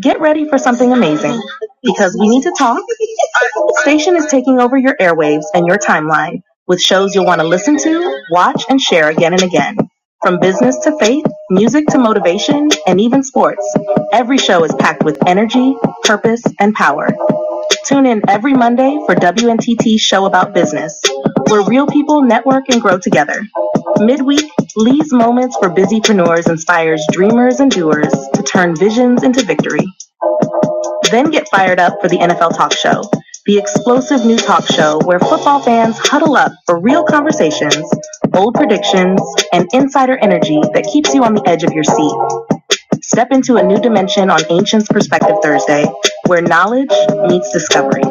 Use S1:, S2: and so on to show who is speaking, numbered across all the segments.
S1: Get ready for something amazing because we need to talk. Station is taking over your airwaves and your timeline with shows you'll want to listen to, watch, and share again and again. From business to faith, music to motivation, and even sports, every show is packed with energy, purpose, and power. Tune in every Monday for WNTT's Show About Business, where real people network and grow together. Midweek, Lee's Moments for Busypreneurs inspires dreamers and doers to turn visions into victory. Then get fired up for the NFL Talk Show, the explosive new talk show where football fans huddle up for real conversations, bold predictions, and insider energy that keeps you on the edge of your seat. Step into a new dimension on Ancients Perspective Thursday, where knowledge meets discovery.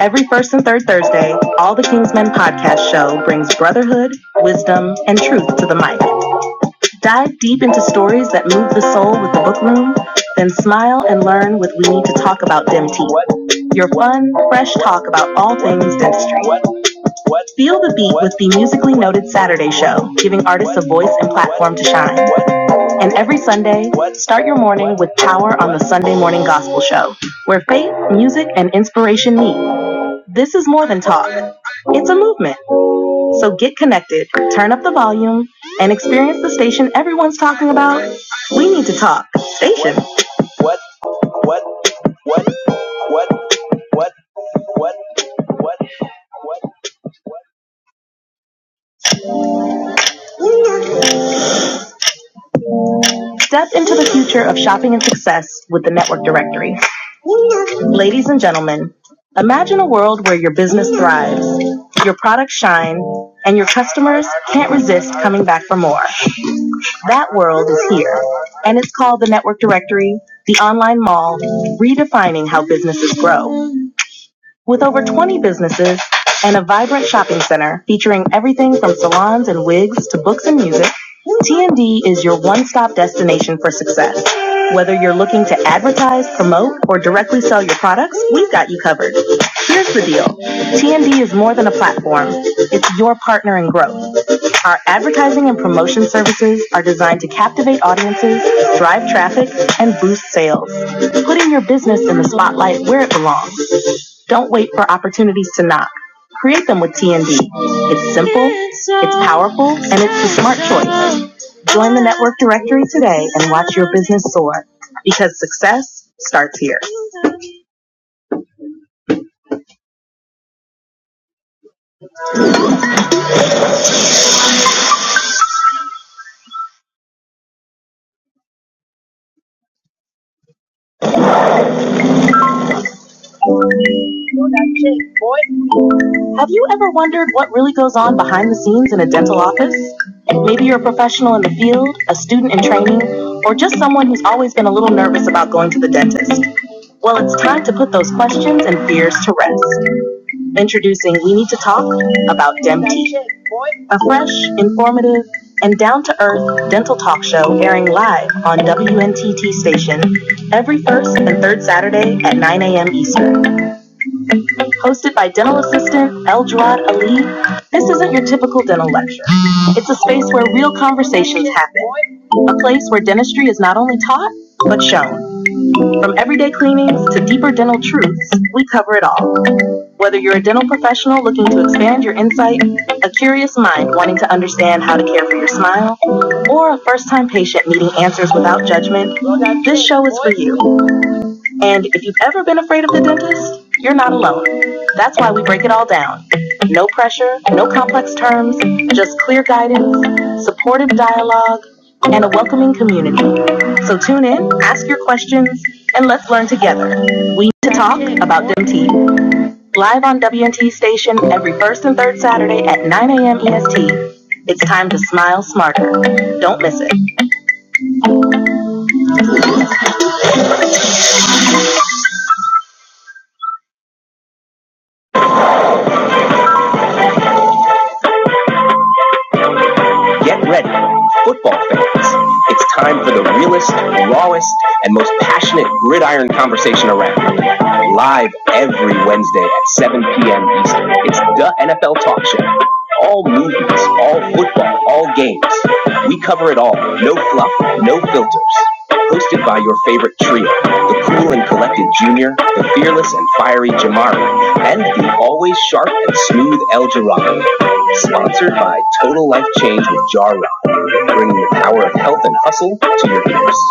S1: Every first and third Thursday, All the Kingsmen podcast show brings brotherhood, wisdom, and truth to the mic. Dive deep into stories that move the soul with the book room, then smile and learn with We Need to Talk About DEMT. Your fun, fresh talk about all things dentistry. Feel the beat with the musically noted Saturday show, giving artists a voice and platform to shine. And every Sunday, start your morning with Power on the Sunday Morning Gospel Show, where faith, music, and inspiration meet. This is more than talk, it's a movement. So get connected, turn up the volume, and experience the station everyone's talking about. We need to talk. Station. What? What? What? What? What? What? What? What? Step into the future of shopping and success with the Network Directory. Ladies and gentlemen, imagine a world where your business thrives, your products shine, and your customers can't resist coming back for more. That world is here, and it's called the Network Directory, the Online Mall, redefining how businesses grow. With over 20 businesses and a vibrant shopping center featuring everything from salons and wigs to books and music, TND is your one-stop destination for success. Whether you're looking to advertise, promote, or directly sell your products, we've got you covered. Here's the deal. TND is more than a platform. It's your partner in growth. Our advertising and promotion services are designed to captivate audiences, drive traffic, and boost sales, putting your business in the spotlight where it belongs. Don't wait for opportunities to knock. Create them with TND. It's simple, it's powerful, and it's the smart choice. Join the network directory today and watch your business soar because success starts here. Have you ever wondered what really goes on behind the scenes in a dental office? Maybe you're a professional in the field, a student in training, or just someone who's always been a little nervous about going to the dentist. Well, it's time to put those questions and fears to rest Introducing We Need to Talk About DEMT, a fresh, informative, and down to earth dental talk show airing live on WNTT station every first and third Saturday at 9 a.m. Eastern. Hosted by dental assistant Eldrad Ali, this isn't your typical dental lecture. It's a space where real conversations happen, a place where dentistry is not only taught, but shown. From everyday cleanings to deeper dental truths, we cover it all. Whether you're a dental professional looking to expand your insight, a curious mind wanting to understand how to care for your smile, or a first time patient needing answers without judgment, this show is for you. And if you've ever been afraid of the dentist, you're not alone. That's why we break it all down. No pressure, no complex terms, just clear guidance, supportive dialogue, and a welcoming community. So tune in, ask your questions, and let's learn together. We need to talk about DMT live on WNT station every first and third Saturday at 9 a.m. EST. It's time to smile smarter. Don't miss it. Get ready, football fans. It's time for the realest, rawest, and most passionate gridiron conversation around. Live every Wednesday at 7 p.m. Eastern. It's the NFL Talk Show. All movies, all football, all games. We cover it all. No fluff, no filters. Hosted by your favorite trio, the cool and collected Junior, the fearless and fiery Jamari, and the always sharp and smooth El Jarrah. Sponsored by Total Life Change with Jarrah, bringing the power of health and hustle to your ears.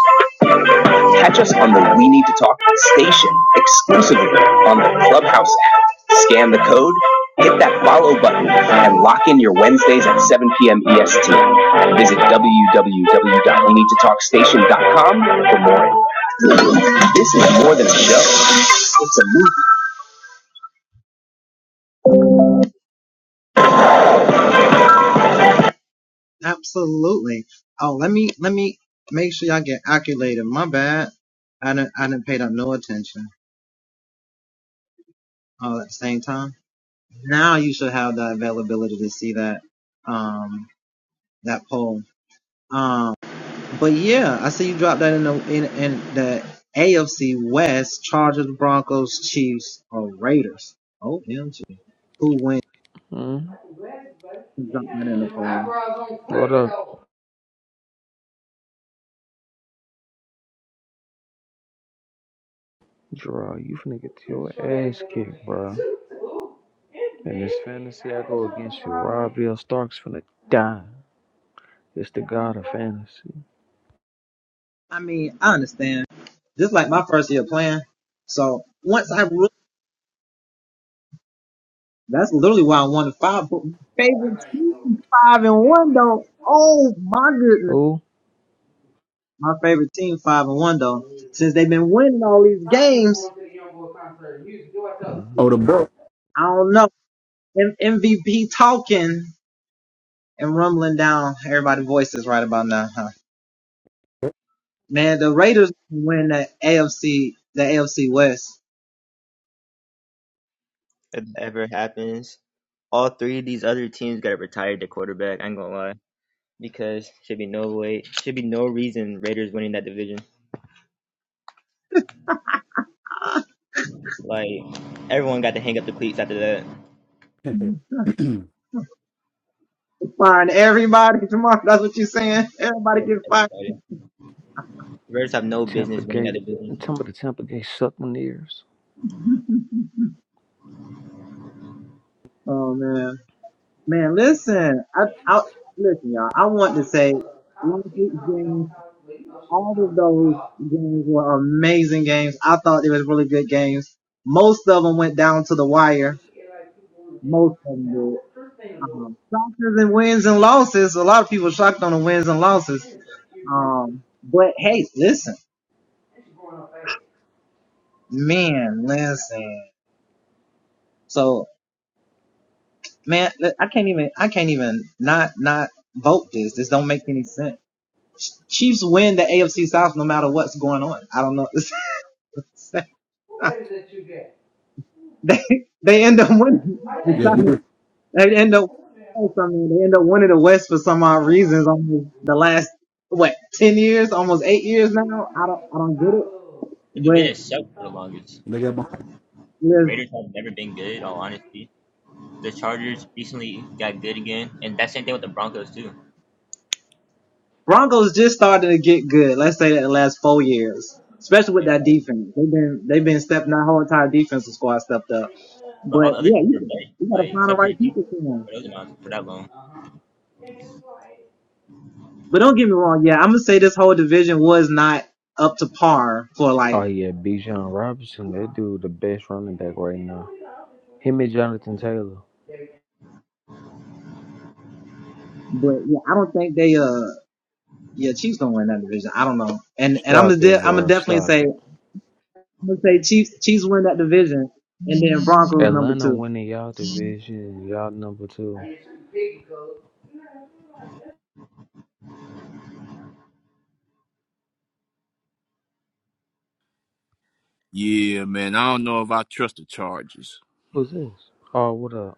S1: Catch us on the We Need to Talk station exclusively on the Clubhouse app. Scan the code, hit that follow button, and lock in your Wednesdays at 7 p.m. EST. Visit w w w dot we need to talk station dot com for more. This is more than a show.
S2: Mm. What up, draw? You finna get your ass kicked, bro. In this fantasy, I go against you. L. Stark's finna die. It's the god of fantasy. Who? Mm.
S3: Oh, the book.
S4: if it ever happens. All three of these other teams gotta retire the quarterback. I ain't gonna lie because should be no way, should be no reason Raiders winning that division. Like everyone got to hang up the cleats after that.
S3: yeah,
S4: Yeah, everybody. Raiders have no
S2: Tampa
S4: business winning that
S2: Gate.
S4: division.
S2: Some of the Tampa Gate suck my ears.
S3: they
S4: The division sucked for the longest.
S3: they got Mahomes.
S4: Raiders have never been good, in all honesty. The Chargers recently got good again, and that same thing with the Broncos too. Yeah, like, like but all the other teams were better, like except for the Chiefs for those amounts for that long.
S2: Oh yeah, Bijan Robinson. That dude the best running back right now. Him and Jonathan Taylor. Stop it, bro. Stop it. Atlanta winning y'all division and y'all number two.
S5: Yeah, man. I don't know if I trust the Chargers.
S2: Who's this? Oh, what up?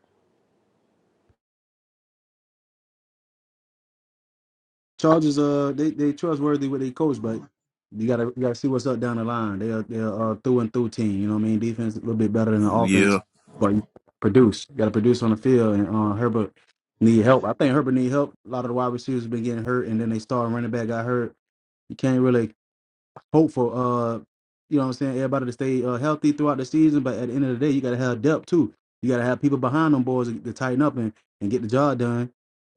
S3: charges. Uh, they they trustworthy with their coach, but you gotta you gotta see what's up down the line. They are they are uh, through and through team. You know what I mean? Defense a little bit better than the offense,
S5: Yeah.
S3: but you produce. You gotta produce on the field, and uh, Herbert need help. I think Herbert need help. A lot of the wide receivers been getting hurt, and then they start running back got hurt. You can't really hopeful. Uh, you know what I'm saying? Everybody to stay uh, healthy throughout the season, but at the end of the day, you got to have depth too. You got to have people behind them boys to tighten up and, and get the job done.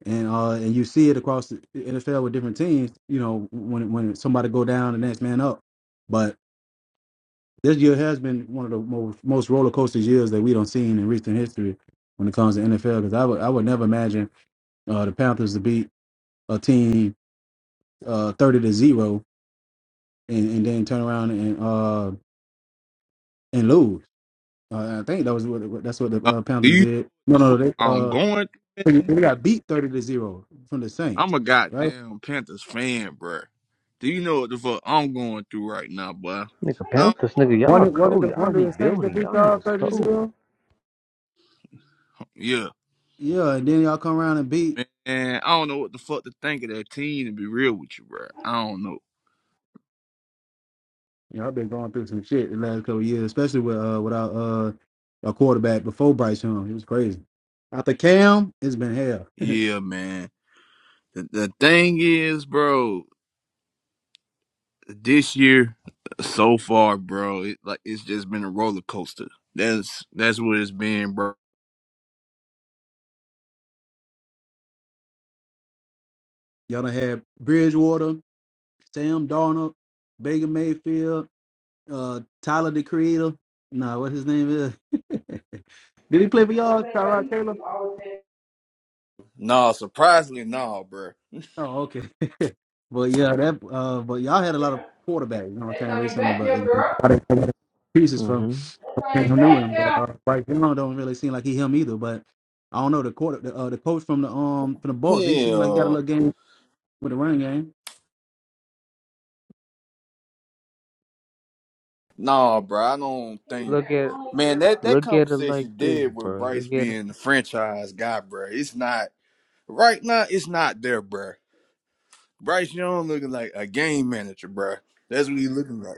S3: And uh, and you see it across the NFL with different teams. You know, when when somebody go down, the next man up. But this year has been one of the most most roller coaster years that we don't seen in recent history when it comes to NFL. Because I would I would never imagine uh, the Panthers to beat a team uh, thirty to zero and, and then turn around and uh, and lose. Uh, I think that was what that's what the
S5: Uh,
S3: uh,
S5: do
S3: Panthers
S5: you know
S3: did.
S5: what
S3: No,
S5: the
S3: no,
S5: fuck
S3: they
S5: I'm
S3: uh
S5: going? through?
S3: they they got beat thirty to zero from the Saints,
S5: I'm a
S3: right?
S5: goddamn Panthers fan, bruh. Do you know what the fuck I'm going through right now, boy?
S2: Nigga,
S5: I
S2: Panthers, nigga,
S3: One
S2: y'all
S3: of- one of
S2: cold.
S3: the
S2: Y'all
S3: one of the Saints that
S2: rebuilding.
S3: beat
S2: Y'all
S3: y'all
S2: niggas
S3: thirty to
S2: cold.
S3: zero.
S5: don't, yeah,
S3: Yeah, and then y'all come around and beat.
S5: man. I don't know what the fuck to think of that team. To be real with you, bruh. I don't know.
S3: You know, I've been going through some shit the last couple of years, especially with uh without uh a quarterback before Bryce Young. It was crazy. After Cam, it's been hell.
S5: Yeah, man. The, the thing is, bro. This year, so far, bro, it, like it's just been a roller coaster. That's that's what it's been, bro.
S3: y'all done had Bridgewater, Sam Darnold, Baker Mayfield. uh Tyler the Creator. Nah, what his name is? Did he play for y'all, Tyrod Taylor?
S5: No, surprisingly, no, bro.
S3: Oh, okay. but yeah, that uh but y'all had a lot of quarterbacks, you know what I'm saying, recently, but it- it- I didn't get pieces from
S2: hmm
S3: from New England. But uh right now don't really seem like he him either. But I don't know, the quarter the, uh, the coach from the um from the Bucks, he seemed like he got a
S5: Hell,
S3: little game with the running game.
S5: nah, bro. I don't think,
S2: Look at
S5: man. That that
S2: look at it like
S5: conversation
S2: this,
S5: dead with
S2: bro.
S5: Bryce
S2: Look at it.
S5: being the franchise guy, bro. It's not right now. It's not there, bro. Bryce Young looking like a game manager, bro. That's what he looking like.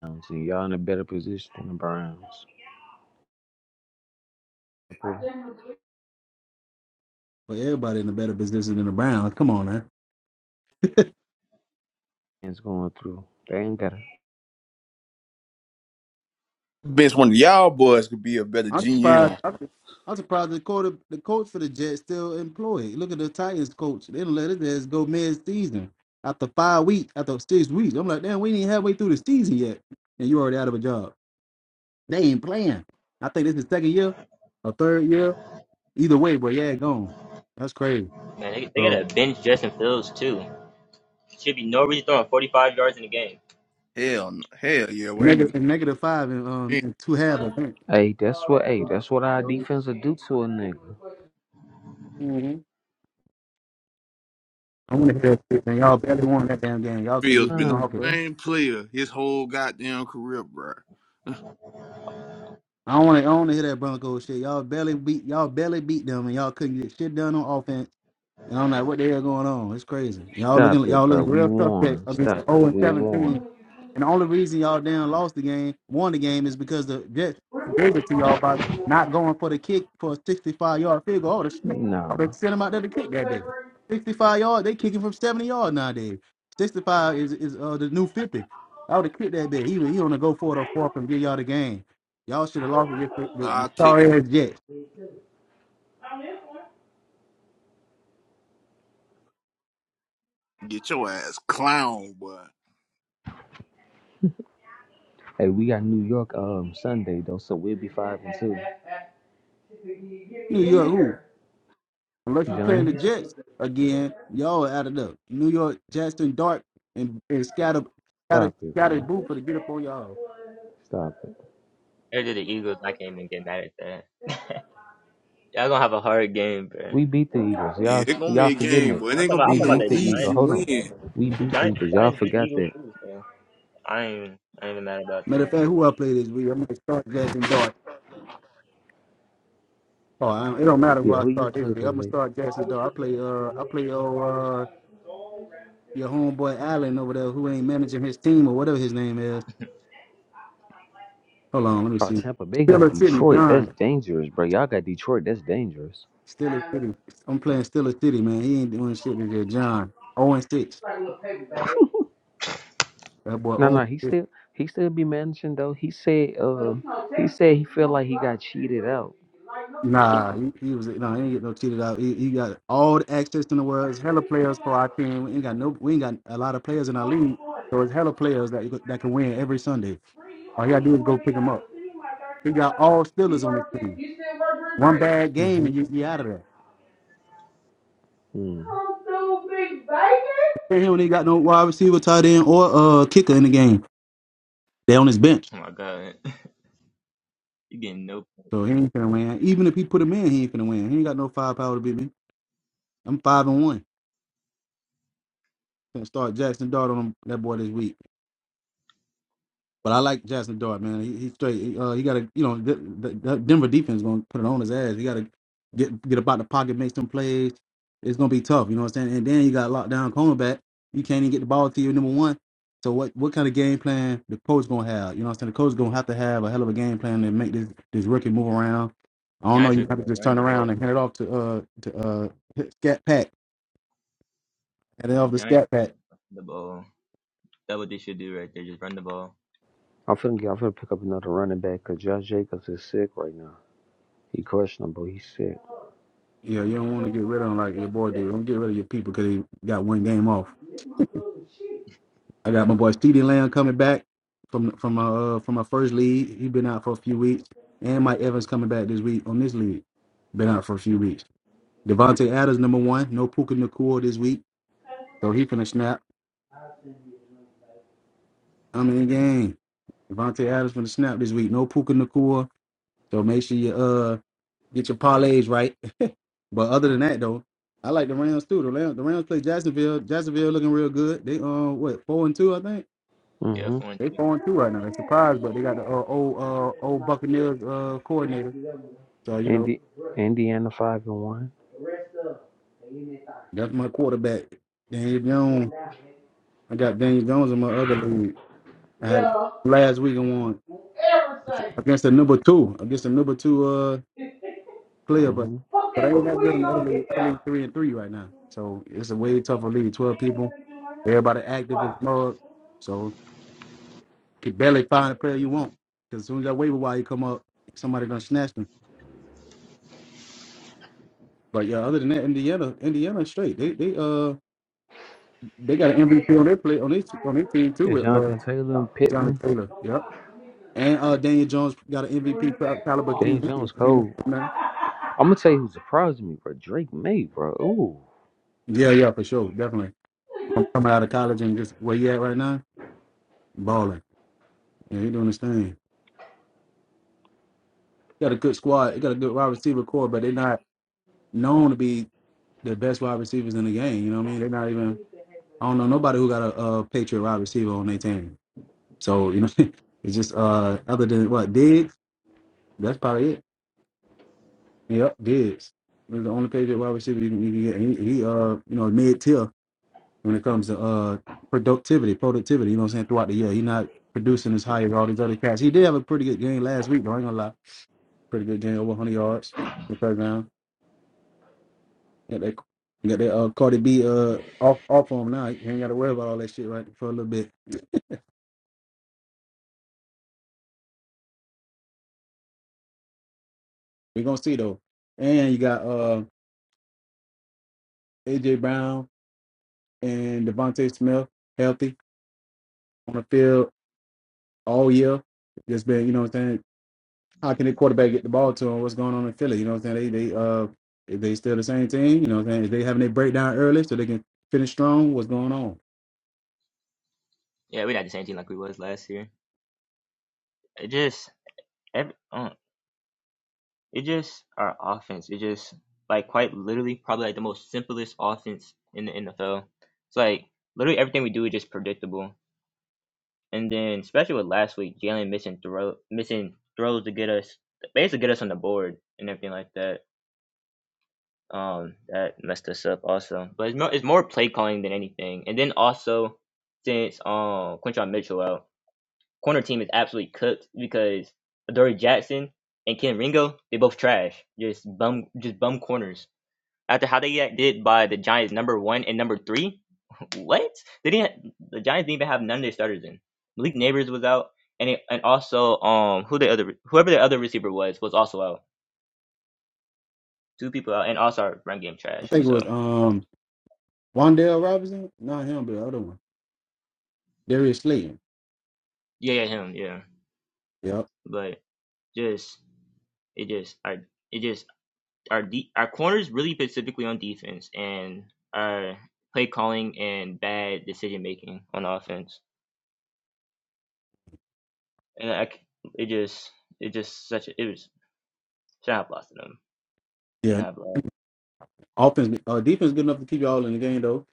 S2: Browns, and Y'all in a better position than the Browns.
S3: But everybody in the better position than the Browns. Come on, man.
S2: It's going through. They ain't got it.
S5: Bitch, one of y'all boys could be a better
S3: I'm surprised.
S5: GM.
S3: I'm, I'm surprised the coach, the coach for the Jets still employed. Look at the Titans coach. They done let it just go mid season after five weeks, after six weeks. I'm like, damn, we ain't halfway through the season yet, and you already out of a job. They ain't playing. I think this is second year or third year. Either way, but yeah, gone. That's crazy.
S4: Man, they, they
S3: So
S4: gotta bench Justin Fields too. Should be Norwich throwing 45 yards in the game.
S5: Hell, no- hell yeah. Well,
S3: negative
S5: Andy
S3: negative five and um
S5: Andy
S3: in two halves. I think.
S2: Hey, that's what. Hey, that's what our
S4: No.
S2: defense will do to a nigga.
S3: hmm I want to hear that shit, man. Y'all barely won that damn game. Y'all couldn't
S5: Field's
S3: do
S5: been
S3: shit
S5: the
S3: on
S2: Times,
S3: offense.
S2: bro.
S5: same player his whole goddamn career, bro.
S3: I don't want to. I don't want to hear that Broncos shit. Y'all barely beat. Y'all barely beat them, and y'all couldn't get shit done on offense. And I'm like, what the hell going on? It's crazy. Y'all looking
S2: Stop it,
S3: y'all
S2: bro.
S3: looking
S2: We
S3: real suspect
S2: won.
S3: against the
S2: Stop
S3: 0
S2: it.
S3: and
S2: We
S3: 17.
S2: won.
S3: And the only reason y'all damn lost the game, won the game, is because the Jets gave it to y'all by not going for the kick for a 65 yard field goal. Oh, the snap. They
S2: Nah.
S3: sent them out there to kick that day. 65 yard, they kicking from 70 yards nowadays. 65 is is uh, the new 50. I would have kicked that bit. He was- he on to go for it or fourth and give y'all the game. Y'all should have lost against the, the, the
S5: I'll take that.
S3: sorry ass Jets.
S5: and Get your ass clown, boy.
S2: Hey, we got New York um Sunday though, so we'll be five and two.
S3: New York who? Unless you're playing the
S2: Giants,
S3: Jets again, y'all are added up. New York, Jackson, Dart, and, and Scatter, Scatter,
S2: stop it,
S3: Scatter
S2: man.
S3: Boofer to get up on y'all.
S2: Stop it.
S4: Or did the Eagles? I can't even get mad at that. Y'all gonna have a hard game, bro.
S2: We
S4: I'm
S2: beat the Eagles.
S5: Yeah,
S2: Y'all,
S5: it's gonna
S2: y'all
S5: be a
S2: forgetting
S5: game,
S2: it.
S5: but it ain't
S4: talking
S5: gonna
S4: about, I'm
S2: We
S5: be
S4: talking about
S5: no
S2: beat the
S4: the
S2: Eagles.
S5: easy
S4: Giants
S2: Hold
S4: playing
S2: on.
S5: win.
S4: Broncos.
S2: We
S4: The
S2: beat the
S4: Giants, the
S2: Eagles. Y'all
S4: Giants beat the
S2: forgot
S4: Eagles
S2: that.
S4: too, so I ain't, even- I ain't even mad about
S3: Matter of
S4: that.
S3: fact, who I play this week? I'm gonna start Jackson Dart. Oh, I, it don't matter who
S2: Yeah,
S3: I
S2: who you
S3: start this
S2: played
S3: week. I'm gonna
S2: today?
S3: start Jackson Dart. I play uh, I play oh, uh, your homeboy Allen over there who ain't managing his team or whatever his name is. Hold on, let me
S2: Oh,
S3: see.
S2: Tampa Bay got
S3: Stiller City,
S2: Detroit. That's
S3: John.
S2: dangerous, bro. Y'all got Detroit. That's dangerous.
S3: Stiller City. I'm playing Stiller City, man. He ain't doing shit this year. John. 0 and 6. That boy
S2: No,
S3: 0 and
S2: no,
S3: 6.
S2: he still he still be managing though. He said, uh, he said he feel like he got cheated out.
S3: Nah, he, he was no, he ain't get no cheated out. He, he got all the access in the world. It's hella players for our team. We ain't got no, we ain't got a lot of players in our league, so it's hella players that you could- that can win every Sunday. All you gotta do is go pick them up. He got all Steelers on his team. One bad game
S2: Mhm.
S3: and you be out of there.
S2: Hmm.
S3: And he only got no wide receiver, tight end, or uh kicker in the game. They on his bench,
S4: Oh my god, you getting no points.
S3: so he ain't gonna win. Even if he put him in, he ain't gonna win. He ain't got no firepower to beat me. I'm five and one. Gonna start Jackson Dart on him, that boy this week. But I like Jackson Dart, man. He, he straight. He, uh, he got to, you know, the, the, the Denver defense going to put it on his ass. He got to get get about the pocket, make some plays. It's going to be tough, you know what I'm saying? And then you got locked down cornerback. You can't even get the ball to your number one. So what what kind of game plan the coach going to have? You know what I'm saying? The coach going to have to have a hell of a game plan to make this this rookie move around. I don't know.
S4: Giants are
S3: You have to
S4: gonna
S3: just
S4: run
S3: turn
S4: the
S3: around
S4: ball.
S3: and hand it off to uh to uh Scat Pack, and then
S4: The
S3: off the
S4: Giants
S3: Scat
S4: are
S3: Pack.
S4: gonna run the ball. That's what they should do right there. Just run the ball.
S2: I'm finna get. I'm finna pick up another running back because Josh Jacobs is sick right now. He questionable. He's sick.
S3: Yeah, you don't want to get rid of him like your boy do. Don't get rid of your people because he got one game off. I got my boy Ceedee Lamb coming back from from uh from my first league. He's been out for a few weeks, and Mike Evans coming back this week on this league. Been out for a few weeks. Devontae Adams number one. No Puka Nakua this week, so he finna snap. I'm in the game. Devontae Adams finna snap this week. No Puka Nakua, so make sure you uh get your parlays right. but other than that though, I like the Rams too. The Rams, the Rams play Jacksonville. Jacksonville looking real good. They uh what four and two I think.
S4: Yeah,
S2: Mm-hmm.
S4: four and
S3: They
S4: two.
S3: four and two right now. They're surprised, but they got the uh, old uh, old Buccaneers uh, coordinator. So you know
S2: Indi- Indiana five and one.
S3: that's my quarterback, Daniel Jones. I got Daniel Jones in my other league. I had last week and won against the number two, against the number two uh player, but
S2: Mm-hmm.
S3: but I ain't that good in the other league. Other league three and three right now, so it's a way tougher league. Twelve people, everybody active as mug, so you can barely find a player you want. Because as soon as that waiver wire come up, somebody gonna snatch them. But yeah, other than that, Indiana, Indiana is straight. They they uh they got an MVP on their play on their on their team too
S2: It's
S3: with uh
S2: Jonathan Taylor and Pittman.
S3: Jonathan Taylor. Yep. And uh Daniel Jones got an MVP cal- caliber
S2: Daniel
S3: team.
S2: Jones cold. I'm gonna tell you who surprised me, bro. Drake May, bro. Ooh.
S3: Yeah, yeah, for sure, definitely. I'm coming out of college and just where you at right now, balling. Yeah, he doing his thing. Got a good squad. He got a good wide receiver core, but they're not known to be the best wide receivers in the game. You know what I mean? They're not even. I don't know nobody who got a, uh Patriot wide receiver on their team. So you know, it's just uh other than what Diggs. That's probably it. Yep, Diggs. was the only Patriot wide receiver you can, you can get. He, he uh, you know, mid tier when it comes to uh productivity, productivity. You know what I'm saying? Throughout the year, he's not producing as high as all these other cats. He did have a pretty good game last week, though. I ain't gonna lie, pretty good game, over 100 yards, the first down. Got that, got that uh, Cardi B uh off off on him now. You ain't got to worry about all that shit right for a little bit. We gonna see though. And you got uh AJ Brown and Devontae Smith healthy on the field all year. Just been, you know what I'm saying? How can the quarterback get the ball to him? What's going on in Philly? You know what I'm saying? They they uh if they still the same team, you know what I'm saying? Is they having a breakdown early so they can finish strong? What's going on?
S4: Yeah, we not the same team like we was last year. It just every, I don't It just our offense. It just like quite literally probably like the most simplest offense in the NFL. It's like literally everything we do is just predictable. And then especially with last week, Jalen missing throw missing throws to get us basically get us on the board and everything like that. Um, that messed us up also. But it's more it's more play calling than anything. And then also since um Quinshon Mitchell out, corner team is absolutely cooked because Adoree Jackson and Ken Ringo, they both trash. Just bum just bum corners. After how they get did by the Giants number one and number three, what? They didn't. The Giants didn't even have none of their starters in. Malik Neighbors was out, and it, and also um who the other whoever the other receiver was was also out. Two people out, and also our run game
S3: I
S4: trash.
S3: think it
S4: So
S3: was um Wandale Robinson, not him, but the other one. Darius Slayton.
S4: yeah, yeah, him, yeah.
S3: Yep.
S4: But just it just our it just our de- our corners really specifically on defense and our play calling and bad decision making on offense. And I c it just it just such a, it was shout out lost to them. Should
S3: Yeah.
S4: have left.
S3: Offense uh defense good enough to keep y'all in the game though.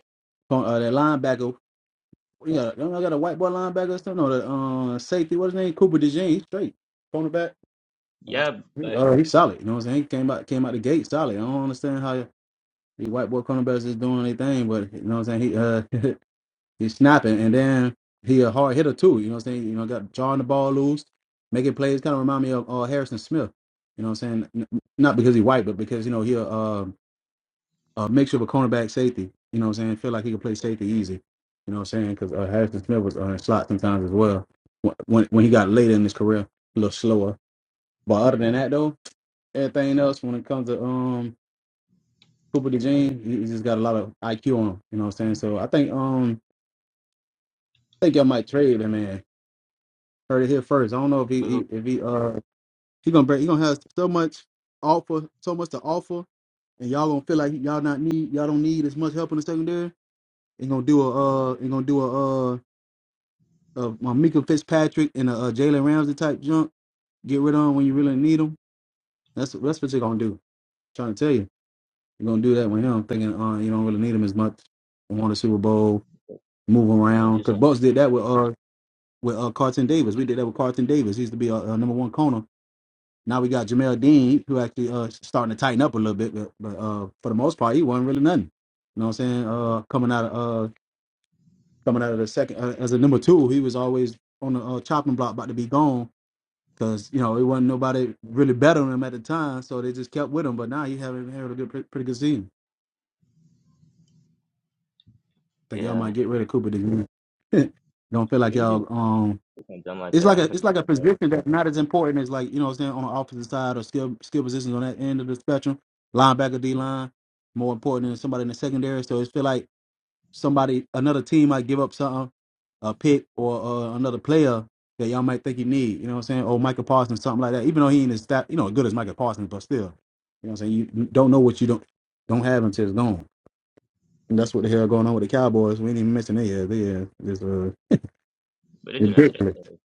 S3: From, Uh, that linebacker, we got don't I got a white boy linebacker or something? No, the uh, safety, what's his name? Cooper DeJean, he's straight. Cornerback. Uh,
S4: Yeah,
S3: he-
S4: but
S3: Uh, he's solid. You know what I'm saying? He came out came out the gate solid. I don't understand how. The white boy cornerbacks is doing their thing, but you know what I'm saying? He uh he's snapping and then he a hard hitter too, you know what I'm saying? You know, got jawing the ball loose, making plays kinda remind me of uh, Harrison Smith. You know what I'm saying? N- Not because he's white, but because you know he a uh, a mixture of a cornerback safety. You know what I'm saying? Feel like he can play safety easy. You know what I'm saying? Because uh, Harrison Smith was on uh, slot sometimes as well. When when when he got later in his career, a little slower. But other than that though, everything else when it comes to um Cooper DeJean, he he just got a lot of IQ on him. You know what I'm saying? So I think um I think y'all might trade him, man. Heard it here first. I don't know if he,
S4: but
S3: he
S4: who?
S3: if he uh he gonna break, he gonna have so much offer, so much to offer, and y'all gonna feel like y'all not need y'all don't need as much help in the secondary. And gonna do a uh and gonna do a uh a, a Mika Fitzpatrick and a, uh Jalen Ramsey type junk. Get rid of him when you really need him. That's that's what you're gonna do. trying to tell you, you're gonna do that with him, thinking uh you don't really need him as much. Won a Super Bowl, move
S4: But do
S3: around. Cause
S4: something.
S3: Bucks did that with uh with uh Carlton Davis. We did that with Carlton Davis. He used to be a, uh uh, number one corner. Now we got Jamel Dean, who actually uh starting to tighten up a little bit, but, but uh for the most part he wasn't really nothing. You know what I'm saying? Uh coming out of uh coming out of the second uh, as a number two, he was always on the uh, chopping block about to be gone. Cause you know it wasn't nobody really better than him at the time, so they just kept with him. But now he having having a good, pretty good season. think y'all
S4: Yeah,
S3: might get rid of Cooper this year. Don't feel
S4: if
S3: like
S4: do
S3: y'all um
S4: something dumb like
S3: it's
S4: that,
S3: like a
S4: I'm gonna
S3: it's
S4: do
S3: like a
S4: something.
S3: position that's not as important as like you know what I'm saying on the opposite side or skill skill positions on that end of the spectrum. Linebacker, D line, more important than somebody in the secondary. So it feel like somebody another team might give up something, a pick or uh, another player that y'all might think you need. You know what I'm saying? Or Michael Parsons, something like that. Even though he ain't as stat, you know as good as Michael Parsons, but still, you know what I'm saying you don't know what you don't don't have until it's gone. And that's what the hell going on with the Cowboys. We ain't even mention they yeah they are just uh
S4: But it demented that
S3: ridiculous
S4: too.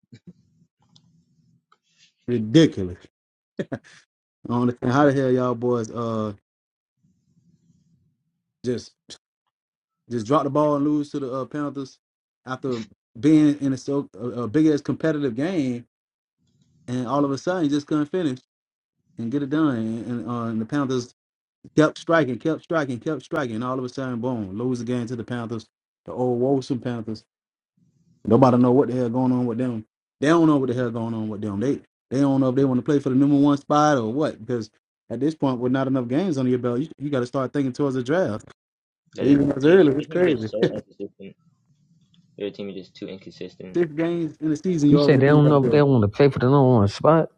S3: ridiculous. I don't understand how the hell y'all boys uh just just drop the ball and lose to the uh, Panthers after being in a so a, a big ass competitive game, and all of a sudden you just couldn't finish and get it done, and, and, uh, and the Panthers kept striking, kept striking, kept striking, and all of a sudden boom, lose the game to the Panthers, the old Wilson Panthers. Nobody know what the hell going on with them. They don't know what the hell going on with them. They they don't know if they want to play for the number one spot or what because. At this point, with not enough games under your belt, you, you got to start thinking towards the draft.
S4: That it
S3: Even as
S4: they
S3: early,
S4: they
S3: it's
S4: can get
S3: crazy.
S4: so inconsistent. Their team is just too inconsistent.
S3: Six games in the season,
S2: You
S3: you
S2: said
S3: already
S2: they
S3: think
S2: don't
S3: about
S2: know
S3: the
S2: if they
S3: playoffs.
S2: want to play for the number one spot.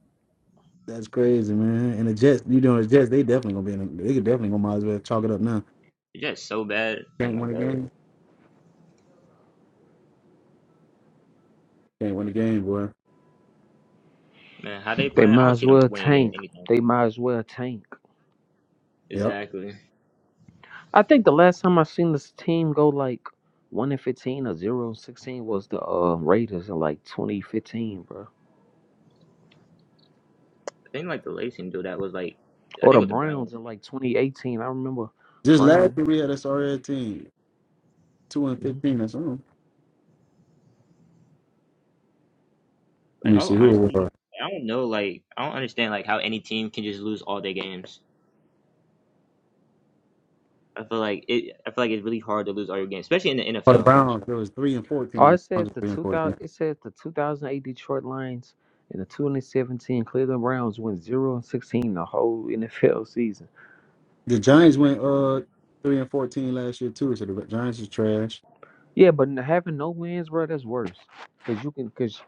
S3: That's crazy, man. And the Jets, you know, the Jets, they definitely gonna be in. The, they could definitely gonna might as well chalk it up now.
S4: It's just so bad. Oh
S3: Can't
S4: my
S3: win a
S4: god,
S3: game. Can't win a game, boy.
S4: man, how they
S2: They
S4: playing? I
S2: might
S4: don't
S2: as
S4: see them
S2: well
S4: winning a game
S2: tank.
S4: anytime
S2: They
S4: soon.
S2: might as well tank.
S3: Yep.
S4: Exactly. I
S2: I think the last time I seen this team go like one and fifteen or 0 and sixteen was the uh, Raiders in like twenty fifteen, bro.
S4: think like the Lakers can do that was like I
S2: Or
S4: think
S2: the
S4: with the Browns.
S2: Browns in like twenty eighteen. I remember
S3: Just last
S2: Brown.
S3: year we had a sorry ass team, two and
S2: Mhm.
S3: fifteen. That's all. Let
S4: Like
S3: me
S4: all
S3: see who it
S4: honesty,
S3: was.
S4: I don't know. Like I don't understand like how any team can just lose all their games. I feel like it. I feel like it's really hard to lose all your games, especially in the
S3: For the
S4: NFL.
S3: Browns, it was three and
S2: Oh,
S3: fourteen.
S2: it
S3: The
S2: says
S3: Browns were
S2: the
S3: three and
S2: two thousand.
S3: fourteen.
S2: It says the two thousand eight Detroit Lions and the twenty seventeen Cleveland Browns went zero and sixteen the whole NFL season.
S3: The Giants went uh three and fourteen last year too. So the Giants is trash.
S2: Yeah, but n- having no wins, bro, that's worse. Cause you can, cause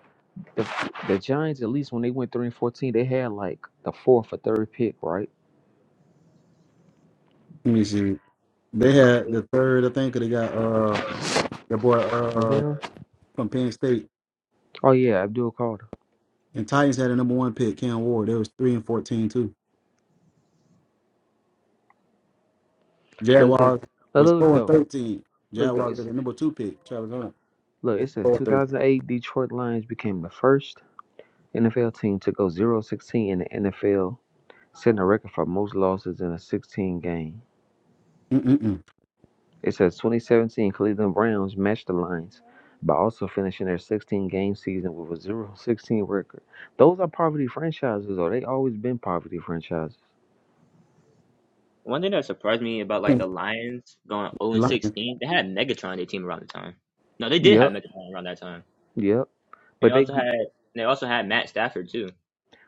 S2: the, the Giants at least when they went three and fourteen, they had like the fourth or third pick, right?
S3: Let me see. They had the third, I think. They got uh the boy
S2: Oh,
S3: uh
S2: damn.
S3: from Penn State.
S2: Oh yeah, Abdul Carter.
S3: And Titans had a number one pick, Cam Ward. They was three and fourteen too.
S2: Look, it
S3: Jaguars
S2: look,
S3: was
S2: look
S3: four and
S2: though.
S3: thirteen.
S2: Look though.
S3: Jaguars got
S2: It's
S3: a number two pick, Travis Hunter.
S2: look. It
S3: That's
S2: says
S3: four and thirteen.
S2: 2008 Detroit Lions became the first NFL team to go 0-16 in the NFL, setting a record for most losses in a 16 game.
S3: Mm-mm-mm.
S2: It says 2017 Cleveland Browns matched the Lions by also finishing their 16 game season with a 0-16 record. Those are poverty franchises, though. They always been poverty franchises.
S4: One thing that surprised me about like the Lions going 0
S3: The
S4: and
S3: Lions.
S4: 16, they had Megatron on their team around the time. No, they did
S2: Yep.
S4: have Megatron around that time,
S2: Yep.
S4: and
S2: But
S4: they
S2: they
S4: also had they also had Matt Stafford too.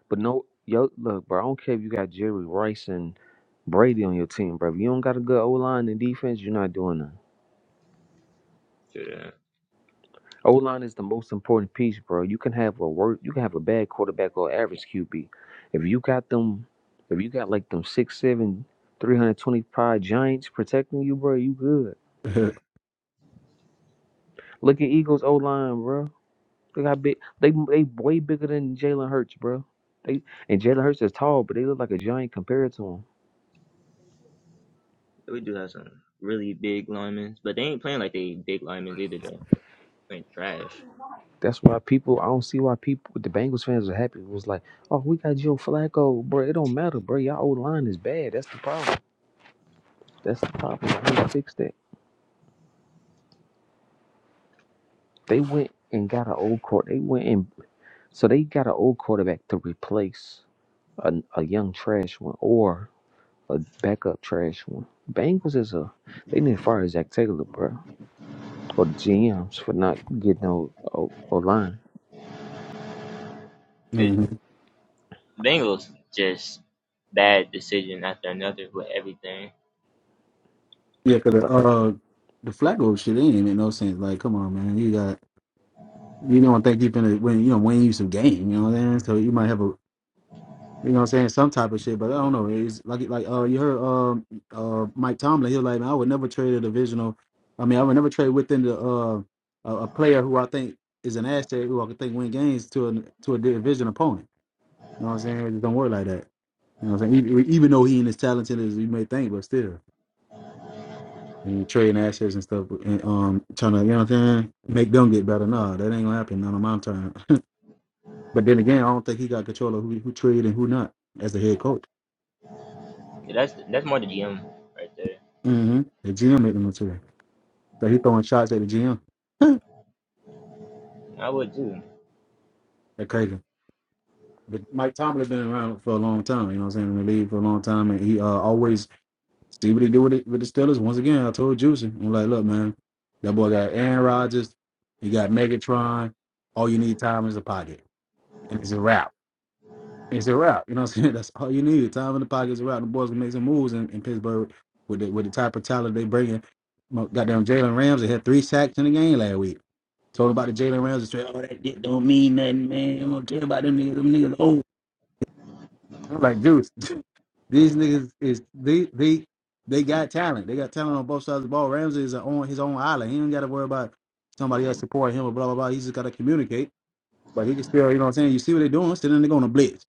S2: But no, yo, look, bro. I don't care if you got Jerry Rice and Brady on your team, bro. If you don't got a good O line and defense, you're not doing nothing.
S4: So yeah,
S2: O line is the most important piece, bro. You can have a work, you can have a bad quarterback or average QB. If you got them, if you got like them six, seven, three hundred twenty-five Giants protecting you, bro, you good. Look at Eagles O line, bro. They got big. They they way bigger than Jalen Hurts, bro. They and Jalen Hurts is tall, but they look like a giant compared to him.
S4: we do have some really big linemen, but they ain't playing like they big linemen either though. Playing trash.
S2: That's why people. I don't see why people. The Bengals fans are happy. It was like, oh, we got Joe Flacco, bro. It don't matter, bro. Y'all old line is bad. That's the problem. That's the
S4: I don't
S2: problem.
S4: know.
S2: I need to fix that. They went and got an old court. They went and so they got an old quarterback to replace a, a young trash one or a backup trash one. Bengals is a. They need to fire Zach Taylor, bro, or the GMs for not getting no old old line.
S4: It,
S3: hmm
S4: Bengals just bad decision after another with everything.
S3: Yeah, cause the,
S2: But
S3: uh, the Flacco shit ain't even no sense. Like, come on, man, you got you don't think you finna win. You know, win you some game. You know what I'm saying? So you might have a You know what I'm saying? Some type of shit, but I don't know. It's like like uh you heard um uh Mike Tomlin, he was like, Man, I would never trade a divisional I mean, I would never trade within the uh a, a player who I think is an asset who I could think win games to a to a division opponent. You know what I'm saying? It just don't work like that. You know what I'm saying? Even, even though he ain't as talented as you may think, but still. And you trading assets and stuff and um trying to, you know what I'm saying, make them get better. Nah, that ain't gonna happen, not on my time. but then again, I don't think he got control of who who trade and who not as the head coach.
S4: Yeah, that's that's more the GM right there.
S3: hmm The GM made them look too. So he throwing shots at the GM.
S4: I would too,
S3: That's crazy. But Mike Tomlin been around for a long time. You know what I'm saying? In the league for a long time, and he uh, always see what he do with it with the Steelers. Once again, I told Juicy, I'm like, look, man, that boy got Aaron Rodgers. He got Megatron. All you need time is a pocket, and it's a wrap. It's a wrap. You know what I'm saying? That's all you need. Time in the pocket is a wrap. The boys can make some moves in, in Pittsburgh with the with the type of talent they bringing. Mo- Goddamn Jalen Ramsey had three sacks in the game last week. Told about the Jalen Ramsey trade. Oh, that dick don't mean nothing, man. I'm gonna tell about them niggas. Them niggas old. I'm like, Juice, these niggas is they they they got talent. They got talent on both sides of the ball. Ramsey is on his own island. He don't got to worry about somebody else supporting him or blah blah blah. He just got to communicate. But he can still, you know what I'm saying. You see what they're doing. Still, then they're gonna blitz.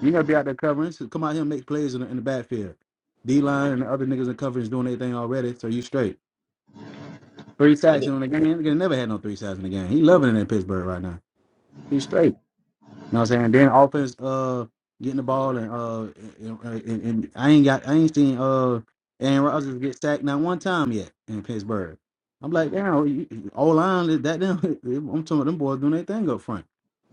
S3: You gotta be out there covering. So come out here and make plays in the, in the backfield. D line and the other niggas in coverage doing their thing already. So you straight. Three
S4: but
S3: sacks
S4: they
S3: in the game. He never had no three sacks in the game. He loving it in Pittsburgh right now. He's straight. know what I'm saying? Then offense, uh, getting the ball and uh, and, and, and I ain't got, I ain't seen uh, Aaron Rodgers get sacked not one time yet in Pittsburgh. I'm like, damn, O line that them. I'm talking about them boys doing their thing up front.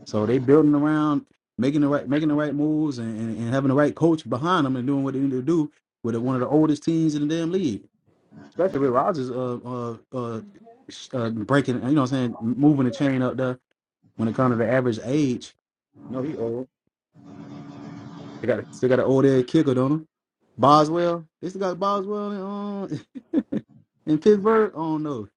S3: So they building around, making the right, making the right moves, and, and, and having the right coach behind them and doing what they need to do with one of the oldest teams in the damn league, especially with Rodgers, uh, uh, uh, sh- uh breaking, you know, what I'm saying, moving the chain up there when it comes to the average age. No, he old. They got still got an old head kicker, don't they? Boswell. They still got Boswell in, um, in Pittsburgh. I don't know.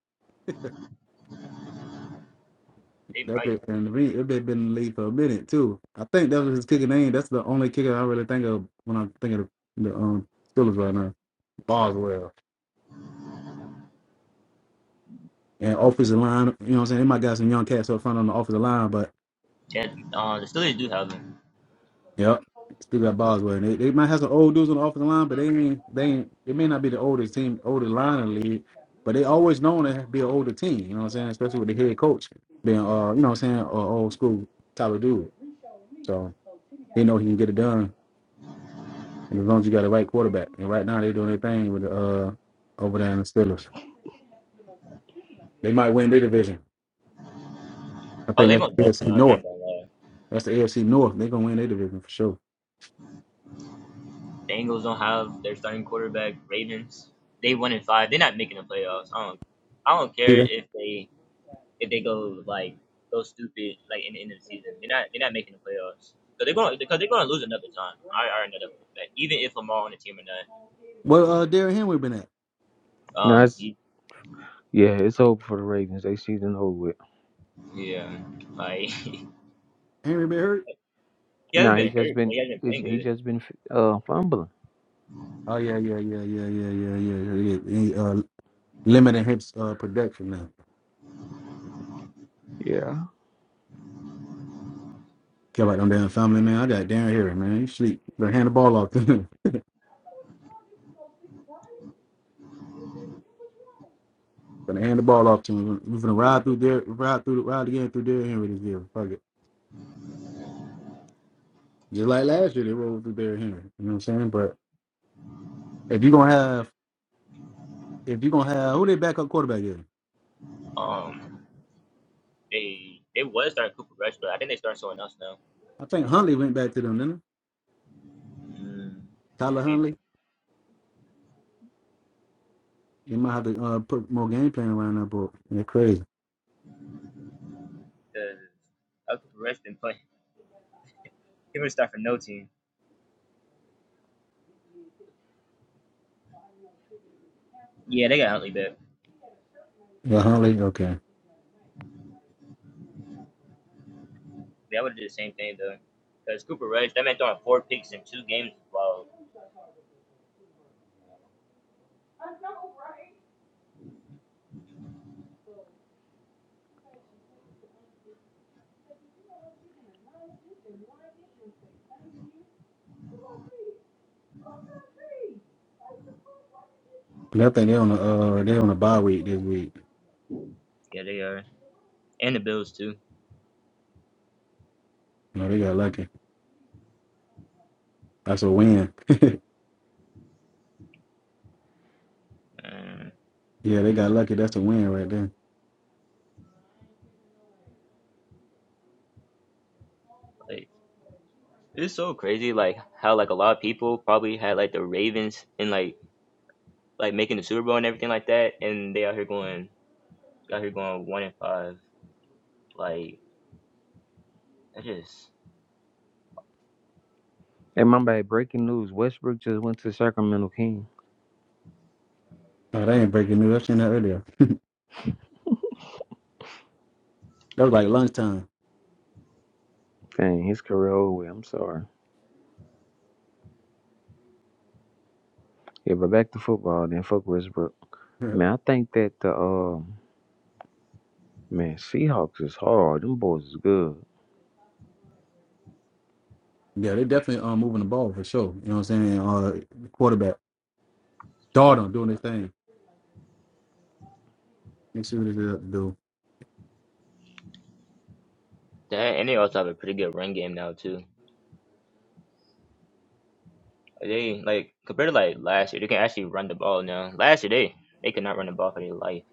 S4: they
S3: That
S4: might.
S3: bit been in the league. That bit been in the league for a minute too. I think that was his kicking name. That's the only kicker I really think of when I'm thinking of the the um Steelers right now. Boswell and offensive line. You know what I'm saying? They might got some young cats up front on the offensive line, but
S4: Yeah, uh, the Steelers do have them.
S3: Yep. Still got Boswell. They, they might have some old dudes on the offensive line, but they ain't they ain't they may not be the oldest team, oldest line in the league, but they always known to be an older team, you know what I'm saying? Especially with the head coach being uh, you know what I'm saying, uh, old school type of dude. So they know he can get it done and as long as you got the right quarterback. And right now they're doing their thing with the uh over there in the Steelers. They might win their division. I
S4: Oh,
S3: think
S4: they gonna. definitely.
S3: that's the AFC
S4: I ain't
S3: North.
S4: gonna lie.
S3: That's the AFC North. They're gonna win their division for sure.
S4: The Angels don't have their starting quarterback. Ravens, they one and five. They're not making the playoffs. I don't, I don't care
S3: Peter.
S4: if they if they go like go stupid like in the end of the season. They're not they're not making the playoffs. Cause they're going because they're going to lose another time. I already know that Even if Lamar on the team or
S3: Well uh Derrick Henry been at.
S4: not,
S2: no,
S4: um,
S2: it's
S4: he,
S2: yeah, it's over for the Ravens. They season over with.
S4: yeah, like
S3: Henry been hurt?
S4: he hasn't
S2: Nah,
S4: been
S2: he just
S4: hurt. But
S2: been
S4: he hasn't been
S2: he's,
S4: playing
S2: he
S4: good.
S2: just been uh fumbling.
S3: Oh yeah, yeah, yeah, yeah, yeah, yeah, yeah, yeah. yeah. And, Uh, limiting hips uh, production now.
S2: Yeah.
S3: Care about them damn family, man. I got Darren here, man. He sleep. Gonna hand the ball off to him. Gonna hand the ball off to him. We're gonna ride through there, ride through, ride again through Derrick Henry this year. Fuck it. Just like last year, they rolled through Derrick Henry. You know what I'm saying? But if you gonna have, if you gonna have, who they backup quarterback is?
S4: Um, they they was starting Cooper Rush, but I think they starting someone else now.
S3: I think Huntley went back to them, didn't he?
S4: Mm,
S3: Tyler
S4: they,
S3: Huntley. You might have to uh, put more game plan around that book. They're crazy.
S4: because uh, Cooper Rush been playing. He was starting for no team. Yeah, they got Huntley back.
S3: Yeah, Huntley. Okay.
S4: Yeah, I would do the same thing though. Because Cooper Rush, that man throwing four picks in two games is wild.
S3: 'Cause I think they on the uh, they on a bye week this week.
S4: Yeah, they are, and the Bills too.
S3: No, they got lucky. That's a win. yeah,
S4: Uh,
S3: they got lucky. That's a win right there.
S4: like it's so crazy, like how like a lot of people probably had like the Ravens and like like making the Super Bowl and everything like that, and they out here going out here going one and five. Like that just
S2: And my bad, breaking news: Westbrook just went to Sacramento King.
S3: Oh, they ain't breaking news. I seen that earlier. That was like lunchtime.
S2: Dang, his career over with. I'm sorry. Yeah, but back to football. Then fuck Westbrook.
S3: Yeah,
S2: Man, I think that the um man Seahawks is hard. Them boys is good.
S3: yeah they definitely um moving the ball for sure. You know what I'm saying? Uh, quarterback, Darnold doing his thing. Let's see what they do.
S4: that, and they also have a pretty good run game now too. Like, They like compared to like last year, they can actually run the ball now. Last year they they could not run the ball for their life.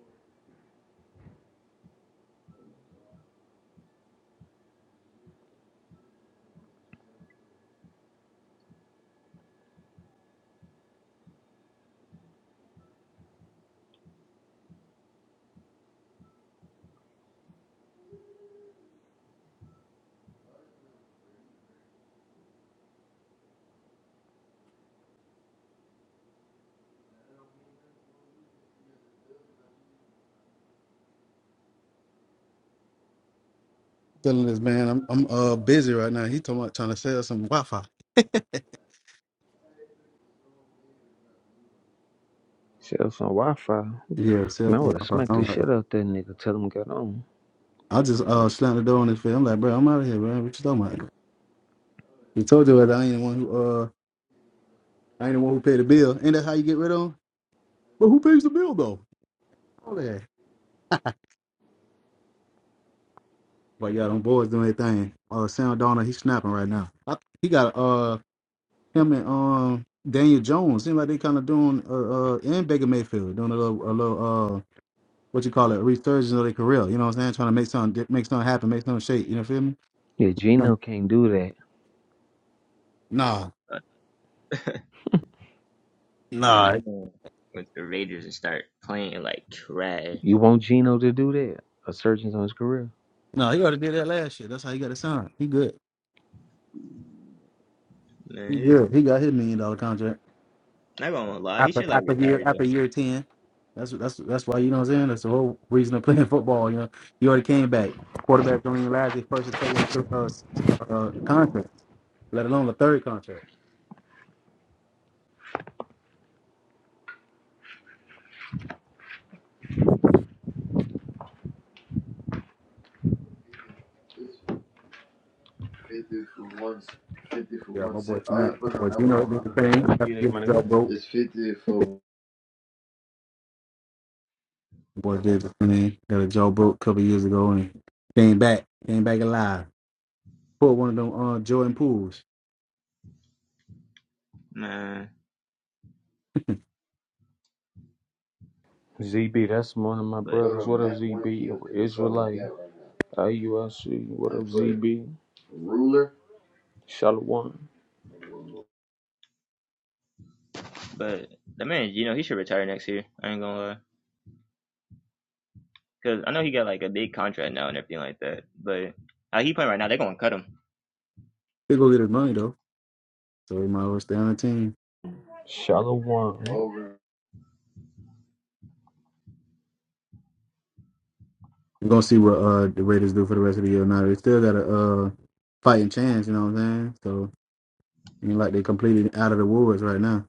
S3: Telling this man, I'm I'm uh busy right now. He talking about trying to sell some Wi-Fi.
S2: Sell some Wi-Fi.
S3: yeah, sell
S2: Man, I
S3: some
S2: would have
S3: Wi-Fi.
S2: smacked the
S3: I'm like,
S2: shit out that nigga. Tell him get on.
S3: I just uh slammed the door on his face. I'm like, bro, I'm out of here, bro. What you talking about? He told you that I ain't the one who uh I ain't the one who paid the bill. Ain't that how you get rid of him? But who pays the bill though? All that. But yeah, them boys doing their thing. Uh, Sam Donald, he's snapping right now. I, he got uh him and um Daniel Jones. Seems like they kind of doing uh, uh and Baker Mayfield doing a little a little uh what you call it resurgence of their career. You know what I'm saying? Trying to make something make something happen, make something shake. You know feel me?
S2: Yeah,
S3: Yeah.
S2: Gino can't do that.
S3: Nah,
S4: And
S3: nah,
S4: Then Bama went to the Raiders and start playing like trash.
S2: You want Gino to do that? A surgeon's on his career.
S3: nah. He already did that last year. That's how he got it signed. He good.
S4: Man,
S3: He
S4: he's
S3: good. He got his million dollar contract.
S4: not gonna lie, he
S3: after
S4: should like
S3: after year
S4: retire
S3: after
S4: though.
S3: year ten. That's that's that's why you know what I'm saying. That's the whole reason of playing football. You know, you already came back. Quarterbacks don't even last their first and second uh, uh, contract, let alone the third contract. Yeah, my boy Chanel, my boy Gino did the thing after
S2: Yeah,
S3: he
S2: my
S3: was
S2: nigga.
S3: Joe broke. My boy did the thing, got a Joe broke a couple years ago and came back, came back alive. Pulled one of them uh, Jordan pools.
S4: Man,
S2: ZB, that's one of my
S4: but
S2: brothers. What up, ZB? Israelite. IUSC. What up, ZB? Shalom.
S4: but the man, you know, he should retire next year. I ain't gonna lie, cause I know he got like a big contract now and everything like that. But how he playing right now, they're gonna cut him.
S3: He go get his money though, so he might as well stay on the team.
S2: Shalom.
S3: We're gonna see what uh the Raiders do for the rest of the year. Now they still got a uh fighting chance, you know what I'm saying? So you know, like they completely out of the woods right now.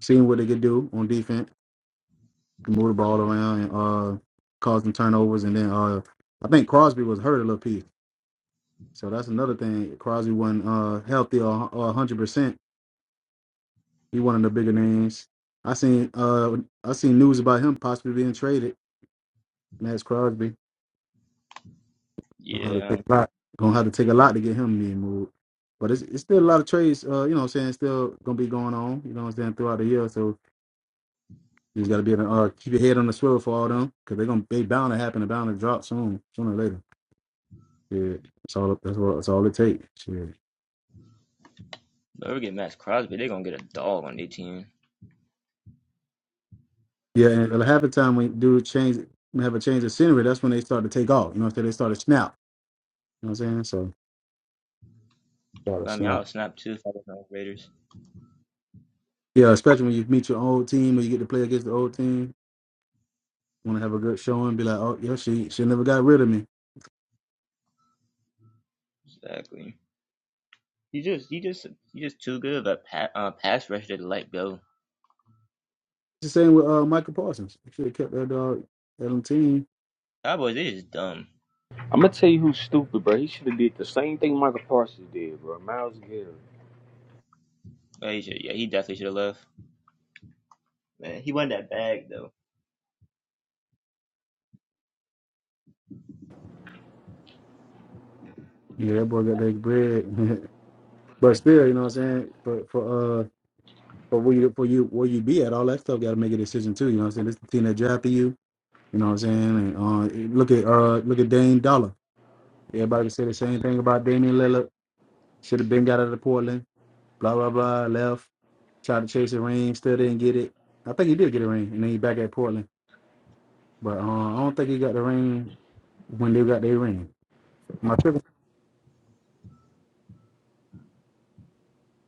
S3: Seeing what they could do on defense, move the ball around and uh cause some turnovers and then uh I think Crosby was hurt a little piece. So that's another thing. Crosby wasn't uh healthy or hundred percent. He one of the bigger names. I seen uh I seen news about him possibly being traded, and that's Crosby. Gonna have to
S4: Yeah,
S3: take a lot. Gonna have to take a lot to get him being moved, But it's, it's still a lot of trades, uh, you know what I'm saying, still gonna be going on, you know what I'm saying, throughout the year. So you just gotta be in a, uh, keep your head on the swivel for all them, because they're gonna they bound to happen, they bound to drop soon, sooner or later. Yeah. That's all that's all that's all it takes. Yeah.
S4: but we get Max Crosby, they're gonna get a dog on their team.
S3: Yeah, and half the time when do change when have a change of scenery, that's when they start to take off. You know what I'm saying? They start to snap. You know what I'm saying? So start
S4: But
S3: to
S4: I mean, I
S3: snap.
S4: would snap too if I was on the Raiders.
S3: Yeah, especially when you meet your old team or you get to play against the old team, wanna have a good showing, be like, Oh yeah, she she never got rid of me.
S4: Exactly. He just he just he just too good of a pa- uh, pass rusher to let go.
S3: the same with uh, Michael Parsons. You should have kept that dog that on the team.
S4: Cowboys, they just dumb.
S2: I'm gonna tell you who's stupid, bro. He should have did the same thing Michael Parsons did, bro. Miles Garrett.
S4: Yeah, he, should, yeah, he definitely should have left. Man, he went that bag though.
S3: Yeah, that boy got that bread. but still, you know what I'm saying? For for uh for where you for you where you be at, all that stuff gotta make a decision too. You know what I'm saying? This is the team that drafted you. You know what I'm saying? And uh look at uh look at Dame Dollar. Everybody can say the same thing about Damian Lillard. Should have been got out of Portland. Blah blah blah. Left. Tried to chase a ring, still didn't get it. I think he did get a ring, and then he back at Portland. But uh, I don't think he got the ring when they got their ring. Am I tripping?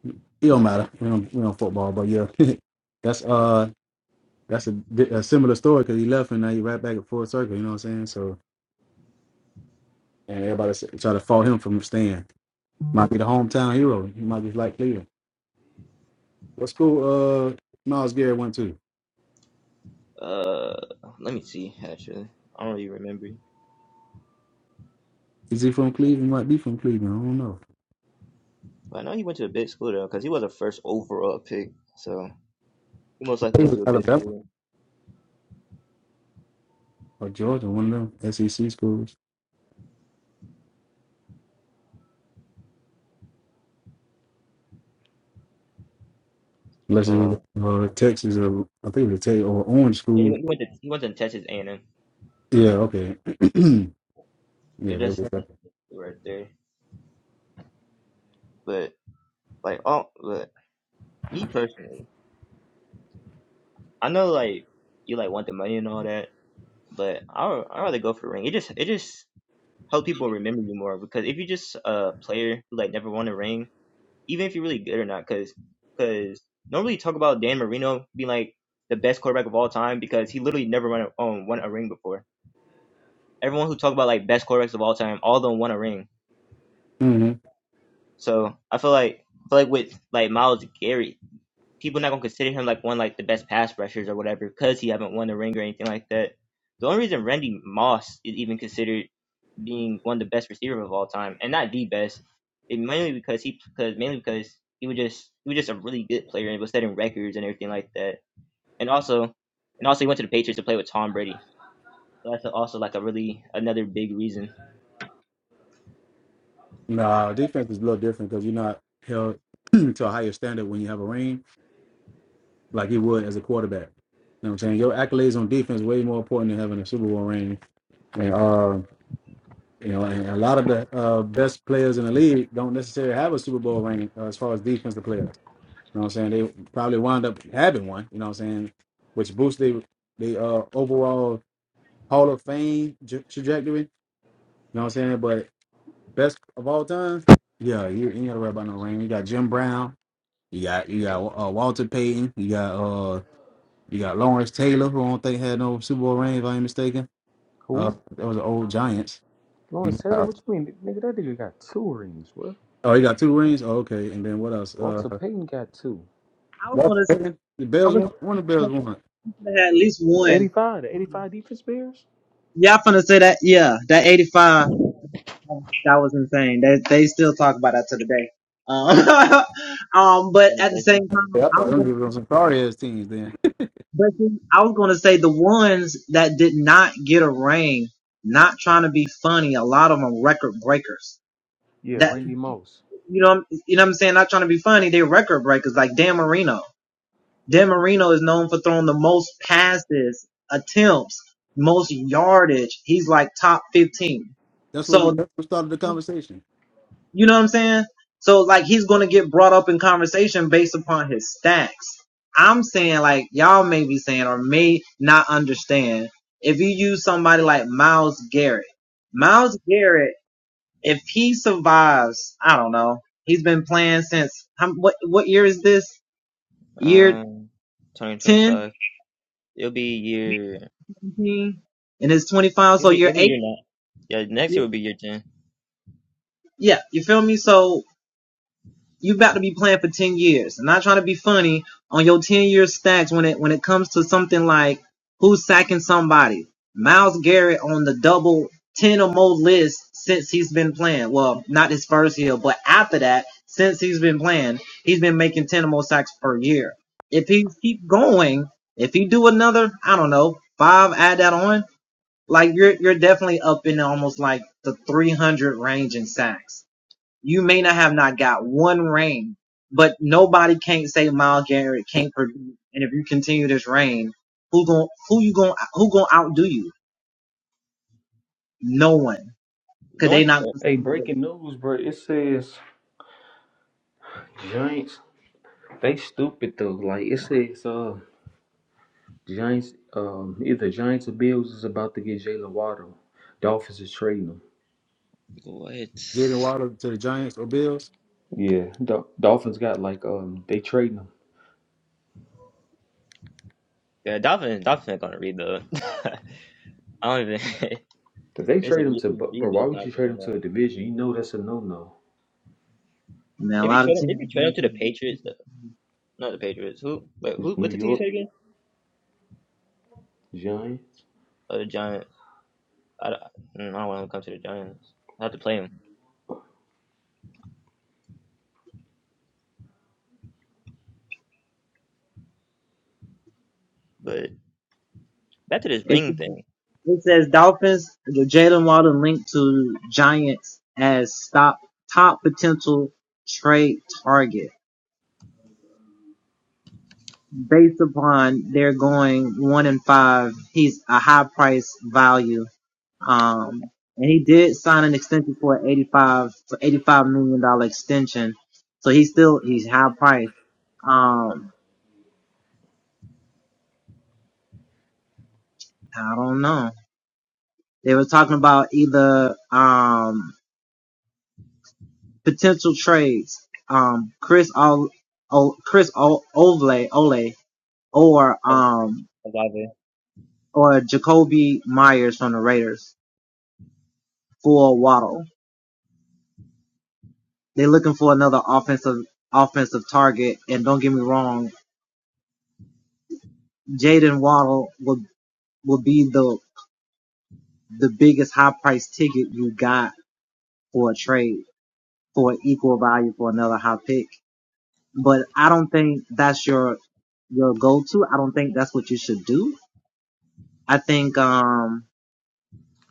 S3: It don't matter. We don't we don't football, but yeah, that's uh that's a, di- a similar story because he left and now he right back at full circle. You know what I'm saying? So and everybody s- try to fault him from staying. Might be the hometown hero. He might be like Cleveland. What school? Uh, Miles Garrett went to.
S4: Uh, let me see. Actually, I don't really remember.
S3: Is he from Cleveland? Might be from Cleveland. I don't know.
S4: But I know he went to a big school though, because he was a first overall pick. So he most
S3: I
S4: likely
S3: think
S4: went
S3: it was
S4: to a big
S3: Alabama
S4: school.
S3: or Georgia, one of them SEC schools. Unless it
S4: Uh,
S3: was uh, Texas or I think it was Texas or Orange
S4: yeah, he,
S3: School.
S4: he went to he went to Texas A and M.
S3: Yeah. Okay.
S4: Yeah,
S3: yeah,
S4: that's
S3: that
S4: that's a big school right there. But like all, but me personally, I know like you like want the money and all that, but I I rather go for a ring. It just it just helps people remember you more because if you just a player who like never won a ring even if you're really good or not, because because normally you talk about Dan Marino being like the best quarterback of all time because he literally never won a, um, won a ring before. Everyone who talk about like best quarterbacks of all time, all of them won a ring.
S3: was.
S4: So I feel like I feel like with like Miles Garrett, people not gonna consider him like one like the best pass rushers or whatever because he haven't won a ring or anything like that. The only reason Randy Moss is even considered being one of the best receiver of all time, and not the best, and mainly because he because mainly because he was just he was just a really good player and was setting records and everything like that. And also, and also he went to the Patriots to play with Tom Brady. So that's also like a really another big reason.
S3: No, defense is a little different because you're not held to a higher standard when you have a ring, like you would as a quarterback. You know what I'm saying? Your accolades on defense way more important than having a Super Bowl ring. And uh, you know, and a lot of the uh, best players in the league don't necessarily have a Super Bowl ring uh, as far as defensive players. You know what I'm saying? They probably wind up having one. You know what I'm saying? Which boosts the the uh, overall Hall of Fame j- trajectory. You know what I'm saying? But best of all time, yeah, you, you ain't got to worry about no ring. You got Jim Brown. You got you got uh, Walter Payton. You got uh you got Lawrence Taylor, who I don't think had no Super Bowl ring, if I ain't mistaken. Uh,
S2: Who?
S3: that was the old Giants. He
S2: Lawrence Taylor?
S3: got,
S2: What you mean, nigga? That nigga got two rings, bro.
S3: oh, he got two rings. Oh, okay, and then what else? Uh,
S2: Walter Payton got two.
S3: Walter Payton. The Bears won. One of the Bears won.
S2: 85, the 85 defense players?
S4: One of the best defenses.
S3: Yeah, I thought them dudes on some sorry ass teams. Then
S2: Yeah, Randy Moss.
S3: that's what we that's what started the conversation.
S4: Um, twenty twenty five. It'll be year. It'll be it'll be year nine. Yeah, next year will be year ten. The one
S2: Hey, breaking news, bro. It says Giants. They stupid though. Like it says, uh. Giants, um, either Giants or Bills is about to get Jalen Waddle. Dolphins is trading him.
S4: what?
S3: Jaden Waddle to the Giants or Bills.
S2: Yeah, Dol- Dolphins got like um, they trading him.
S4: Yeah, Dolphins Dolphins are gonna rebuild. I don't even.
S2: If they
S4: it's a
S2: trade him
S4: re-
S2: to
S4: it's
S2: Bu- bro, why
S4: rebuild
S2: would
S4: time
S2: you
S4: for
S2: trade him
S4: them now.
S2: to a division? You know that's a no no.
S4: If you trade, him, if you trade him to the Patriots, uh, not the Patriots. Who? Wait,
S2: It's
S4: who?
S2: New
S4: What's the team you
S2: York
S4: said again?
S2: Giants.
S4: Oh, the Giants. I, don't- mm, I don't want him to come to the Giants. I have to play him. But back to this ring thing. Al- Olave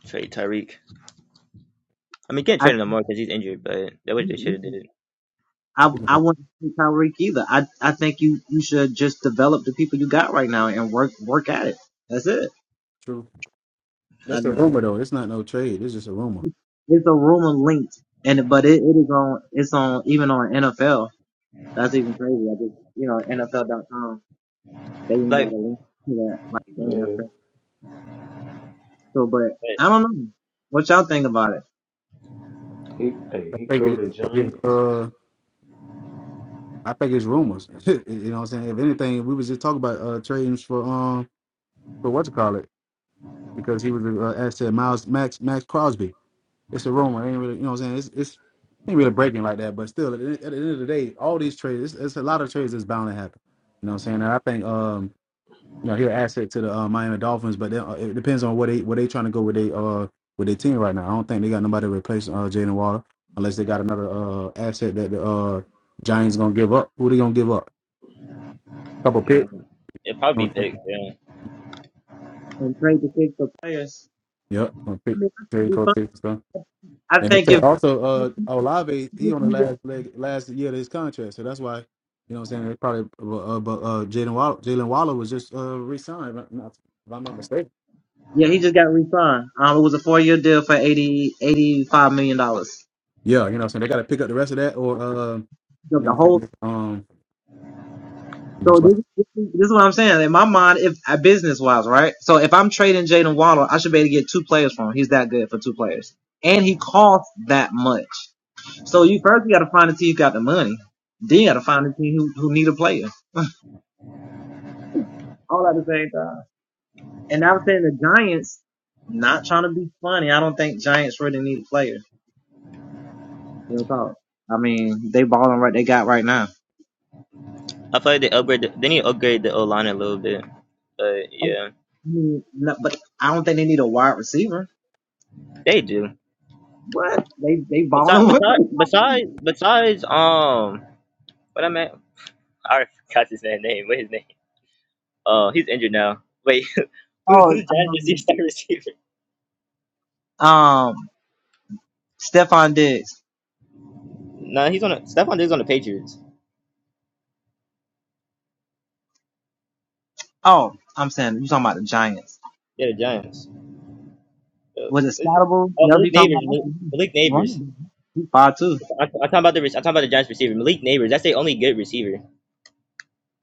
S4: trade Tyreek. I mean, you can't trade him no more because he's injured. But that what they should have did.
S3: Yeah, True. That's a rumor though. It's not no trade. It's just a rumor.
S4: Like,
S2: Yeah,
S4: but,
S2: he hey
S3: I
S2: he
S3: think
S2: go
S3: it,
S2: to
S3: it's,
S2: Giants.
S3: uh. I think it's rumors. you know what I'm saying? If anything, we was just talking about uh tradings for um for what to call it because he was an uh, asset Miles Max Max Crosby. It's a rumor. It ain't really you know what I'm saying? It's it's ain't really breaking like that, but still at the, at the end of the day, all these trades, it's, it's a lot of trades that's bound to happen. You know what I'm saying? And I think um you know he'll asset to the uh, Miami Dolphins, but then, uh, it depends on what they what they trying to go with they uh with their team right now. I don't think they got nobody to replace uh Jalen Water unless they got another uh asset that the uh Giants gonna give up. Who they gonna give up? couple picks.
S4: mm, it'd probably be big.
S3: Yep.
S4: Yeah.
S1: And pray to kick for players.
S3: on pick- Terry
S1: It'll be
S3: Cole
S1: fun.
S3: pick and stuff.
S1: I
S3: And
S1: think
S3: they say
S1: if
S3: also, uh, Olave, he on the last leg, last year of his contract, so that's why, you know, what I'm saying they probably, uh, but uh, Jalen Waller, Jalen Waller was just uh re-signed, if I'm not if I'm not mistaken.
S1: yeah, he just got re-signed. Um, it was a four-year deal for eighty-eighty-five million dollars.
S3: Yeah, you know, what I'm saying they got to pick up the rest of that, or uh, you know,
S1: The
S3: what I'm
S1: whole
S3: saying um, most likely
S4: I feel like they upgrade. The, they need to upgrade the O line a little bit. But yeah, they do. Besides, besides, besides, besides, um, what I meant, I forgot his man name. What his name? Uh, he's injured now. Wait, who- who's Giants receiver wide receiver? Nah, he's on. A, Stephon Diggs on the Patriots. Yeah, the Giants. Uh, who's it? Uh, Malik Neighbors. Malik, Malik Neighbors. I, I'm talking about the. rec- I'm talking about the Giants receiver. Malik Neighbors. That's their only good receiver.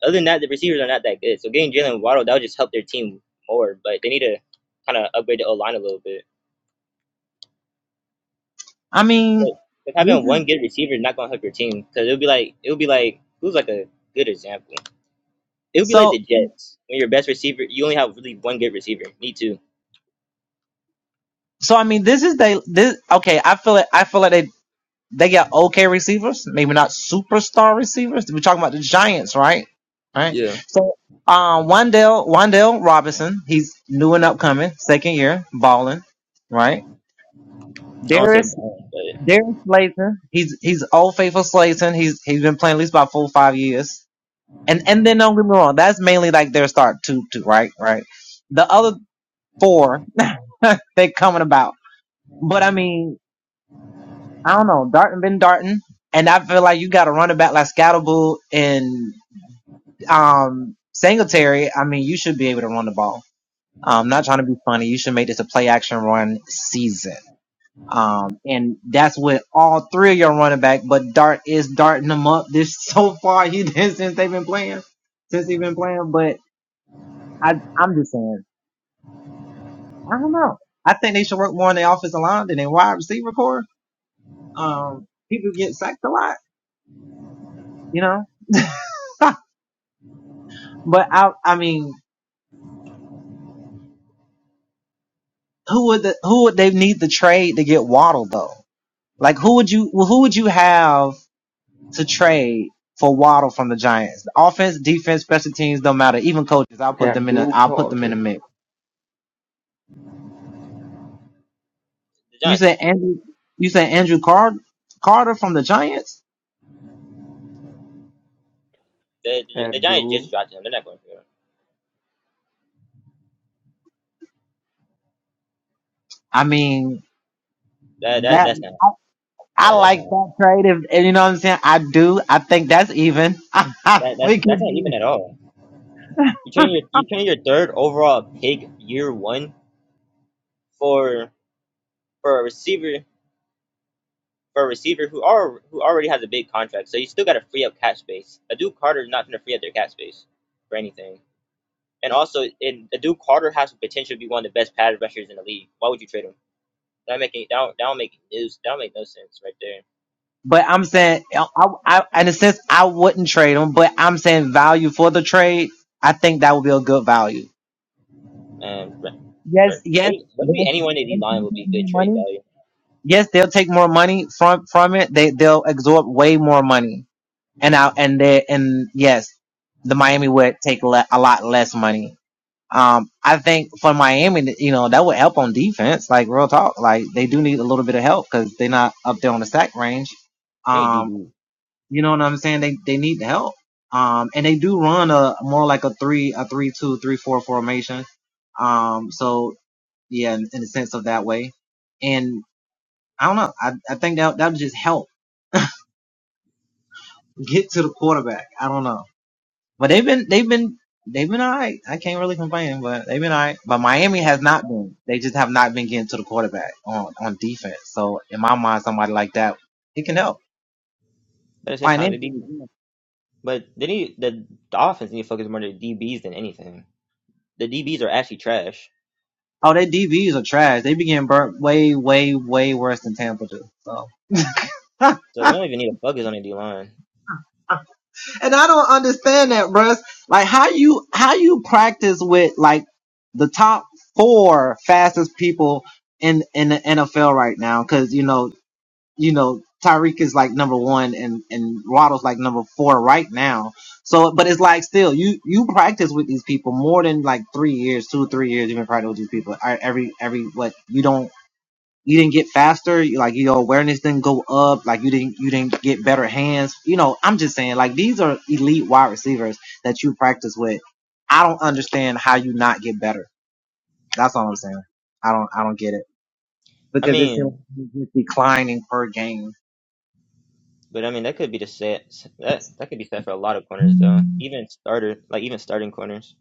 S4: Other than that, the receivers are not that good. So getting Jalen Waddle that would just help their team more. But they need to kind of upgrade the O line a little bit. But if having one good receiver is not gonna help your team because it'll be like it'll be like who's like a good example. It would be like the Jets when your best receiver you only have really one good receiver. Me too. Yeah. I don't say Browns, but
S2: Abdul Carter,
S4: the Giants not true. The, the, the Giants just
S2: Abdul,
S4: dropped him. They're not going for him. That that that's not that, that's not that, that that's not even at all. You turn your you turn your third overall pick year one for for a receiver for a receiver who are who already has a big contract. So you still got to free up cap space. Adu Carter is not going to free up their cap space for anything. And also, in Adu Carter has the potential to be one of the best pass rushers in the league. Why would you trade him? That don't make any, that don't, that don't make news. That don't make no sense right there. And but, but maybe, maybe anyone in the line would be good trade value. They need DB. But at the same time, the DB, but they need the, the offense need to focus more on the DBs than anything. The DBs are actually trash, so they don't even need to focus on the D line. I mean, but I mean that could be the set that that could be set for a lot of corners though. Even starter like even starting corners.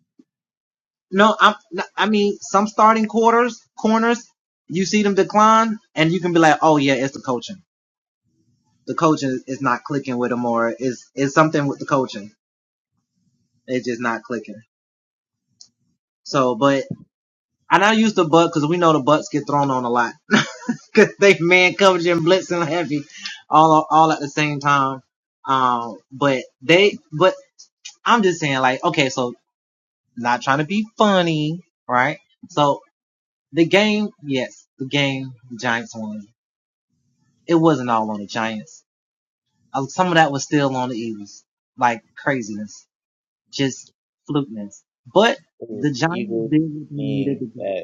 S4: Eagles being bad.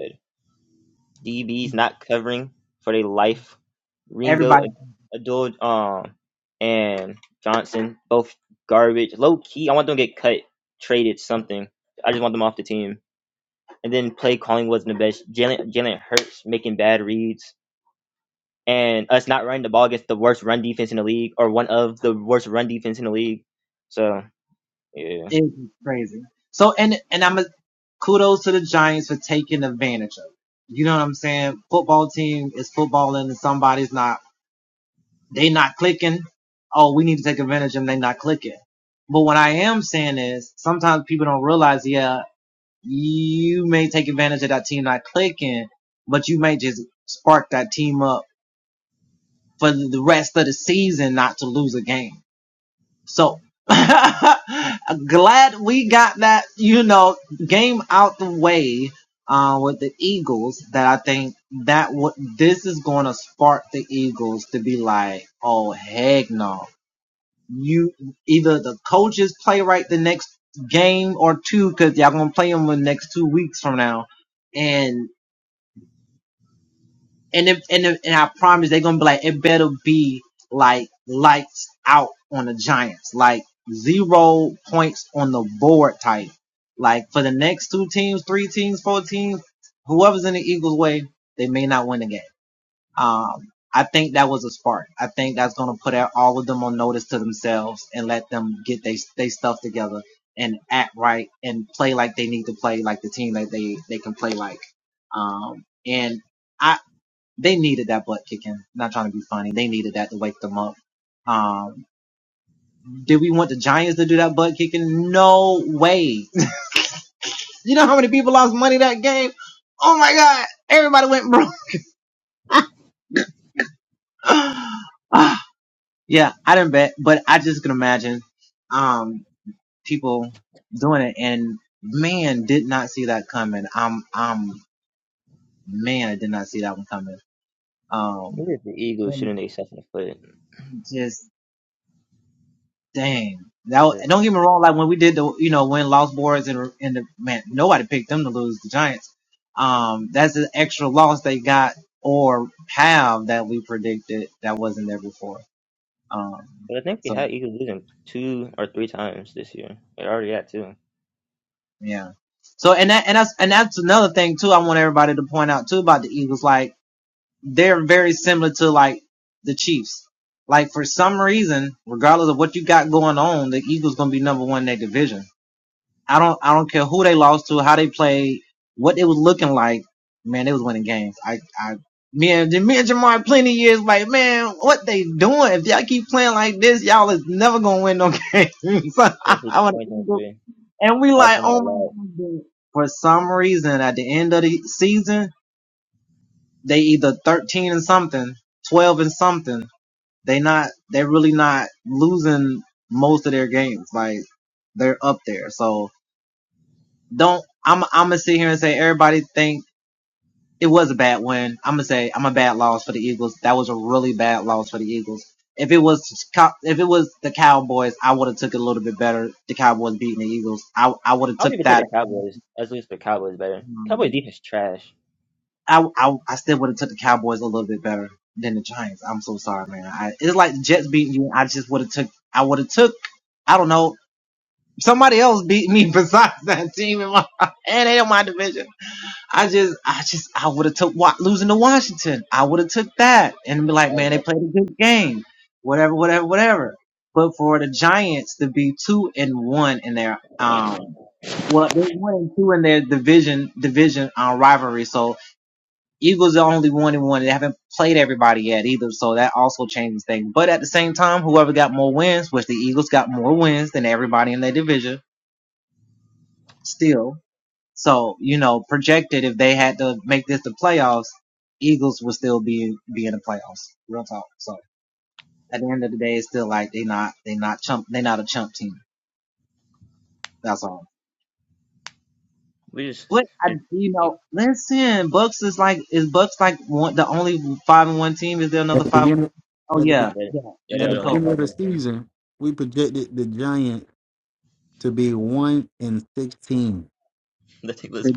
S4: DBs not covering for their life. Ringo, Adol, um, and Johnson both garbage. Low key, I want them to get cut, traded, something. I just want them off the team. And then play calling wasn't the best. Jalen Jalen Hurts making bad reads and us not running the ball against the worst run defense in the league or one of the worst run defense in the league. So yeah, maybe it's the Eagles shooting themselves in the foot. Yeah. But I think we had Eagles losing two or three times this year. They already had two. especially 2023. I was talking about a lot. I would even say the Cowboys. Let's lose for Cowboys better. Cowboys defense trash. We just just it-
S3: at the beginning, at the be-
S4: that that
S3: at
S4: are
S3: the
S4: the only
S3: beginning
S4: five
S3: of
S4: in
S3: the
S4: the team.
S3: season, we projected the Giants to be one in sixteen.
S4: The team was I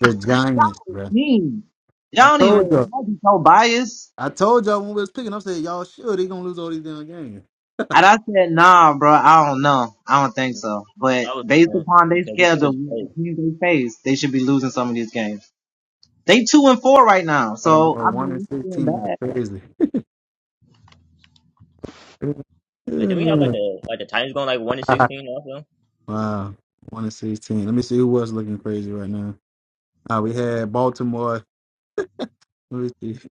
S3: The Giants, bro. I told you. I told y'all when we was picking, I said y'all sure they gonna lose all these damn games.
S4: was surprised because the team was great.
S3: Oh, them boy one and sixteen is crazy.
S4: But then we have like the like the Titans going like one and sixteen also.
S3: wow, one and sixteen. Let me see who was looking crazy right now. Uh, we had Baltimore. Let me see.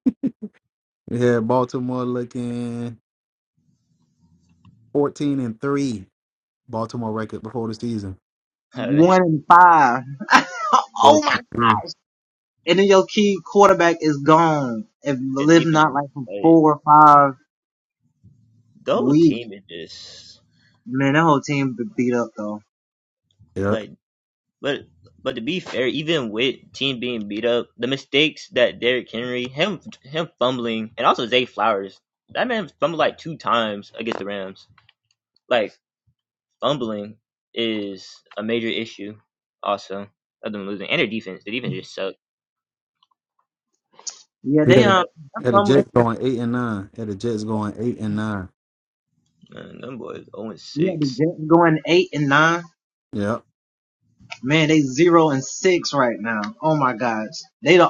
S3: We had Baltimore looking fourteen and three. Baltimore record before the season.
S4: the
S3: Fourteen and three.
S4: defense is great. The whole team is just
S3: Yep.
S4: like. But but to be fair, even with team being beat up, the mistakes that Derrick Henry, him him fumbling, and also Zay Flowers, that man fumbled like two times against the Rams. Like fumbling is a major issue, also of them losing and their defense. The defense just sucks.
S3: We had a, had the Jets going eight and nine. Had the Jets going eight and nine.
S4: Man, them boys zero and six.
S3: Yep.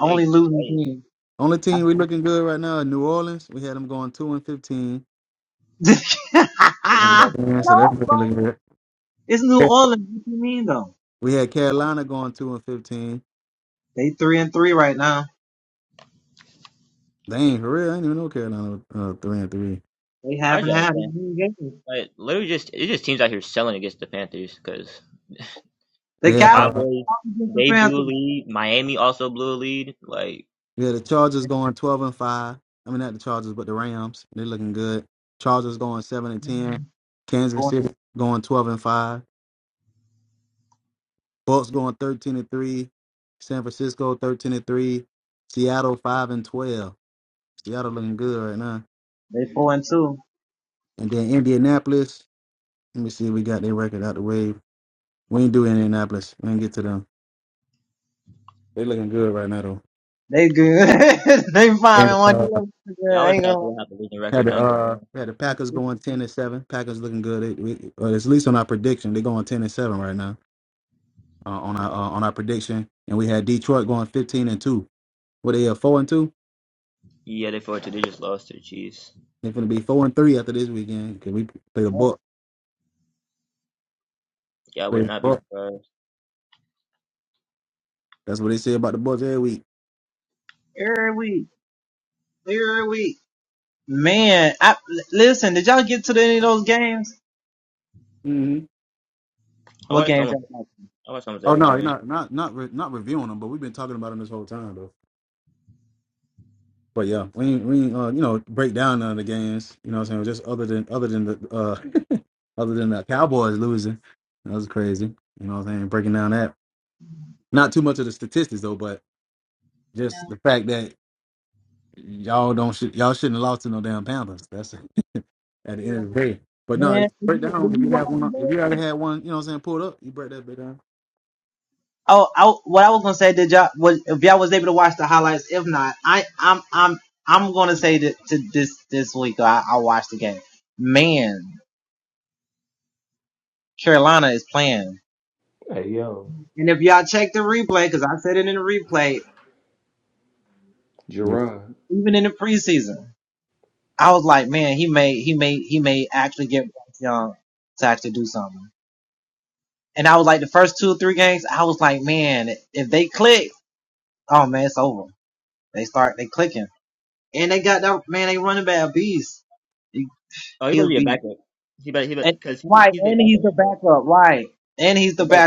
S4: They they
S3: Only team we looking good right now, is New Orleans. We had them going two and fifteen.
S4: they do that gonna
S3: Yeah, so
S4: happen.
S3: that's been looking good. We had Carolina going two and fifteen. They ain't for real, I didn't even know Carolina was uh, three and three.
S4: I just don't understand. Like literally, just it's just teams out here selling against the Panthers because
S3: We had uh,
S4: Cowboys they blew a lead. Miami also blew a lead. Like.
S3: we had the Chargers going twelve and five. I mean, not the Chargers, but the Rams. They're looking good. Chargers going seven and ten. Kansas City going twelve and five. Bucks going thirteen and three. San Francisco thirteen and three. Seattle five and twelve. Seattle looking good right now.
S1: they four and two.
S3: And then Indianapolis. Let me see. We got their record out the way. We ain't do Indianapolis. We ain't get to them. They looking good right now though.
S1: They good. they five
S3: And
S1: and one. They
S3: uh,
S1: look so
S4: Yeah, I
S1: good. I
S4: was
S1: ain't gonna lie.
S4: thinking right.
S3: had the uh,
S4: now.
S3: we had the Packers going ten and seven. Packers looking good. They, we, well, at least on our prediction, they going ten and seven right now uh, on our uh, on our prediction. And we had Detroit going fifteen and two. What they at four and two?
S4: Yeah, they forward to they just lost to the Chiefs.
S3: They're gonna be four and three after this weekend because we play the Buck.
S4: Yeah, I
S3: Play
S4: would
S3: the
S4: not be
S3: Buck.
S4: surprised.
S3: That's what they say about the Bucks every week.
S1: Every week. Every week.
S3: hmm
S4: I
S1: What
S4: watched
S1: games
S4: almost
S1: that like?
S4: I watched almost
S3: Oh
S4: every
S3: no, you're
S4: game.
S3: not not not re- not reviewing them, but we've been talking about them this whole time though. But yeah, we ain't, we ain't, uh, you know break down none of the games. You know what I'm saying? Just other than other than the uh, other than the Cowboys losing, that was crazy. You know what I'm saying? Breaking down that not too much of the statistics though, but just the fact that y'all don't should y'all shouldn't have lost to no damn Panthers. That's at the end of the day. But no, break down if you have one. If you already had one, you know what I'm saying? Pulled up, you break that bit down.
S2: hey yo,
S3: Yeah.
S2: Gerard,
S4: Oh, he better be a backup. He better he better because he he's their backup right back. They better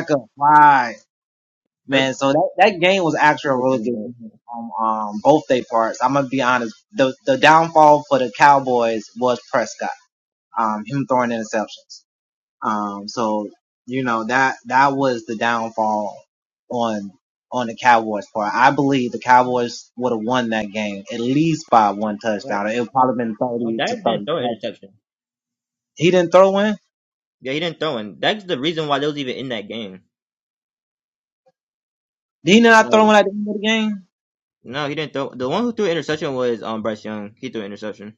S4: Herb he's their coming back. Like, like, oh, Dak didn't throw an interception. Yeah, he didn't throw one. That's the reason why they was even in that game. Like no, he didn't throw. The one who threw an interception was um Bryce Young. He threw an interception.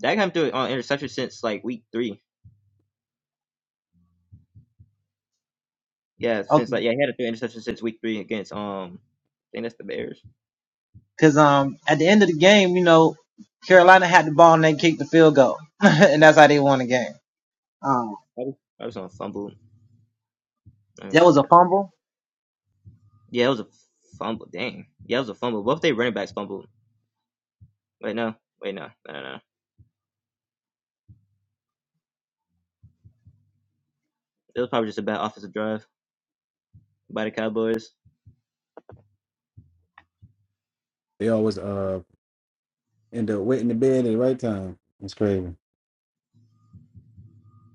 S4: Dak haven't threw an interception since like week three. Yeah, since like yeah he had a throw interception since week three against um I think that's the Bears. I was, that was on a fumble. Let me see actually. Yeah, it was a fumble. Dang. Yeah, it was a fumble. What if they running backs fumbled. Wait, no. Wait, no. No, no, no. It was probably just a bad offensive drive by the Cowboys.
S3: They always uh end up waiting to bed at the right time. It's crazy.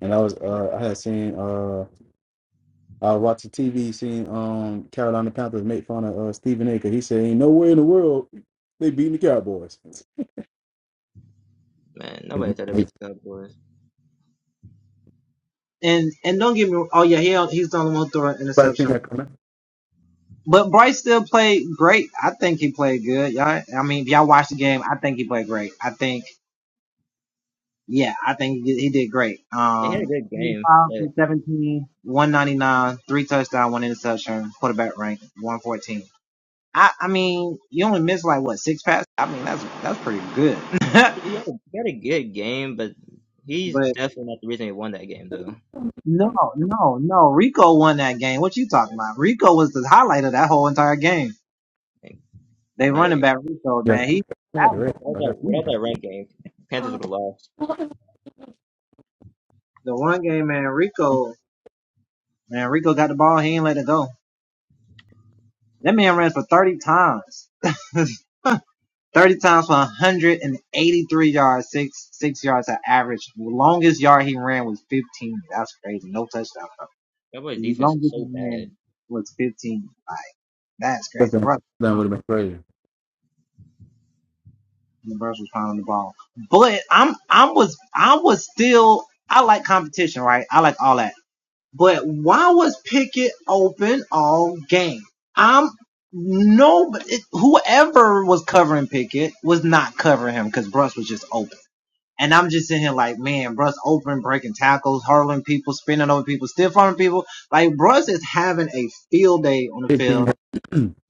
S3: And I was uh I had seen uh. I was the TV, seeing um Carolina Panthers make fun of uh, Stephen A. 'cause He said, "Ain't nowhere in the world they beating the Cowboys."
S4: Man, nobody thought it was
S3: Right,
S4: the Cowboys.
S3: seen that coming?
S4: They had a good
S1: Twenty
S4: game.
S1: five
S4: But
S1: from seventeen. What
S4: he had a, he had a good game, but he's definitely not the reason they won that game, though.
S1: You talking? They running
S4: Like,
S1: back though,
S3: Yeah,
S1: man.
S3: I had to
S1: that-
S3: rest.
S4: without
S3: I
S4: that,
S3: got
S4: without that run game, Panthers would have lost.
S1: man, Rico got the ball here. Go. That man ran for thirty times. Thirty times for 183 yards, six six yards at average. The longest yard he ran was 15.
S4: Cowboys' defense is so bad.
S3: that would have been crazy. 15 mm-hmm.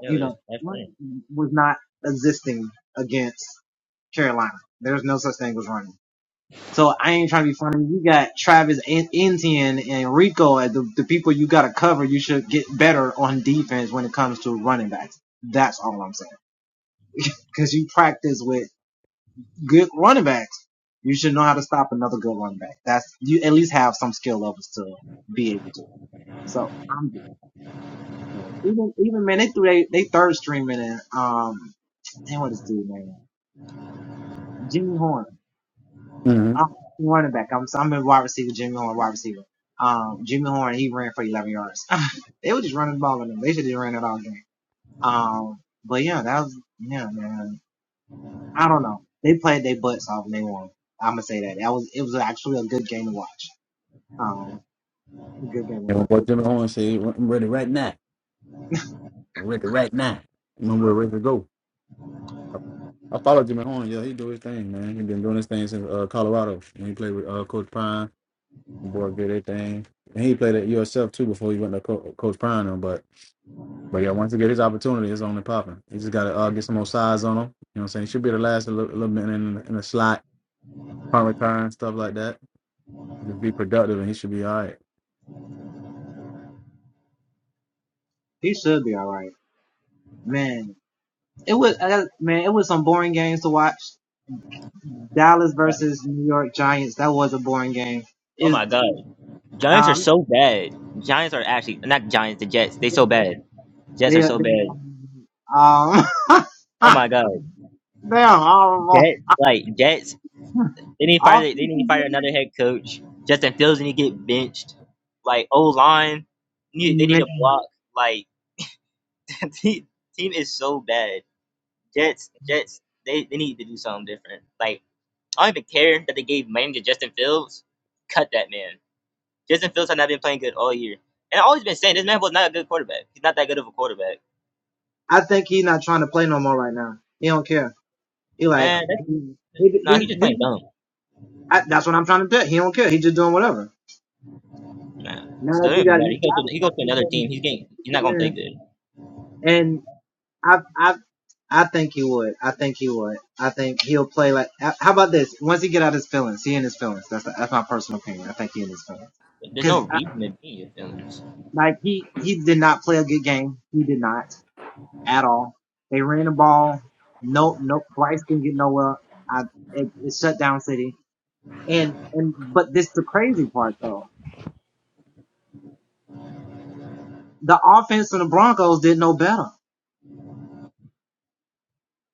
S4: Yeah, it was just pass running.
S3: And my boy Jimmy Horn said, "I'm ready right now. I'm ready right now. When we're ready to go." I, I follow Jimmy Horn. Yeah, he do his thing, man. He been doing his thing since uh, Colorado when he played with uh, Coach Prime. The boy did their thing, and he played at USF too before he went to Co- Coach Prime. But But yeah, once he get his opportunity, it's only popping. He just gotta uh, get some more size on him. You know what I'm saying? He should be the last a little, a little bit in, in the slot, punt return, stuff like that. Just be productive, and he should be all right.
S4: Oh, my God. Giants are
S1: Um,
S4: so bad. Giants are actually not Giants. The Jets. They so bad. Jets are
S1: they, they,
S4: so bad.
S1: um,
S4: Oh my god.
S1: they're horrible.
S4: Jets like Jets. They need to fire.
S1: Off,
S4: They need to fire another head coach. Justin Fields need to get benched. Like O line. Need they need to
S1: man.
S4: block. Like the team is so bad. Jets. Jets. They they need to do something different. Like I don't even care that they gave money to Justin Fields. Cut that man. Justin Fields has not been playing good all year. And I've always been saying this man was not a good quarterback. He's not that good of a quarterback. Man,
S1: he
S4: Nah, he just playing dumb. Nah, so it
S1: Now that
S4: doesn't
S1: you
S4: even
S1: got
S4: matter.
S1: you
S4: He goes to
S1: gotta
S4: he goes
S1: start
S4: to
S1: with
S4: another
S1: him
S4: team.
S1: to
S4: He's getting he's
S1: sit
S4: not gonna play
S1: there.
S4: good.
S1: and
S4: There's no
S1: because
S4: reason to be in your feelings.
S1: like he he did not play a good game. He did not at all. They ran the ball. No, no. Bryce didn't get no up. I, it, it shut down City. And and but this the crazy part though. The offense and the Broncos did no better.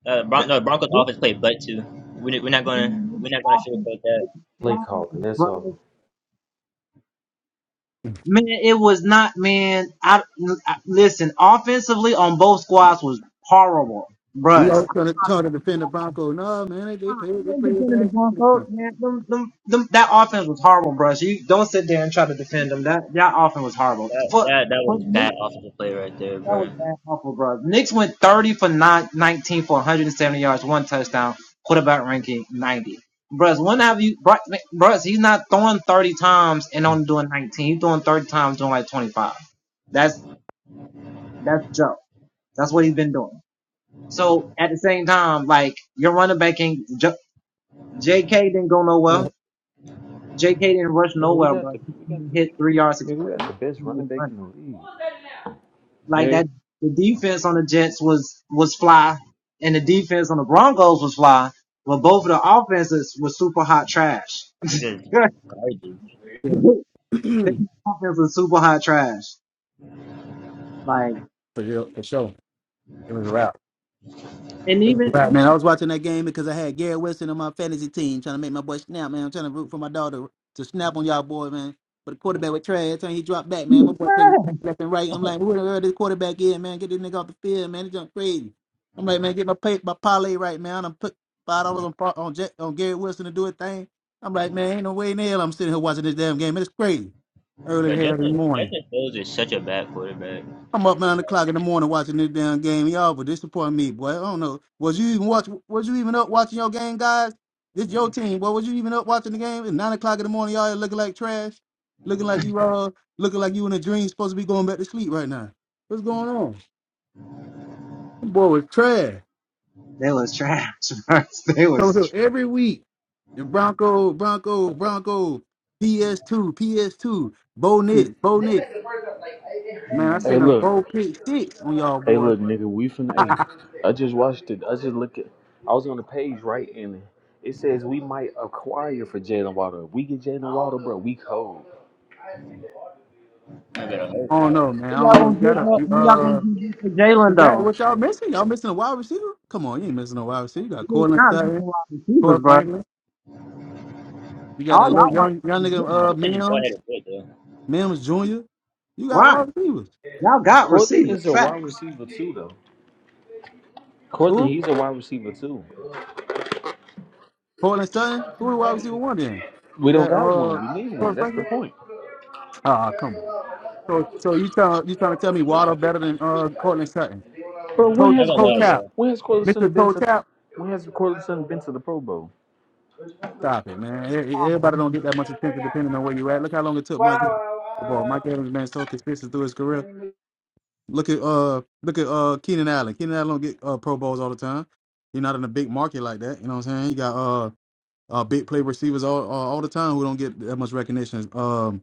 S4: Uh, Bron- no, Broncos
S1: This-
S4: offense played butt too. We're, we're not gonna
S1: Man, this
S4: we're not
S1: offense
S4: gonna that
S2: play
S1: flying,
S2: calling. That's
S1: bro.
S2: all.
S1: Man, it was not man. I, I listen. Offensively on both squads was horrible,
S3: He
S1: bruh.
S3: always trying to, trying to defend the Broncos. No, man, they, they played
S1: You
S3: they
S1: ain't
S3: played
S1: defending the
S3: bad.
S1: Broncos, man. Them, them, them, that offense was horrible, bro. So you don't sit there and try to defend them. That that offense was horrible.
S4: that
S1: But
S4: that that
S1: but
S4: was
S1: me,
S4: bad offensive play right there,
S1: that
S4: bro.
S1: was bad. That that's Joe. at the same time, your running back ain't J.K. didn't go nowhere. J.K. didn't rush
S2: Nigga, we
S1: nowhere,
S2: got
S1: bro.
S2: the we got
S1: He
S2: the
S1: hit three
S2: we,
S1: yards six
S2: nigga, we got
S1: carries.
S2: the best running back in the league. Man,
S4: Just garbage.
S3: Yeah, for,
S1: Like
S3: real, for sure, it was a wrap.
S1: and even
S3: Right, man. I was watching that game because I had Gary Wilson on my fantasy team trying to make my boy snap, man. I'm trying to root for my daughter to snap on y'all boy, man. But the quarterback was trash. Time he dropped back, man. My boy taking
S1: y'all
S3: back left and right. I'm like, who the hell this quarterback is, man? Get this nigga off the field, man. He jumped crazy. I'm like, man, get my pay, my parlay right, man. I'm put five dollars on par- on, Jack, on Gary Wilson to do a thing. I'm like, man, ain't no way in hell I'm sitting here watching this damn game. It's crazy. Early in
S4: But
S3: the hell in the
S4: Justin
S3: morning.
S4: Justin Fields is such a bad quarterback.
S3: I'm up nine o'clock in the morning watching this damn game, y'all. But disappoint me, boy. I don't know. Was you even watch? Was you even up watching your game, guys? This your team, boy. Was you even up watching the game at nine o'clock in the morning? Y'all looking like trash, looking like you uh, looking like you in a dream, supposed to be going back to sleep right now. What's going on? This boy was trash. Come here every week. The Bronco, Bronco, Bronco, PS2, PS2, Bo Nit, Bo
S2: This
S3: Nit.
S2: ain't the first time. Like,
S3: Man, I
S2: I- Hey,
S3: seen a
S2: look.
S3: Bo Pick Six on y'all,
S2: Hey,
S3: boy.
S2: look, nigga. We finna. Hey, I just watched it. I just look at. I was on the page right, and it says we might acquire for Jalen Waddle. If we get Jalen Waddle, bro, we cold.
S4: I'm better hope.
S3: I don't know, man. I
S4: that
S3: don't know.
S1: gonna
S3: You
S4: Justin Fields
S1: give
S3: gotta,
S4: is
S1: up?
S4: up
S3: you,
S1: Who y'all
S4: there.
S3: uh,
S1: gonna give up for Jalen
S3: Is that
S1: though?
S3: what y'all missing? Y'all missing a wide receiver? Come on, you ain't missing a wide receiver. You got
S1: He's
S3: Cortland
S1: not missing
S3: Sutton,
S1: wide receivers,
S3: Corey
S1: bro.
S3: Franklin. You got a
S1: All
S3: little
S1: y'all
S4: I'm gonna
S1: wide
S3: young young
S1: receivers
S3: nigga,
S4: I'm
S1: didn't.
S3: uh,
S4: gonna say just go ahead
S3: Mims,
S4: and quit though.
S3: Mims Jr. You got wide receivers.
S1: Y'all got
S2: Cortland
S1: receivers.
S2: is a wide
S1: Facts.
S2: receiver too, though. Cortland,
S3: Who?
S2: he's a wide receiver too.
S3: Cortland Sutton. Who the wide receiver one then?
S2: We
S3: Is
S2: don't
S3: that
S2: got
S3: uh
S2: one. We need one.
S3: Corey
S2: That's the
S3: Franklin?
S2: point.
S3: Ah, come on. So so you tell you trying to tell me Waddle better than uh Cortland Sutton?
S2: Bro, when
S3: Toe
S4: Not
S2: has
S4: gonna
S3: toe
S4: lie,
S2: Cortland?
S4: yeah.
S3: tap,
S2: When has
S3: Mister
S2: Cortland been
S3: Toe
S2: to?
S3: tap.
S2: When has Cortland been to the Pro Bowl?
S3: Stop it, man. E- e- Everybody don't get that much attention depending on where you at. Look how long it took Mike. Evans ball. Mike Evans been so consistent through his career. Look at uh look at uh Keenan Allen. Keenan Allen don't get uh Pro Bowls all the time. You're not in a big market like that. You know what I'm saying? You got uh uh big play receivers all uh, all the time who don't get that much recognition. Um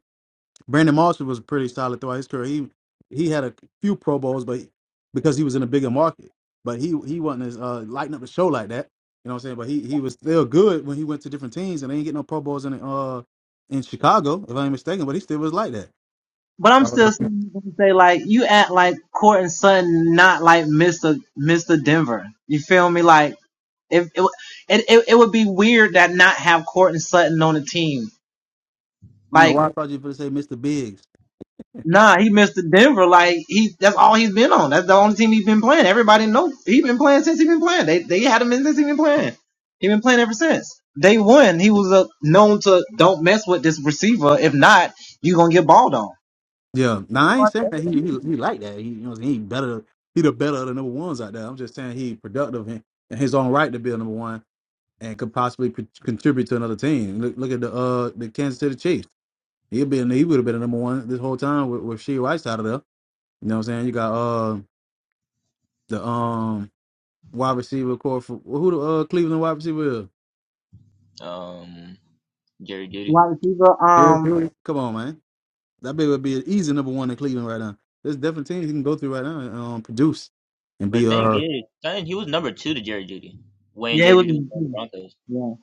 S3: Brandon Marshall was pretty solid throughout his career. He he had a few Pro Bowls, but because he was in a bigger market. But he he wasn't as uh lighting up the show like that. You know what I'm saying? But he he was still good when he went to different teams and they ain't get no Pro Bowls in uh in Chicago, if I'm mistaken, but he still was like that. I don't know why I thought you were gonna say Mr. Biggs. Yeah. Now I ain't saying that he he, he like that. He you know he ain't better. He the better of the number ones out there. I'm just saying he productive in, in his own right to be a number one and could possibly pro- contribute to another team. Look look at the uh the Kansas City Chiefs. He'd been he would have been a number one this whole time with, with Shea Rice out of there. You know what I'm saying? You got uh the um wide receiver core for well, who the uh Cleveland wide receiver is?
S4: Um. Jerry Judy.
S1: Wide receiver.
S3: Jerry
S1: Um.
S3: Judy. Come on, man. That big would be an easy number one in Cleveland right now. There's different teams he can go through right now and um, produce and
S4: But
S3: be
S4: the thing
S3: uh
S4: is, son, he was number two to Jerry Judy when Jerry Judy was on the Broncos.
S1: Yeah.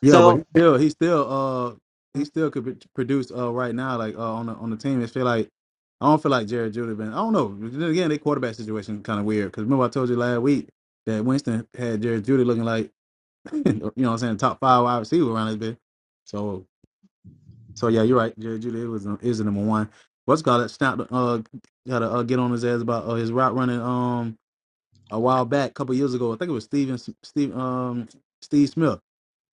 S3: Yeah, but he still, he still, uh, he still could pr- produce uh right now. Like uh, on the on the team, it feel like I don't feel like Jared Judy been. I don't know. But Then again, their quarterback situation kind of weird. Because remember I told you last week that Winston had Jared Judy looking like you know what I'm saying top five wide receiver around this bit. So so yeah, you're right. Jared Judy was is the number one. What's it called it? Snap. Uh, got to uh, get on his ass about uh, his route running. Um, a while back, a couple years ago, I think it was Steven Steve um Steve Smith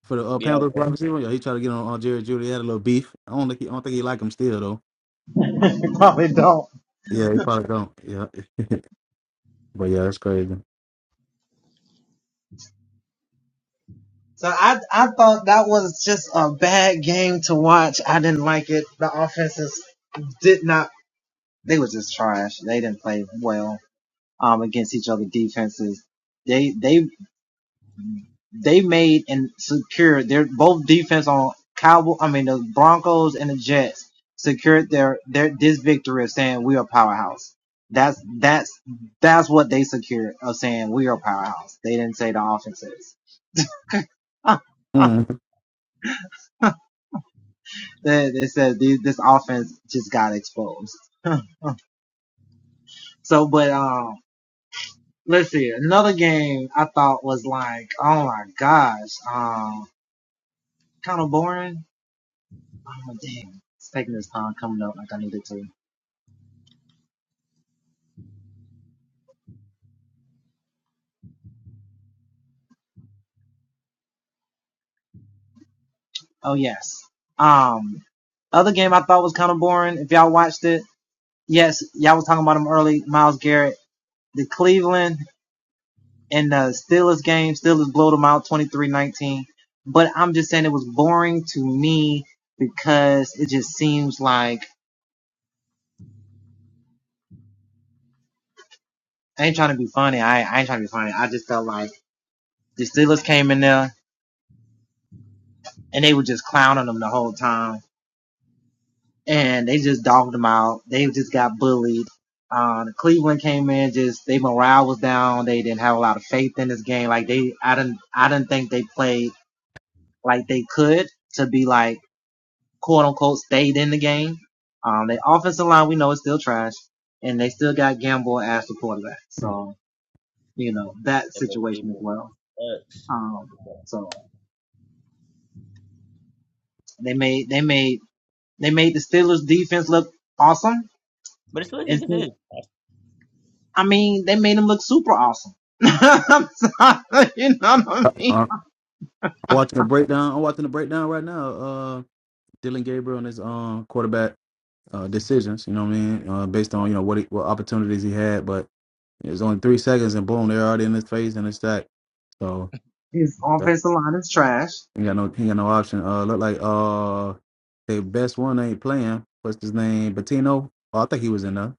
S3: for the uh,
S4: Yeah,
S3: Panthers wide receiver. Yeah, he tried to get on, on Jerry Judy. He had a little beef. I don't think he, I don't think he like him still though. Yeah, he probably don't. Yeah, but yeah, that's crazy. Mm.
S4: They're both evil. But, but it's what defense is.
S3: Uh, I'm watching the breakdown. I'm watching the breakdown right now. Uh, Dylan Gabriel and his um quarterback uh decisions. You know what I mean? Uh, based on you know what he, what opportunities he had, but it's only three seconds and boom, they're already in his face and it's that. So yeah, he got no he got no option. Uh, look like uh, their best one ain't playing. What's his name? Patino. Oh, I think he was in there.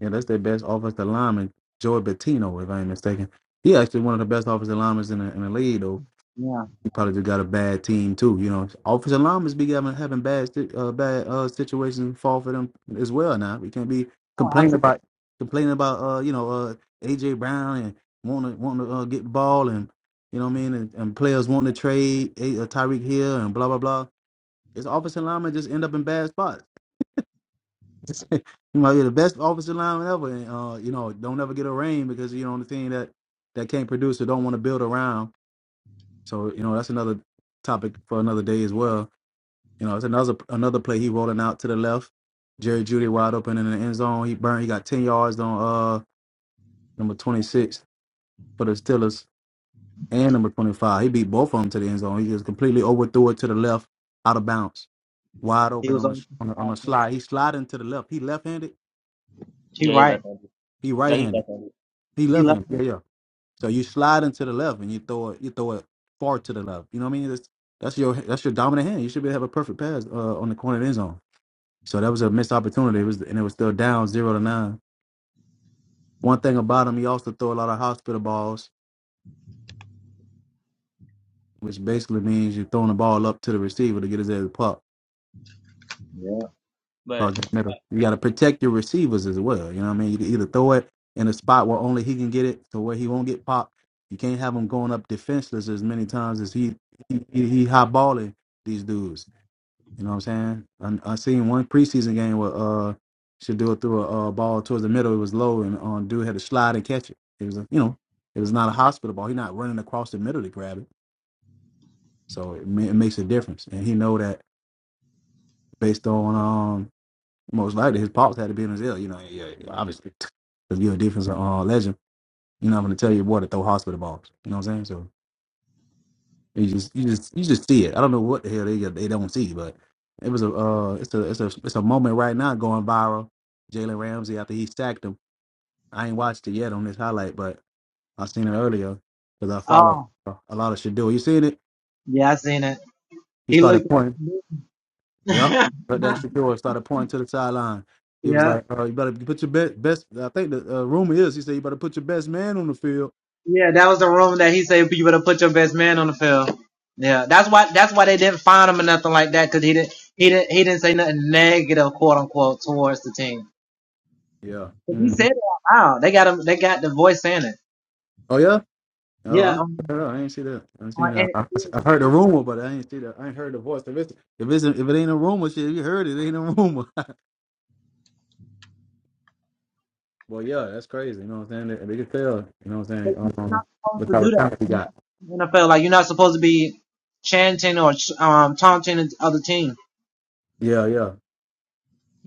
S3: Yeah, that's their best offensive lineman, Joey Bettino, if I ain't mistaken. He actually one of the best offensive linemen in the, in the league, though.
S1: Yeah.
S3: He probably just got a bad team too. You know, offensive linemen be having having bad si- uh, bad uh, situations fall for them as well. Now we can't be
S1: Oh,
S3: complaining
S1: absolutely.
S3: about complaining about uh you know uh AJ Brown and wanting to wanting to uh, get the ball and you know what I mean and, and players wanting to trade a, uh, Tyreek Hill and blah blah blah. It's offensive linemen just end up in bad spots. you might be the best offensive lineman ever, and uh, you know, don't ever get a rain because you know the thing that that can't produce or don't want to build around. So you know, that's another topic for another day as well. You know, it's another another play he rolling out to the left, Jerry Judy wide open in the end zone. He burned. He got ten yards on uh number twenty six for the Steelers and number twenty five. He beat both of them to the end zone. He just completely overthrew it to the left, out of bounds, wide
S1: He
S3: open
S1: was
S3: on a
S1: on.
S3: on a, on a slide. He sliding to the left. He left handed.
S1: She
S4: Yeah, he
S1: right.
S4: left handed.
S3: He
S4: No,
S3: right
S4: he's
S3: handed.
S4: left handed.
S3: He
S1: He
S3: left
S1: left.
S3: handed. Yeah, yeah. So you slide into the left and you throw it, you throw it far to the left. You know what I mean? That's that's your that's your dominant hand. You should be able to have a perfect pass uh, on the corner of the end zone. So that was a missed opportunity. It was and it was still down zero to nine. One thing about him, he also throw a lot of hospital balls, which basically means you're throwing the ball up to the receiver to get his head pop. Cause
S4: But
S3: that matter. You got to protect your receivers as well. You know what I mean? You can either throw it in a spot where only he can get it, to where he won't get popped. You can't have him going up defenseless as many times as he he, he, he high balling these dudes. You know what I'm saying? I, I seen one preseason game where uh Shador threw a uh, ball towards the middle. It was low, and um, dude had to slide and catch it. It was a, you know, it was not a hospital ball. He's not running across the middle to grab it, so it, ma- it makes a difference. And he know that based on um most likely his pops had to be in his ear. You know, yeah, yeah, obviously, because you're a defensive uh, legend. You're not going to tell your boy to throw hospital balls. You know what I'm saying? So. You just you just you just see it. I don't know what the hell they they don't see, but it was a uh it's a it's a it's a moment right now going viral. Jalen Ramsey after he sacked him. I ain't watched it yet on this highlight, but I seen it earlier because I follow uh, a lot of Shador. You seen it? He started pointing. Yep. But that Shador started pointing to the sideline. He was like, uh, "You better put your best best." I think the uh, rumor is he said, "You better put your best man on the field." Yeah. hmm Oh yeah? Oh, I'm, I don't know, I ain't see that. I seen
S1: on-
S3: that.
S1: And
S3: I, I heard the
S1: he
S3: rumor, but I ain't see that. I ain't heard the voice. If it's if it's if it ain't a rumor, shit, you heard it, it ain't a rumor. well, yeah, that's crazy. You know what I'm saying? They, they can tell. You know what I'm saying? Um, what type of talent he got? Yeah, yeah.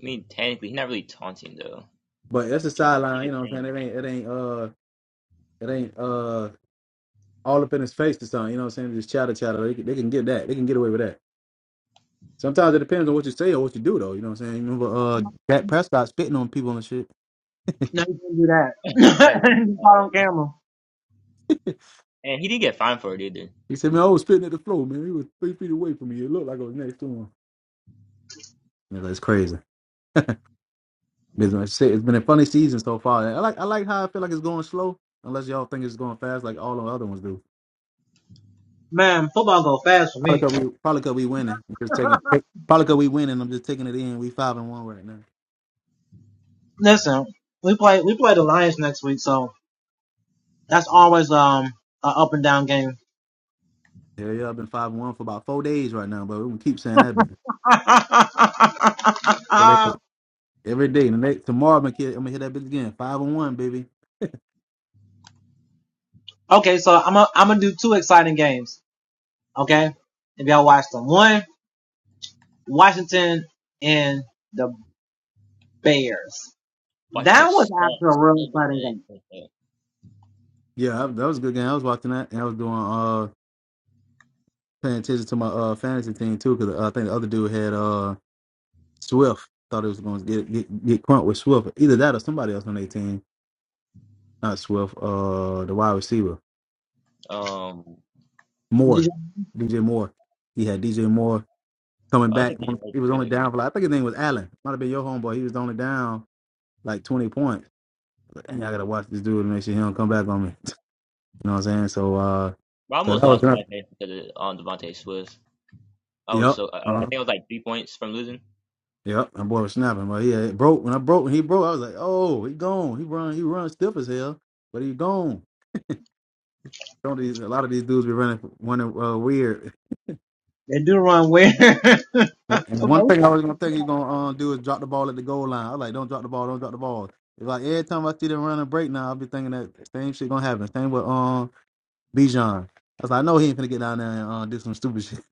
S4: I mean, technically, he's not really taunting though.
S3: But that's the
S4: He just, he
S3: sideline. You
S4: just
S3: know what I'm
S4: saying.
S3: saying? It ain't it ain't uh it ain't uh all up in his face or something. You know what I'm saying? Just chatter chatter. They can, they can get that. They can get away with that. Sometimes it depends on what you say or what you do, though. You know what I'm saying? You remember uh Dak Prescott spitting on people and shit.
S1: didn't do that.
S4: I feel bad about him,
S1: he caught
S4: uh,
S1: on camera.
S4: And he didn't get fined for it either.
S3: He said, man, I was spitting at the floor, man. He was three feet away from me. It looked like I was next to him. Man, that's crazy. It's been shit, it's been a funny season so far. I like I like how I feel like it's going slow, unless y'all think it's going fast like all the other ones do. Probably cause we probably cause we winning. I'm just taking probably cause we winning. I'm just taking it in. We five and one right now. Yeah, yeah, I've been five and one for about four days right now, but we gonna keep saying that baby. Every day. The next tomorrow I'm gonna, hit, I'm gonna hit that bitch again. Five and one, baby.
S4: Washington
S1: After a
S4: sucks.
S1: real.
S4: Oh my god. Okay.
S3: Yeah, I, that was a good game. I was watching that and I was doing uh paying attention to my uh fantasy team too, because I think the other dude had uh Swift. Thought it was going to get get get crunk with Swift. Either that or somebody else on their team. Not Swift. Uh, the wide receiver
S4: Um,
S3: Moore, DJ Moore. He had DJ Moore coming
S4: I don't
S3: back.
S4: think he should play
S3: He was
S4: play
S3: only
S4: that game.
S3: down for like I think his name was Allen. Might have been your homeboy. He was only down like twenty points. But dang, I gotta watch this dude to make sure he don't come back on me. You know what I'm saying? So uh,
S4: But I
S3: so
S4: almost
S3: that was
S4: lost my
S3: another.
S4: face because of um, Devontae Swift. I was so I, I
S3: Yep.
S4: think I was like three points from losing.
S3: Yep, my boy was snapping, but yeah, it broke. When I broke, when he broke, I was like, "Oh, he gone. He run. He run stiff as hell, but he gone." Don't these a lot of these dudes be running, running uh, weird. One- And one thing I was gonna think he's gonna uh, do is drop the ball at the goal line. I was like, "Don't drop the ball. Don't drop the ball." It's like every time I see them run a break now, I'll be thinking that same shit gonna happen. Same with um Bijan. I was like, "I know he ain't gonna get down there and uh, do some stupid shit."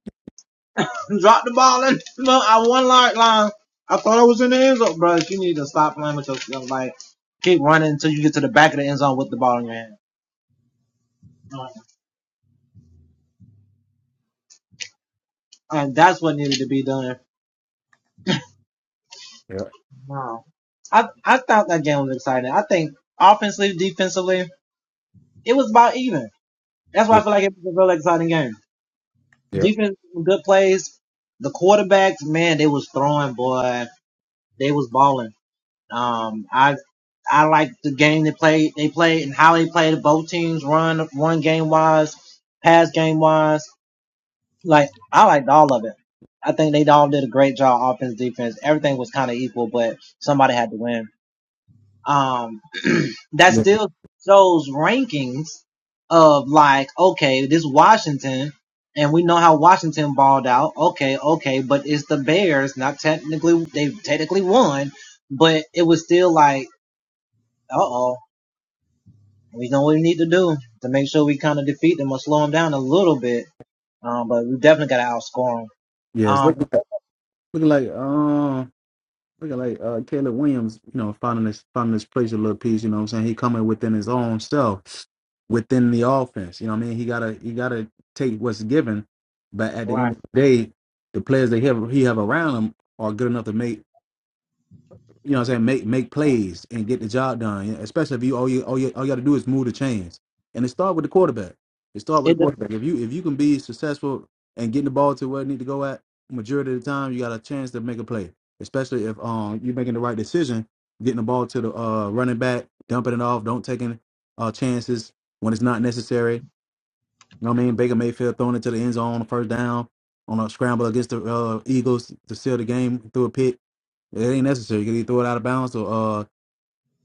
S3: Yeah,
S1: No.
S3: yeah, yeah, yeah. Yeah, it's looking looking like um. Looking like uh, Caleb Williams, you know, finding his finding his place a little piece. You know what I'm saying? He coming within his own self, within the offense. You know what I mean? He gotta he gotta take what's given, but at the end of the day, the players they have he have around him are good enough to make you know what I'm saying? Make make plays and get the job done. yeah, Especially if you all you all you all you gotta do is move the chains. And it start with the quarterback. It start with the
S1: It doesn't.
S3: quarterback. If you if you can be successful and getting the ball to where it need to go at majority of the time, you got a chance to make a play. Especially if um you're making the right decision, getting the ball to the uh running back, dumping it off, don't taking uh chances when it's not necessary. You know what I mean? Baker Mayfield throwing it to the end zone on the first down on a scramble against the uh, Eagles to seal the game through a pick it ain't necessary because he threw it out of bounds or uh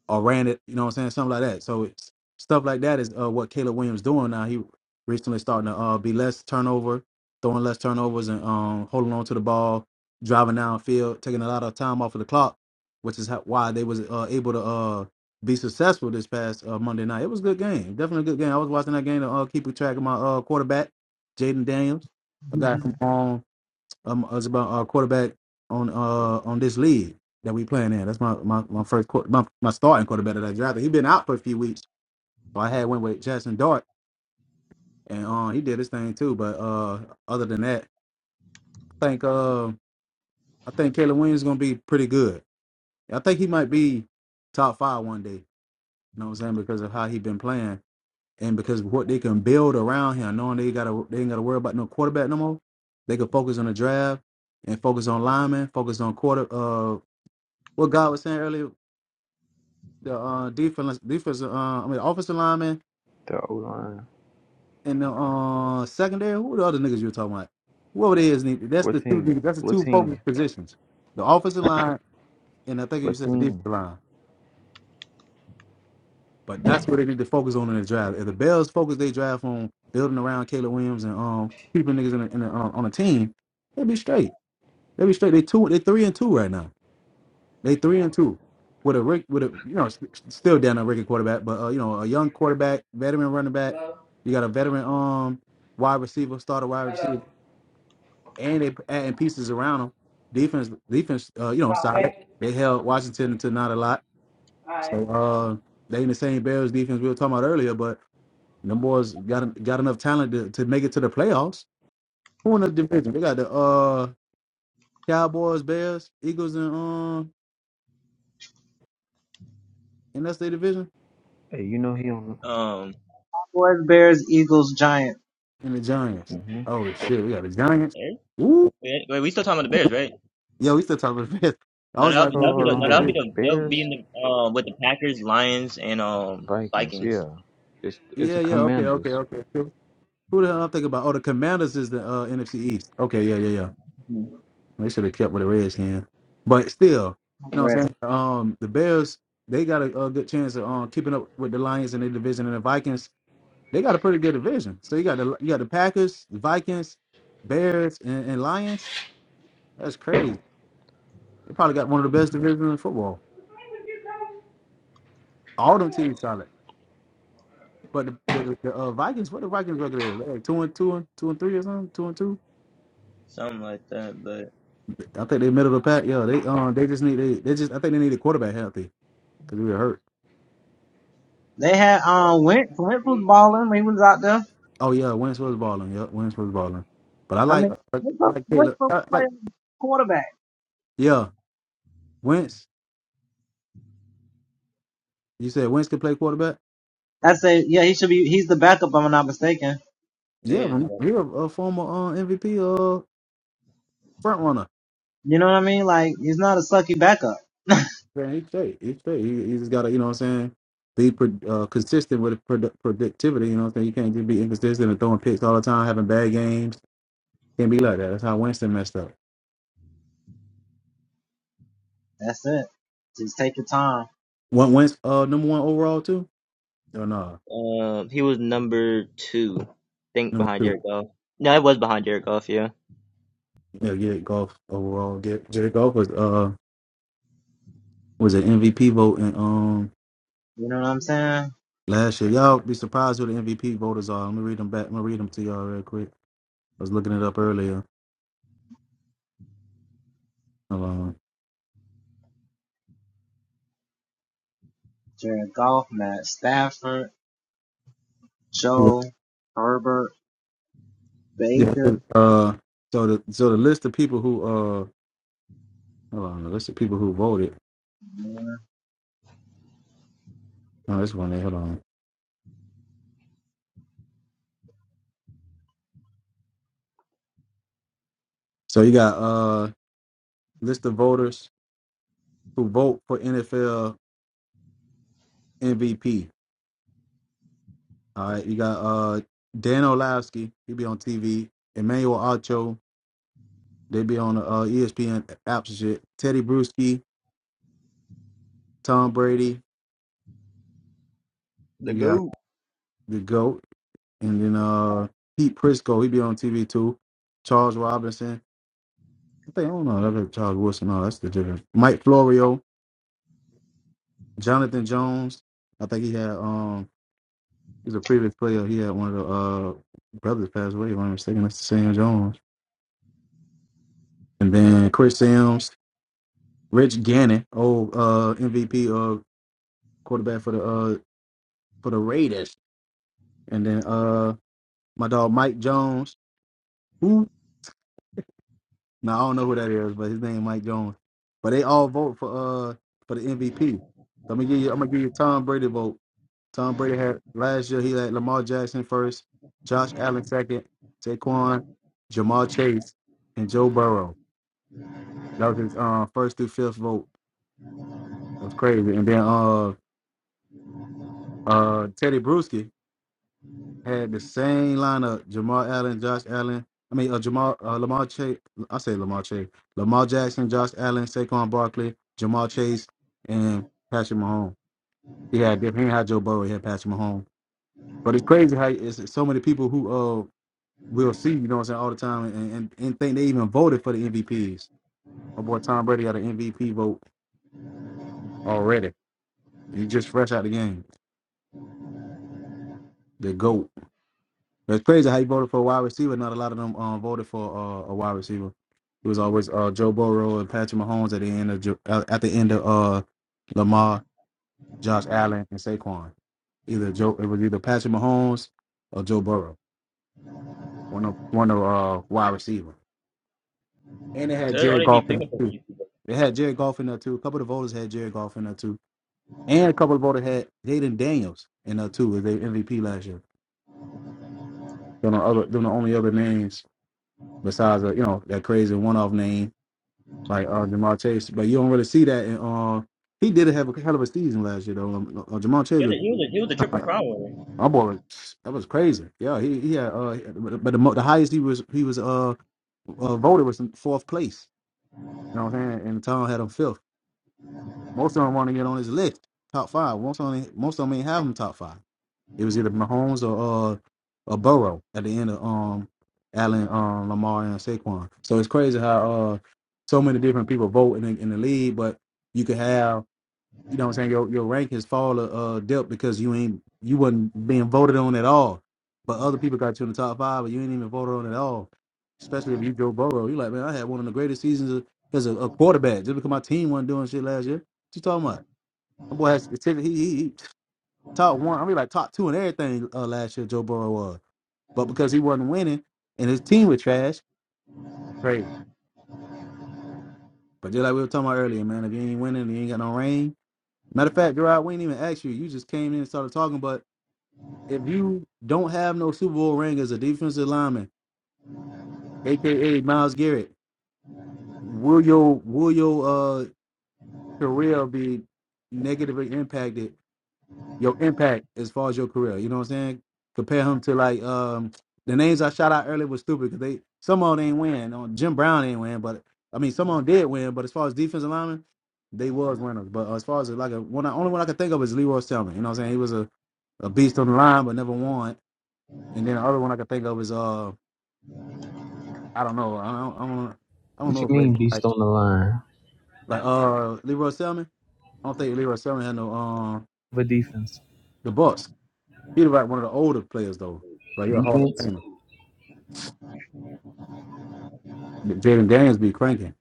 S3: or ran it, you know what I'm saying? Something like that. So it's stuff like that is uh what Caleb Williams doing now. He recently starting to uh be less turnover, throwing less turnovers and um holding on to the ball, driving downfield, taking a lot of time off of the clock, which is how, why they was uh able to uh be successful this past uh, Monday night. It was a good game. Definitely a good game. I was watching that game to uh, keep track of my uh quarterback, Jaden Daniels. a guy
S1: Mm-hmm.
S3: from um um it's about our quarterback on uh on this league that we playing in. That's my my, my first quarter, my, my starting quarterback that I drafted. He been out for a few weeks, so I had went with Jackson Dart, and uh, he did his thing too. But uh, other than that, I think uh, I think Caleb Williams gonna be pretty good. I think he might be top five one day. You know what I'm saying because of how he been playing and because of what they can build around him, knowing they got to they ain't got to worry about no quarterback no more. They can focus on the draft and focus on linemen, focus on quarter uh what God was saying earlier, the uh, defense, defensive, uh, I mean, offensive lineman
S2: The O line.
S3: and the uh, secondary. Who the other niggas you were talking about? Whoever it is, nigga, that's
S2: What
S3: the two.
S2: team?
S3: niggas- That's the
S2: What
S3: two focus
S2: team?
S3: positions: the offensive line and I think you
S2: What
S3: said the
S2: team?
S3: defensive line. But that's what they need to focus on in the draft. If the Bears focus they draft on building around Caleb Williams and um keeping niggas in, the, in the, uh, on a team, they'll be straight. They'll be straight. They two, they three and two right now. They three and two with a Rick with a you know st- still down a record quarterback, but uh, you know a young quarterback, veteran running back. You got a veteran um wide receiver, starter wide receiver, and they adding pieces around them. Defense defense uh, you know solid. They held Washington to not a lot, so uh they in the same Bears defense we were talking about earlier. But them boys got got enough talent to, to make it to the playoffs. Who in the division? They got the uh Cowboys, Bears, Eagles, and um, and that's their division.
S2: Hey, you know he don't.
S4: Um,
S3: and the Giants.
S2: hmm
S3: Oh shit, we got the
S4: with the
S3: Giants.
S4: Bears?
S3: Woo!
S4: Wait, wait, we still talking about the Bears, right?
S3: Yo, we still talking about the fifth. I
S4: No,
S3: was
S4: that'll
S3: like,
S4: be that'll
S3: making
S4: be
S3: sure
S2: Hold
S3: they
S4: the
S2: on,
S3: get
S4: no,
S2: hold
S3: did
S4: that'll be
S3: fifth.
S2: on.
S4: the they'll be
S2: Bears,
S4: in the um with the Packers, Lions, and um
S2: Vikings.
S4: Vikings.
S2: Yeah, it's it's the
S3: Yeah, yeah, okay, okay,
S2: Commanders.
S3: okay. So Who the hell I'm thinking about? Oh, the Commanders is the uh, NFC East. Okay, yeah, yeah, yeah. They should have kept with the Reds hand, but still, you know what I'm saying. Um, the Bears they got a, a good chance of um keeping up with the Lions in their division, and the Vikings they got a pretty good division. So you got the you got the Packers, the Vikings, Bears, and, and Lions. That's crazy. They probably got one of the best divisions in football. All them teams solid. But the the, the uh, Vikings, what the Vikings record is like two and two and two and three or something, two and two.
S4: something like that. But
S3: I think they middle of the pack. Yeah, they um they just need they, they just I think they need a quarterback healthy because we were hurt.
S1: Uh, Wentz. Wentz was balling. He was out there.
S3: Oh yeah, Wentz was balling. Yeah, Wentz was balling. But I like I like Caleb. I like yeah, Wentz. You said Wentz could play quarterback.
S4: it
S3: Yeah,
S4: is the
S3: man,
S4: best.
S3: you a, a former uh, MVP uh front runner. Man, he straight, he straight. He, he just gotta you know what I'm saying be pro- uh, consistent with produ- productivity. You know what I'm saying? You can't just be inconsistent and throwing picks all the time, having bad games Can't be like that. That's how Winston messed up. One Winston, uh, number one overall too. Or no,
S4: Um, he was number two, I think,
S3: number
S4: behind
S3: two.
S4: Jared Goff. No, it was behind Jared Goff. Yeah,
S3: Yeah, get golf overall. Get Jared Golf was uh was an MVP vote in um last year. Y'all be surprised who the MVP voters are. Let me read them back. Let me read them to y'all real quick. I was looking it up earlier. Hold on. It was- Yeah. it was, Uh, so the so the list of people who uh hold on the list of people who voted. Oh, this one there. Hold on. So you got uh list of voters who vote for NFL MVP. All right, you got uh Dan Olavsky, he be on TV. Emmanuel Ocho, they be on uh ESPN apps and shit. Teddy Bruschi, Tom Brady,
S4: The
S3: you got
S4: goat.
S3: the GOAT, and then uh Pete Prisco, he be on TV too. Charles Robinson, I think I don't know, that's Charles Wilson. No, that's the different. Mike Florio, Jonathan Jones. I think he had um he's a previous player. He had one of the uh brothers pass away. If I'm not mistaken, that's Sam Jones. And then Chris Sims. Rich Gannon, old uh, MVP or quarterback for the uh, for the Raiders, and then uh, my dog Mike Jones, who now I don't know who that is, but his name Mike Jones. But they all vote for uh for the MVP. So I'm gonna give you I'm gonna give you Tom Brady vote. Tom Brady had last year he had Lamar Jackson first, Josh Allen second, Saquon, Jamal Chase, and Joe Burrow. That was his uh, first through fifth vote. That was crazy. And then uh uh Teddy Bruschi. had the same lineup: Jamal Allen, Josh Allen. I mean, uh, Jamal uh, Lamar Chase. I say Lamar Chase, Lamar Jackson, Josh Allen, Saquon Barkley, Jamal Chase, and Patrick Mahomes. He had different. He had Joe Burrow. He had Patrick Mahomes. But it's crazy how it's so many people who uh we'll see. You know what I'm saying all the time, and and, and think they even voted for the MVPs. My boy Tom Brady had an MVP vote already. He just fresh out the game. The goat. It's crazy how he voted for a wide receiver. Not a lot of them um, voted for uh, a wide receiver. It was always uh, Joe Burrow and Patrick Mahomes at the end of Jo- uh, at the end of uh, Lamar, Josh Allen, and Saquon. Either Joe, it was either Patrick Mahomes or Joe Burrow. One of one of uh, wide receiver. And they had
S4: that's all
S3: Jared
S4: they be
S3: Goff in there
S4: picking for
S3: too.
S4: him.
S3: They had Jared Goff in there too. A couple of the voters had Jared Goff in there too, and a couple of voters had Jaden Daniels in there too as their MVP last year. They're the other, they're the only other names besides uh, you know that crazy one-off name like uh, Jamar Chase, but you don't really see that. And uh, he did have a hell of a season last year, though. Um, uh, Jamal Chase,
S4: Yeah,
S3: was-
S4: he was a, he was a triple crown winner.
S3: my boy, was- that was crazy. Yeah, he he had, uh, but the, mo- the highest he was he was uh, uh voted was in fourth place. You know what I'm saying? And Tom had him fifth. Most of them want to get on his list, top five. Most of them, most of them ain't have him top five. It was either Mahomes or uh, or Burrow at the end of um, Allen, um, Lamar, and Saquon. So it's crazy how uh, so many different people vote in the, in the league, but you could have you know what I'm saying, your your rank has fallen uh depth because you ain't you wasn't being voted on at all. But other people got you in the top five, but you ain't even voted on at all. Especially if you Joe Burrow. You like, man, I had one of the greatest seasons of- as a, a quarterback just because my team wasn't doing shit last year. What you talking about? My boy has he, he, he top one, I mean like top two in everything uh, last year Joe Burrow was. But because he wasn't winning and his team was trash, crazy. But just like we were talking about earlier, man, if you ain't winning, you ain't got no rain. Matter of fact, Gerard, we ain't even asked you. You just came in and started talking, but if you don't have no Super Bowl ring as a defensive lineman, aka Miles Garrett, will your will your uh career be negatively impacted? Your impact as far as your career, you know what I'm saying? Compare him to like um the names I shout out earlier was stupid because they some of them ain't win. Uh, Jim Brown ain't win, but I mean some of them did win. But as far as defensive lineman, they was winners. But as far as like a one, only one I could think of is Leroy Selman. You know what I'm saying? He was a a beast on the line but never won. And then the other one I could think of is um I don't know. I don't, I don't, I don't know if Ray like like uh Leroy Selman. I don't think Leroy Selman had no um
S2: Of a defense.
S3: the Bucks. He was like one of the older players though, Like he a Hall of
S2: Defense.
S3: Famer. Jaden Daniels be cranking.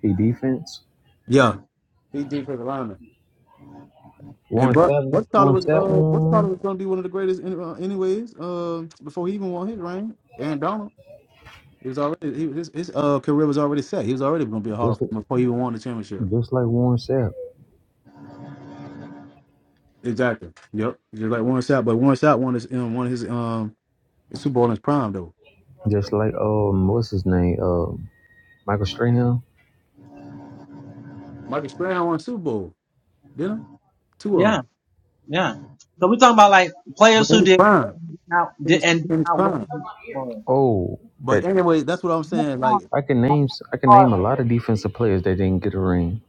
S2: Hey, defense.
S3: Yeah, he defensive lineman. And
S2: Warren
S3: bro,
S2: Sapp.
S3: what Tyler
S2: Warren
S3: was
S2: Sapp
S3: uh what
S2: one
S3: Tyler
S2: one.
S3: was gonna be one of the greatest in, uh, anyways. Uh, before he even won his ring, Aaron Donald. He was already he, his his uh career was already set. He was already gonna be a Hall of
S2: Just
S3: Famer before he even won the championship.
S2: just like Warren Sapp.
S3: Exactly. Yep. Just like one shot, but one shot won his um, won his um Super Bowl in his prime though.
S2: Just like um, what's his name? Um, Michael Strahan.
S3: Marcus Brown won Super Bowl, didn't he? Two of them. But in his prime. In his, in his prime.
S2: Oh,
S3: But
S2: that
S3: anyway, that's what I'm saying. Like,
S2: I can name. I can name a lot of defensive players that didn't get a ring.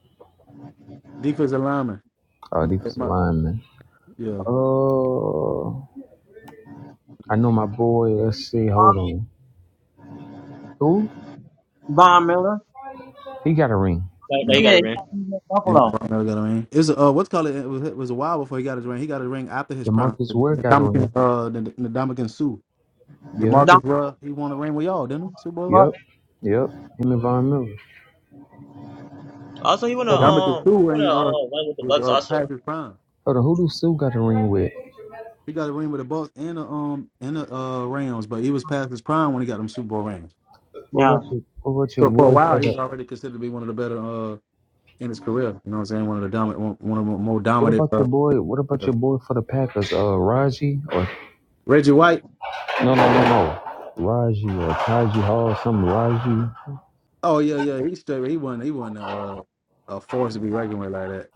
S3: defensive lineman.
S2: Uh, defensive
S3: My-
S2: linemen.
S3: Yeah.
S2: Oh, I know my boy. Let's see.
S1: Von,
S2: Hold on. Who?
S1: Von Miller.
S2: He got a ring.
S4: Like,
S1: He
S4: like he
S3: Yeah.
S4: got a
S1: did. He
S4: ring.
S1: was in
S3: And
S1: Buffalo.
S3: Brown never got a ring. It's uh, what's called it, it was, it was a while before he got his ring. He got a ring after his prime.
S2: Demarcus
S3: The
S2: Ware
S3: the
S2: got a
S3: Dominican,
S2: ring.
S3: uh, the, the Dominican Sue.
S2: Yeah.
S1: Don,
S3: Demarcus Ruff, he won a ring with y'all, didn't he? Super Bowl?
S1: but
S2: Yep, yep. Him and Von Miller.
S4: Also, he won a
S3: And
S2: Hold on,
S3: Dominican
S4: um he
S3: Sue
S4: won a
S3: ain't uh,
S4: uh, one with the
S3: was,
S4: Bucks
S3: uh,
S4: also.
S3: past his prime.
S2: hold on. Who do Sue got a ring with?
S3: He got a ring with the Bucks and the um and the uh Rams, but he was past his prime when he got them Super Bowl rings.
S2: What about
S1: yeah.
S2: your What about your
S3: So for a
S2: boy
S3: while,
S2: for
S3: he
S2: the?
S3: was already considered to be one of the better uh, in his career. You know what I'm saying? One of the dominant, one one of the more
S2: What
S3: dominant.
S2: about your
S3: Uh,
S2: boy? What about
S3: uh,
S2: your boy for the Packers? Uh, Raji or
S3: Reggie White.
S2: no, no, no, no. Raji or Taji Hall, some Raji.
S3: Oh yeah, yeah. He straight. He wasn't. He wasn't uh, a force to be reckoned with like that.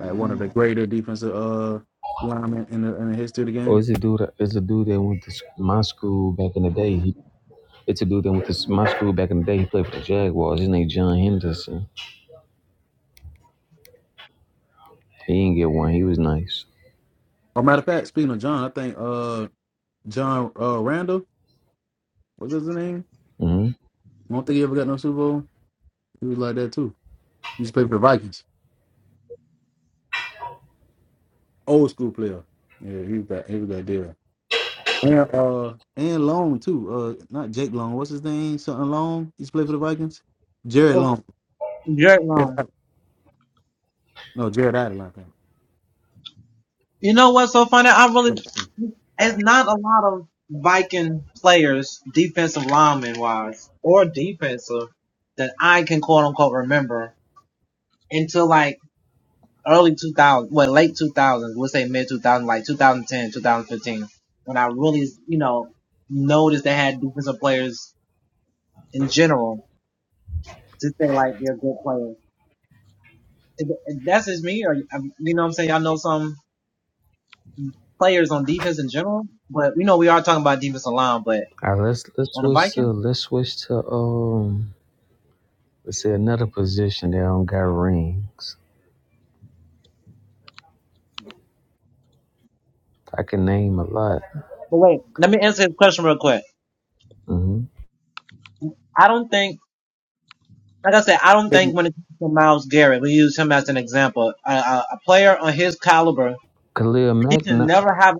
S3: Like one of the greater defensive uh linemen in the in the history of the
S2: Or
S3: game.
S2: is it dude? Is a dude that went to s- my school back in the day? He, it's a dude that went to s- my school back in the day. He played for the Jaguars. His name John Henderson. He didn't get one. He was nice.
S3: Or matter of fact, speaking of John, I think uh John uh Randall was his name.
S2: Mm-hmm.
S3: I don't think he ever got no Super Bowl. He was like that too. He used to play for the Vikings. Old school player. Yeah, he was that. He was that deal. And uh and Long too. Uh not Jake Long. What's his name? Something Long. He's played for the Vikings. Jared Long.
S1: Jerry
S3: Jared
S1: Long
S3: Allen. No, Jared Allen. I think.
S1: player.
S2: All right, let's let's switch to let's switch to um. But see, another position they don't got rings. I can name a lot.
S1: But wait, let me answer his question.
S2: hmm
S1: I don't think. I got.
S3: Thank you.
S1: to.
S2: Khalil
S1: He
S2: Mack
S1: can
S2: not
S1: have.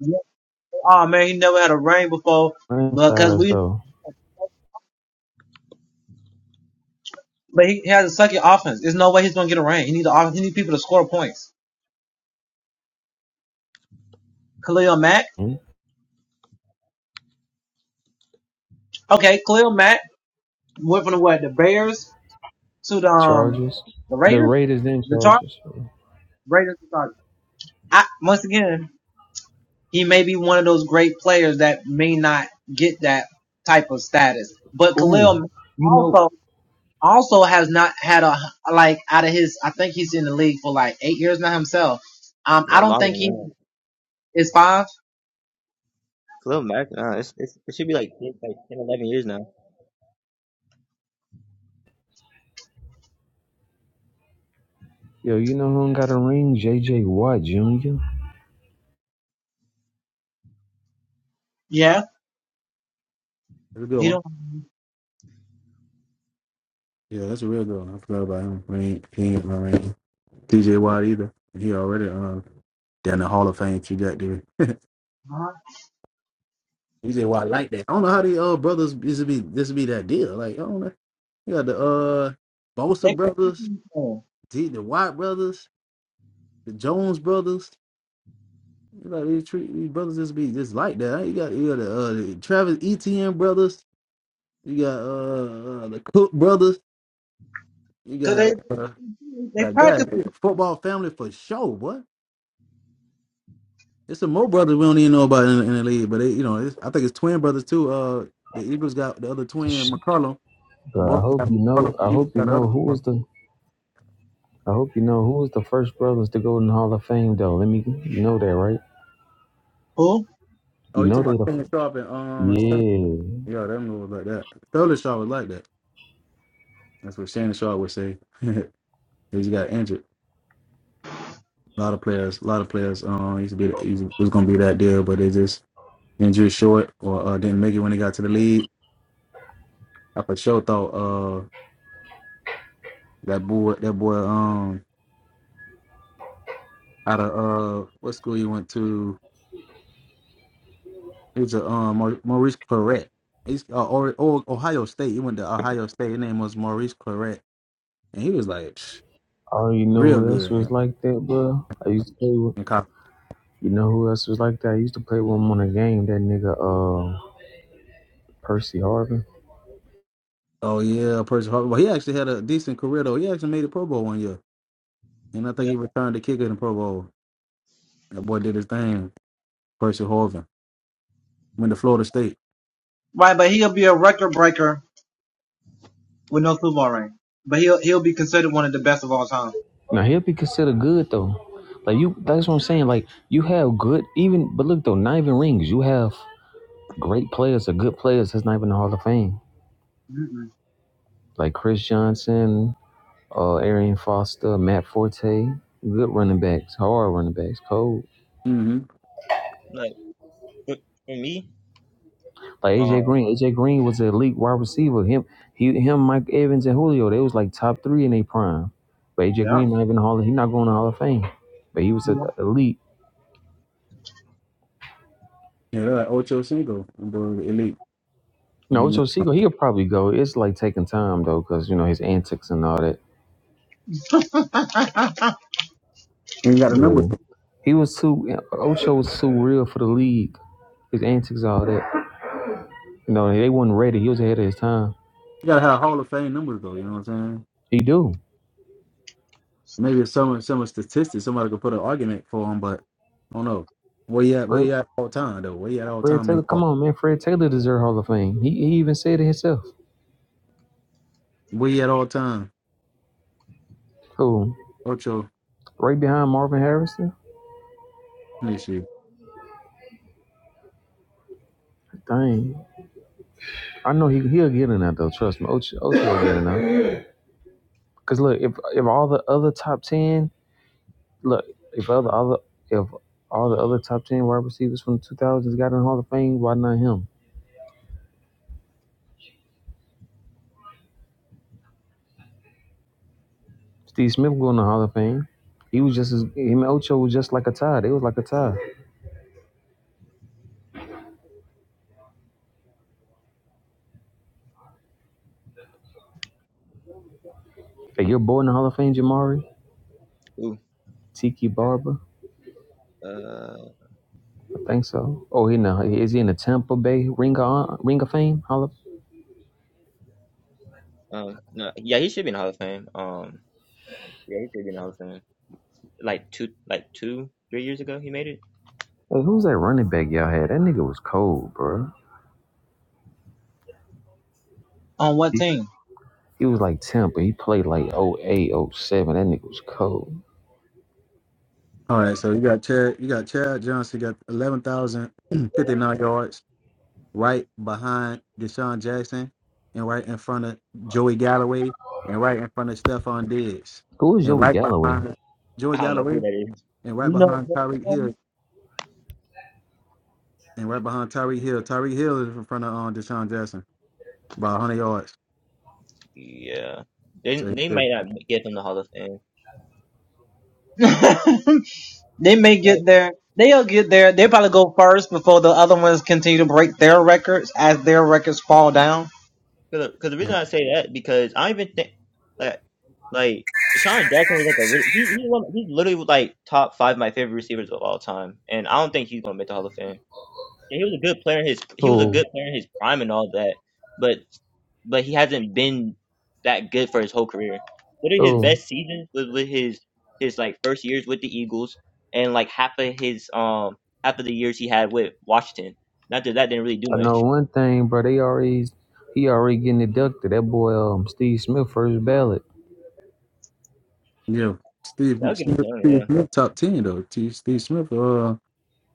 S1: yeah,
S2: franchise though. hmm Chargers,
S1: The
S2: the
S1: Raiders.
S2: Raiders and Chargers. Ooh, you know,
S1: So,
S4: No, longer than that. Khalil Mack, nah, it's, it's, it should be like 10, like 10, 11 years now.
S2: yo, you know who ain't got a ring? J.J. Watt Jr.
S1: yeah,
S3: That's a good
S1: he
S3: one.
S1: don't.
S3: Yeah, that's a real good one. I forgot about him. I mean, he ain't my man. TJ Watt either. He already uh down the Hall of Fame trajectory.
S1: mind.
S3: TJ Watt like that. I don't know how the uh brothers this would be this would be that deal. Like I don't know. You got the uh Bosa
S1: They
S3: brothers,
S1: can tell.
S3: the the Watt brothers, the Jones brothers. Like these, treat, these brothers just be just like that. Like, You got you got the, uh, the Travis Etienne brothers. You got uh, uh the Cook brothers. You got uh, like that football family for sure. What? It's some more brothers we don't even know about in, in the league, but they, you know, it's, I think it's twin brothers too. Uh, the Eagles got the other twin,
S2: Sh-
S3: McCollum.
S2: I
S3: Both
S2: hope
S3: got
S2: you know.
S3: McCollum.
S2: I
S3: The Eagles
S2: hope you
S3: got the
S2: know
S3: other.
S2: who
S3: One.
S2: was the. I hope you know who was the first brothers to go in the Hall of Fame though. Let me, you know that right?
S3: Oh,
S2: You
S3: you
S2: know
S3: talking
S2: they
S3: about
S2: the.
S3: Shannon Sharp and um? Sterling.
S2: Yeah.
S3: Yeah, them was like that. Sterling Sharp was like that. That's what Shannon Sharp would say. he just got injured. A lot of players, a lot of players. Um, used to be used, was gonna be that deal, but they just injured short or uh, didn't make it when they got to the league. I for sure thought uh that boy that boy um out of uh what school you went to? He was a um Mau- Maurice Claret. He's uh, or, or Ohio State. He went to Ohio State. His name was Maurice Claret, and he was like psh,
S2: Oh, you know
S3: real
S2: who else
S3: good
S2: was
S3: in,
S2: like that, bro? I used to play with.
S3: in college.
S2: You know who else was like that? I used to play with him on a game. That nigga, uh, Percy Harvin.
S3: Oh yeah, Percy Harvin. Well, he actually had a decent career though. He actually made the Pro Bowl one year, and I think he returned the kicker in the Pro Bowl. That boy did his thing. Percy Harvin. Went to Florida State.
S2: Now he'll be considered good though. Like you, that's what I'm saying. Like you have good, even but look though, not even rings. You have great players or good players that's not even in the Hall of Fame.
S1: Mm-mm.
S2: Like Chris Johnson, uh, Arian Foster, Matt Forte, good running backs, hard running backs, cold.
S3: Mm-hmm.
S4: Like for, for me,
S2: Like
S4: um,
S2: AJ Green, AJ Green was an elite wide receiver. Him, he, him, Mike Evans and Julio, they was like top three in their prime. But AJ
S1: Yeah.
S2: Green not even Hall. He not going to Hall of Fame. But he was
S1: He
S2: an
S1: do
S2: elite.
S3: Yeah, they're like Ocho Cinco. Them boys were elite.
S2: You
S3: And
S2: know,
S3: he,
S2: Ocho Cinco, he could probably go. It's like taking time though, because you know his antics and all that.
S3: he ain't got a number.
S2: Yeah.
S3: For
S2: He was too Ocho was too real for the league. His antics, all that. You know, they wasn't ready. He was ahead of his time.
S3: You gotta have Hall of Fame numbers though. You know what I'm saying?
S2: He do.
S3: Maybe it's some some statistics somebody could put an argument for him, but I don't know. Where you at? Where
S2: Fred,
S3: you at all time though? Where you at all
S2: Fred
S3: time? In
S2: Taylor,
S3: Paul?
S2: come on, man. Fred Taylor deserves Hall of Fame. He, he even said it himself.
S3: Where you at all time?
S2: Who?
S3: Ocho.
S2: Right behind Marvin Harrison.
S3: Let me see.
S2: Dang, I know he he'll get in that though. Trust me, Ocho Ocho will get in that. Cause look, if if all the other top ten, look, if other other if all the other top ten wide receivers from the two thousands got in the Hall of Fame, why not him? Steve Smith going to the Hall of Fame. He was just as him and Ocho was just like a tie. They was like a tie. Hey, your boy in the Hall of Fame, Jamari
S4: ooh,
S2: Tiki Barber,
S4: uh,
S2: I think so. Oh, he in the is he in the Tampa Bay Ring of Ring of Fame Hall of?
S4: um, no, yeah, he should be in the Hall of Fame. Um, yeah, he should be in the Hall of Fame. Like two, like two, three years ago, he made it.
S2: Hey, who's that running back y'all had? That nigga was cold, bro. He was like Tampa. He played like oh eight, oh seven. That nigga was cold.
S3: All right, so you got Chad. You got Chad Johnson. Got eleven thousand fifty nine yards. right behind Deshaun Jackson and right in front of Joey Galloway and right in front of Stephon Diggs
S2: Who was
S3: and
S2: Joey
S3: right
S2: Galloway?
S3: behind
S4: I
S3: Joey
S4: don't know who
S3: Galloway
S4: that is.
S3: and right
S1: You know.
S3: behind Tyreek Hill and right behind Tyreek Hill. Tyreek Hill is in front of um, Deshaun Jackson by 100 yards.
S4: Yeah, they
S3: So,
S4: they
S3: yeah,
S4: might not get him the Hall of Fame.
S1: they may get
S4: Like,
S1: there. They'll get there. They probably go first before the other ones continue to break their records as their records fall down.
S4: cause, 'cause the
S3: yeah.
S4: reason I say that because I even think like like Sean Jackson was like a really, he he one, he's literally like top five of my favorite receivers of all time, and I don't think he's gonna make the Hall of Fame. Yeah, he was a good player in his he was a
S2: Who?
S4: good player in his prime and all that, but but he hasn't been that good for his whole career. What are his
S2: Who?
S4: best seasons was with his his like first years with the Eagles and like half of his um half of the years he had with Washington. Not that that didn't really do
S2: I know
S4: much.
S2: one thing, bro. They already he already getting deducted. That boy, um, Steve Smith, first ballot.
S3: yeah. Steve
S4: I'll give it to
S3: Smith,
S4: him.
S3: Steve
S4: Yeah,
S3: Smith, top 10, though. T- Steve Smith, uh,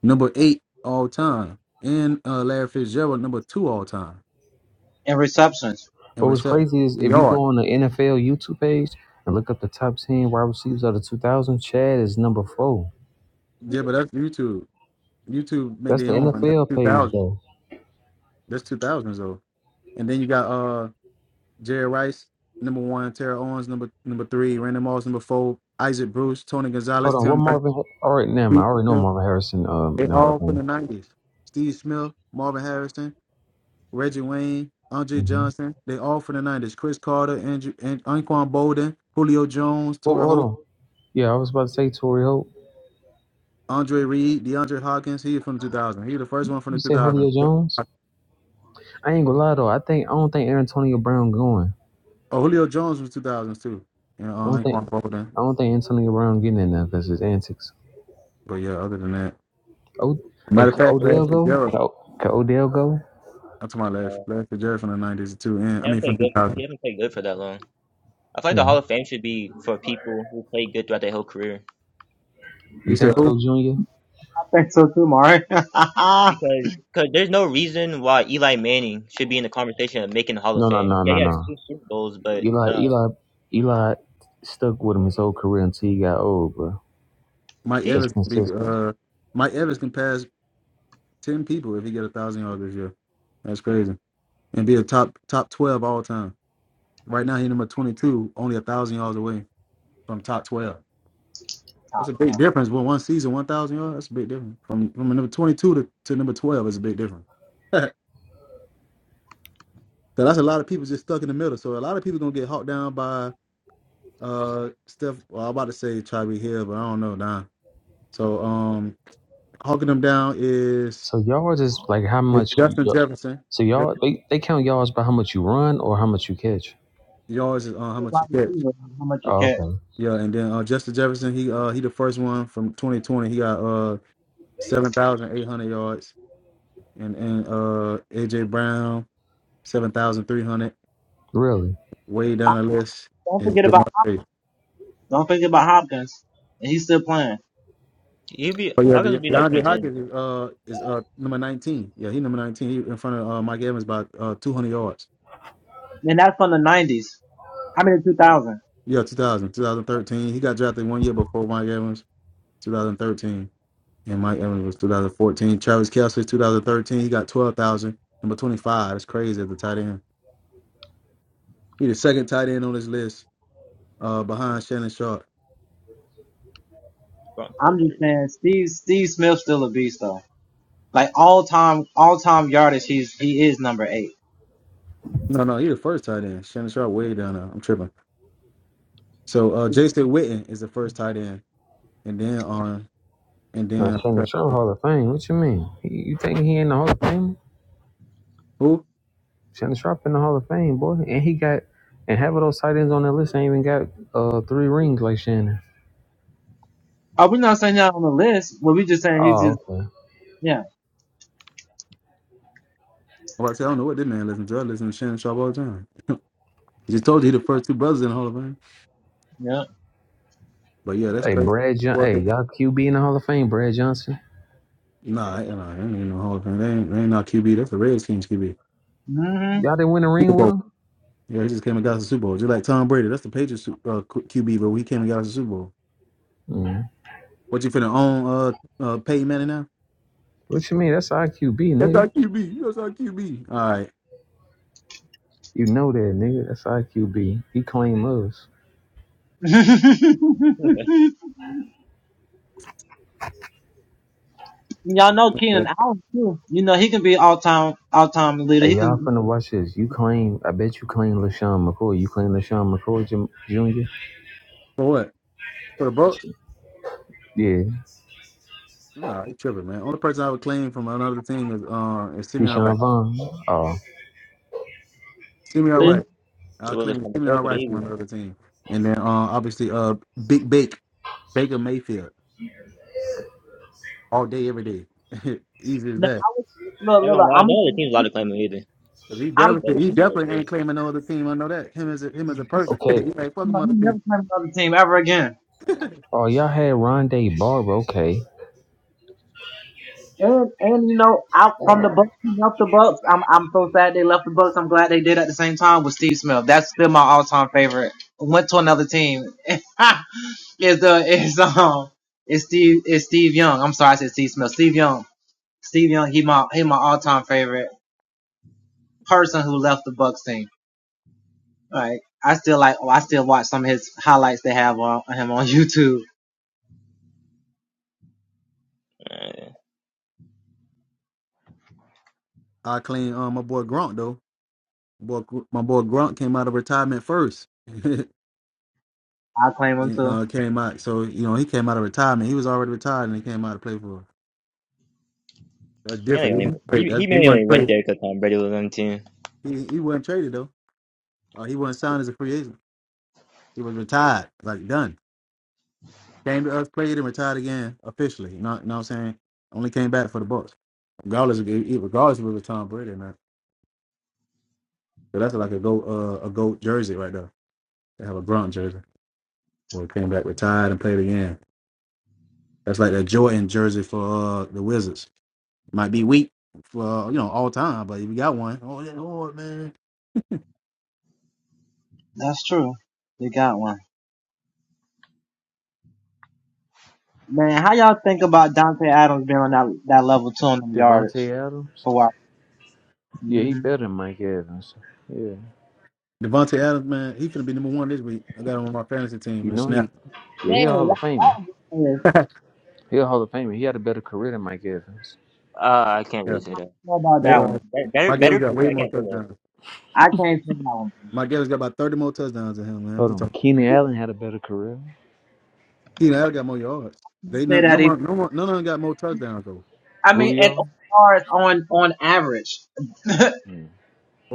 S3: number eight all time. And uh, Larry Fitzgerald, number two all time. And
S2: But what's
S3: reception
S2: crazy is if you
S3: yard.
S2: go on the NFL YouTube page and look up the top ten wide receivers of the 2000, Chad is number four.
S3: Yeah, but that's YouTube. YouTube made
S2: That's
S3: their
S2: the
S3: own one. That's
S2: NFL
S3: two
S2: page
S3: thousand.
S2: though.
S3: That's two thousands though. And then you got uh Jerry Rice, number one, Terrell Owens, number number three, Randy Moss, number four, Isaac Bruce, Tony
S2: Hold
S3: Gonzalez,
S2: on, what
S3: Tim Brown.
S2: Marvin? All right, never mind. I already know
S3: They
S2: Marvin Harrison. Um, in the Hall of
S3: all from
S2: Fame.
S3: the nineties. Steve Smith, Marvin Harrison, Reggie Wayne, Andre
S2: hmm
S3: Johnson. They all from the nineties. Chris Carter, Andrew and Anquan Bolden, Julio Jones,
S2: Well,
S3: Torrey
S2: hold
S3: Hope,
S2: on. Yeah, I was about to say Tory Hope.
S3: Andre Reed, DeAndre Hawkins. He from the two thousand. He the first one from
S2: You
S3: the two
S2: say
S3: thousand.
S2: Julio Jones. I ain't gonna lie though. I think I don't think Antonio Brown going.
S3: Oh, Julio Jones was two thousands too. And uh,
S2: I don't think
S3: Anquan Bolden.
S2: I don't think Antonio Brown getting in there because his antics.
S3: But yeah, other than that,
S2: Oh, hey,
S3: matter of
S2: could
S3: fact, Larry
S2: Odell go?
S3: Fitzgerald.
S2: Could, O- could Odell go?
S3: I'm talking about Larry,
S4: no,
S3: Larry Fitzgerald from the '90s too, and I
S4: he haven't
S3: mean from
S4: played good. For, he
S3: 2000.
S4: haven't played good for that long. I feel like the
S2: Hmm.
S4: Hall of Fame should be for people who played good throughout their whole career.
S3: He
S2: You
S3: said,
S2: think
S3: "Who?
S2: so, Junior?
S1: I think so too, Mari. How
S4: because cause there's no reason why Eli Manning should be in the conversation of making the Hall of
S2: No, no,
S4: Fame.
S2: no,
S4: Yeah,
S2: no,
S4: he had
S2: no.
S4: two Super Bowls, but
S2: Eli,
S4: no,
S2: Eli, Eli stuck with him his whole career until he got old, bro.
S3: Mike
S4: he
S2: That's
S3: Evans can be.
S2: consistent.
S3: Uh, Mike Evans can pass ten people if he get a thousand yards this year. That's crazy, and be a top top 12 all time. Right now, he's number 22, only a thousand yards away from top 12. That's a big difference. With one season, one thousand yards, that's a big difference. From from number 22 to, to number 12 is a big difference. so that's a lot of people just stuck in the middle. So a lot of people gonna get hawked down by." Uh, Steph. Well, I'm about to say Tyree Hill, but I don't know now. So, um, hawking them down is
S2: So y'all just like how
S3: is
S2: much?
S3: Justin
S2: y-
S3: Jefferson.
S2: So
S3: Jef-
S2: y'all they, they count yards by how much you run or how much you catch.
S3: Yards is uh, how much you catch.
S1: much you
S2: Oh,
S1: catch?
S2: okay.
S3: Yeah, and then uh, Justin Jefferson. He uh he the first one from 2020. He got uh 7,800 yards, and and uh AJ Brown 7,300.
S2: Really?
S3: Way down the list
S1: Don't
S3: is
S1: forget about
S3: Jamar Chase.
S1: don't forget about Hopkins. And he's still playing.
S4: he'd be
S3: But yeah,
S4: Hawkins
S3: De-
S4: would be like
S3: DeAndre
S4: 2010.
S3: Hopkins is uh is uh number 19. Yeah, he number 19. He in front of uh, Mike Evans by uh 200 yards.
S1: And that's from the nineties. I mean the two
S4: Yeah,
S1: thousand.
S3: Yeah, 2000, 2013. He got drafted one year before Mike Evans, 2013. And Mike Evans was 2014. Travis Kelsey, 2013. He got 12,000. Number 25. That's crazy at the tight end. He the second tight end on this list uh, behind Shannon Sharp.
S4: Broncos still
S1: I'm just
S4: better
S1: saying
S3: No, no, he the first tight end. Shannon Sharp way down there. I'm tripping. So uh, Jason Witten is the first tight end. And then on, and
S2: Now
S3: then
S2: Shannon Sharp Hall of Fame. What you mean? He- You think he in the Hall of Fame?
S3: who?
S2: Shannon Sharp in the Hall of Fame, boy. And he got and half of those tight ends on that list ain't even got uh three rings like Shannon.
S1: are we not saying that on the list? Well we just saying he's just
S2: Oh, okay.
S1: yeah.
S3: I'm about to say, I don't know what this man listen to. I listen to Shannon Sharp all the time. He just told you he the first two brothers in the Hall of Fame.
S1: Yeah.
S3: But yeah, that's
S2: Hey,
S3: crazy.
S2: Brad Johnson. hey, y'all QB in the Hall of Fame, Brad Johnson.
S3: Nah, you know, they ain't no Hall of Fame. They ain't, they ain't no QB. That's the Redskins QB.
S1: hmm
S2: Y'all didn't win a
S3: Super
S2: ring with
S3: Bowl.
S2: him?
S3: Yeah, he just came and got us the Super Bowl. Just like Tom Brady. That's the Patriots uh, Q- QB, but he came and got us the Super Bowl.
S2: Mm.
S3: What you finna own, uh, uh, Peyton Manning now?
S2: What you mean? That's IQB,
S3: That's
S2: nigga.
S3: our QB. That's our QB. All right.
S2: You know that, nigga. That's IQB. He claimed us.
S4: though.
S1: Y'all know
S3: Yeah.
S1: Keenan Allen too. You know he can be all time all time leader.
S2: Hey,
S1: He
S2: y'all
S1: can.
S2: finna watch this. You claim, I bet you claim LaShawn McCoy. You claim LaShawn McCoy Jim- Jr.?
S3: For what? For the Bucks?
S2: Yeah.
S3: Nah, you tripping, man. Only person I would claim from another team is uh is Simeon Wright.
S2: Keyshawn Vaughn. Oh.
S3: Simeon
S1: Look,
S2: Who?
S3: Wright. I
S4: the Willis
S3: claim
S4: from the
S3: Simeon
S4: fourth, but
S3: Wright from another team, and then uh obviously uh Big Bake Baker Mayfield all day every day. Easy as
S1: look,
S3: that.
S4: I'm not gonna
S1: look.
S4: lie,
S1: I'm
S4: no other team's allowed
S1: gonna
S4: to claim him either.
S3: He
S1: I'm
S4: That
S1: gonna
S4: that
S3: definitely, he
S4: can be what
S3: definitely ain't
S4: too.
S3: claiming no other team. I know that him as a, him as a person. he
S2: Okay.
S3: like fuck him
S1: no, he
S3: other team.
S1: never played another team ever again.
S2: Oh, y'all had Rondé Barber. Okay.
S1: And and you know I.
S4: Uh,
S3: I claim um my boy Grunt though. Boy, my boy Grunt came out of retirement first. and uh, came out, so you know he came out of retirement. He was already retired and he came out to play for. us. That's
S4: mainly
S3: different. He
S4: only
S3: wasn't traded.
S4: he he
S3: That's, he
S4: mainly only
S3: wasn't
S4: went
S3: traded.
S4: there because Tom Brady was on the team.
S3: He he wasn't traded though. Uh, he wasn't signed as a free agent. He was retired, like done. Came to us, played, and retired again officially. You know, you know what I'm saying? Only came back for the Bucks, regardless of regardless of it was Tom Brady man. So that's like a goat, uh, a goat jersey right there. They have a Gronk jersey. Well, he came back retired and played again. That's like that Jordan jersey for uh, the Wizards. Might be weak for uh, you know all time, but if you got one, oh yeah, Lord man,
S1: That's true. You got one, man. How y'all think about Dante Adams being on that that level two on them yardage
S2: Devontae Adams?
S1: for a while?
S2: Yeah, he
S1: Mm-hmm.
S2: better than Mike Evans. Yeah.
S3: Devontae Adams man, he's gonna be number one this week. I got him on my fantasy team
S2: You
S3: from the
S2: know he
S3: snap.
S2: yeah, he
S1: Dang,
S2: a Hall
S1: y'all
S2: of Famer.
S1: y'all just saying,
S3: yeah,
S2: He a Hall of Famer. He had a better career than Mike Evans.
S4: Uh, I can't really say that.
S1: know about
S3: he,
S4: Better
S1: that
S3: uh,
S1: one.
S4: better better
S3: Mike
S4: better
S3: Evans got
S4: career,
S3: way
S4: I
S3: more
S4: can't say that.
S3: touchdowns.
S1: I can't say that one.
S3: Mike Evans got about thirty more touchdowns than him, man. What
S2: Hold
S3: you
S2: on.
S3: talking?
S2: Keenan
S1: You
S2: Allen had a better career.
S3: He Allen got more yards.
S1: can't
S3: They no
S1: say
S3: no
S1: that either.
S3: more, no more, none of them got more touchdowns though,
S1: I mean, and
S2: Julio?
S1: OR
S2: Mm.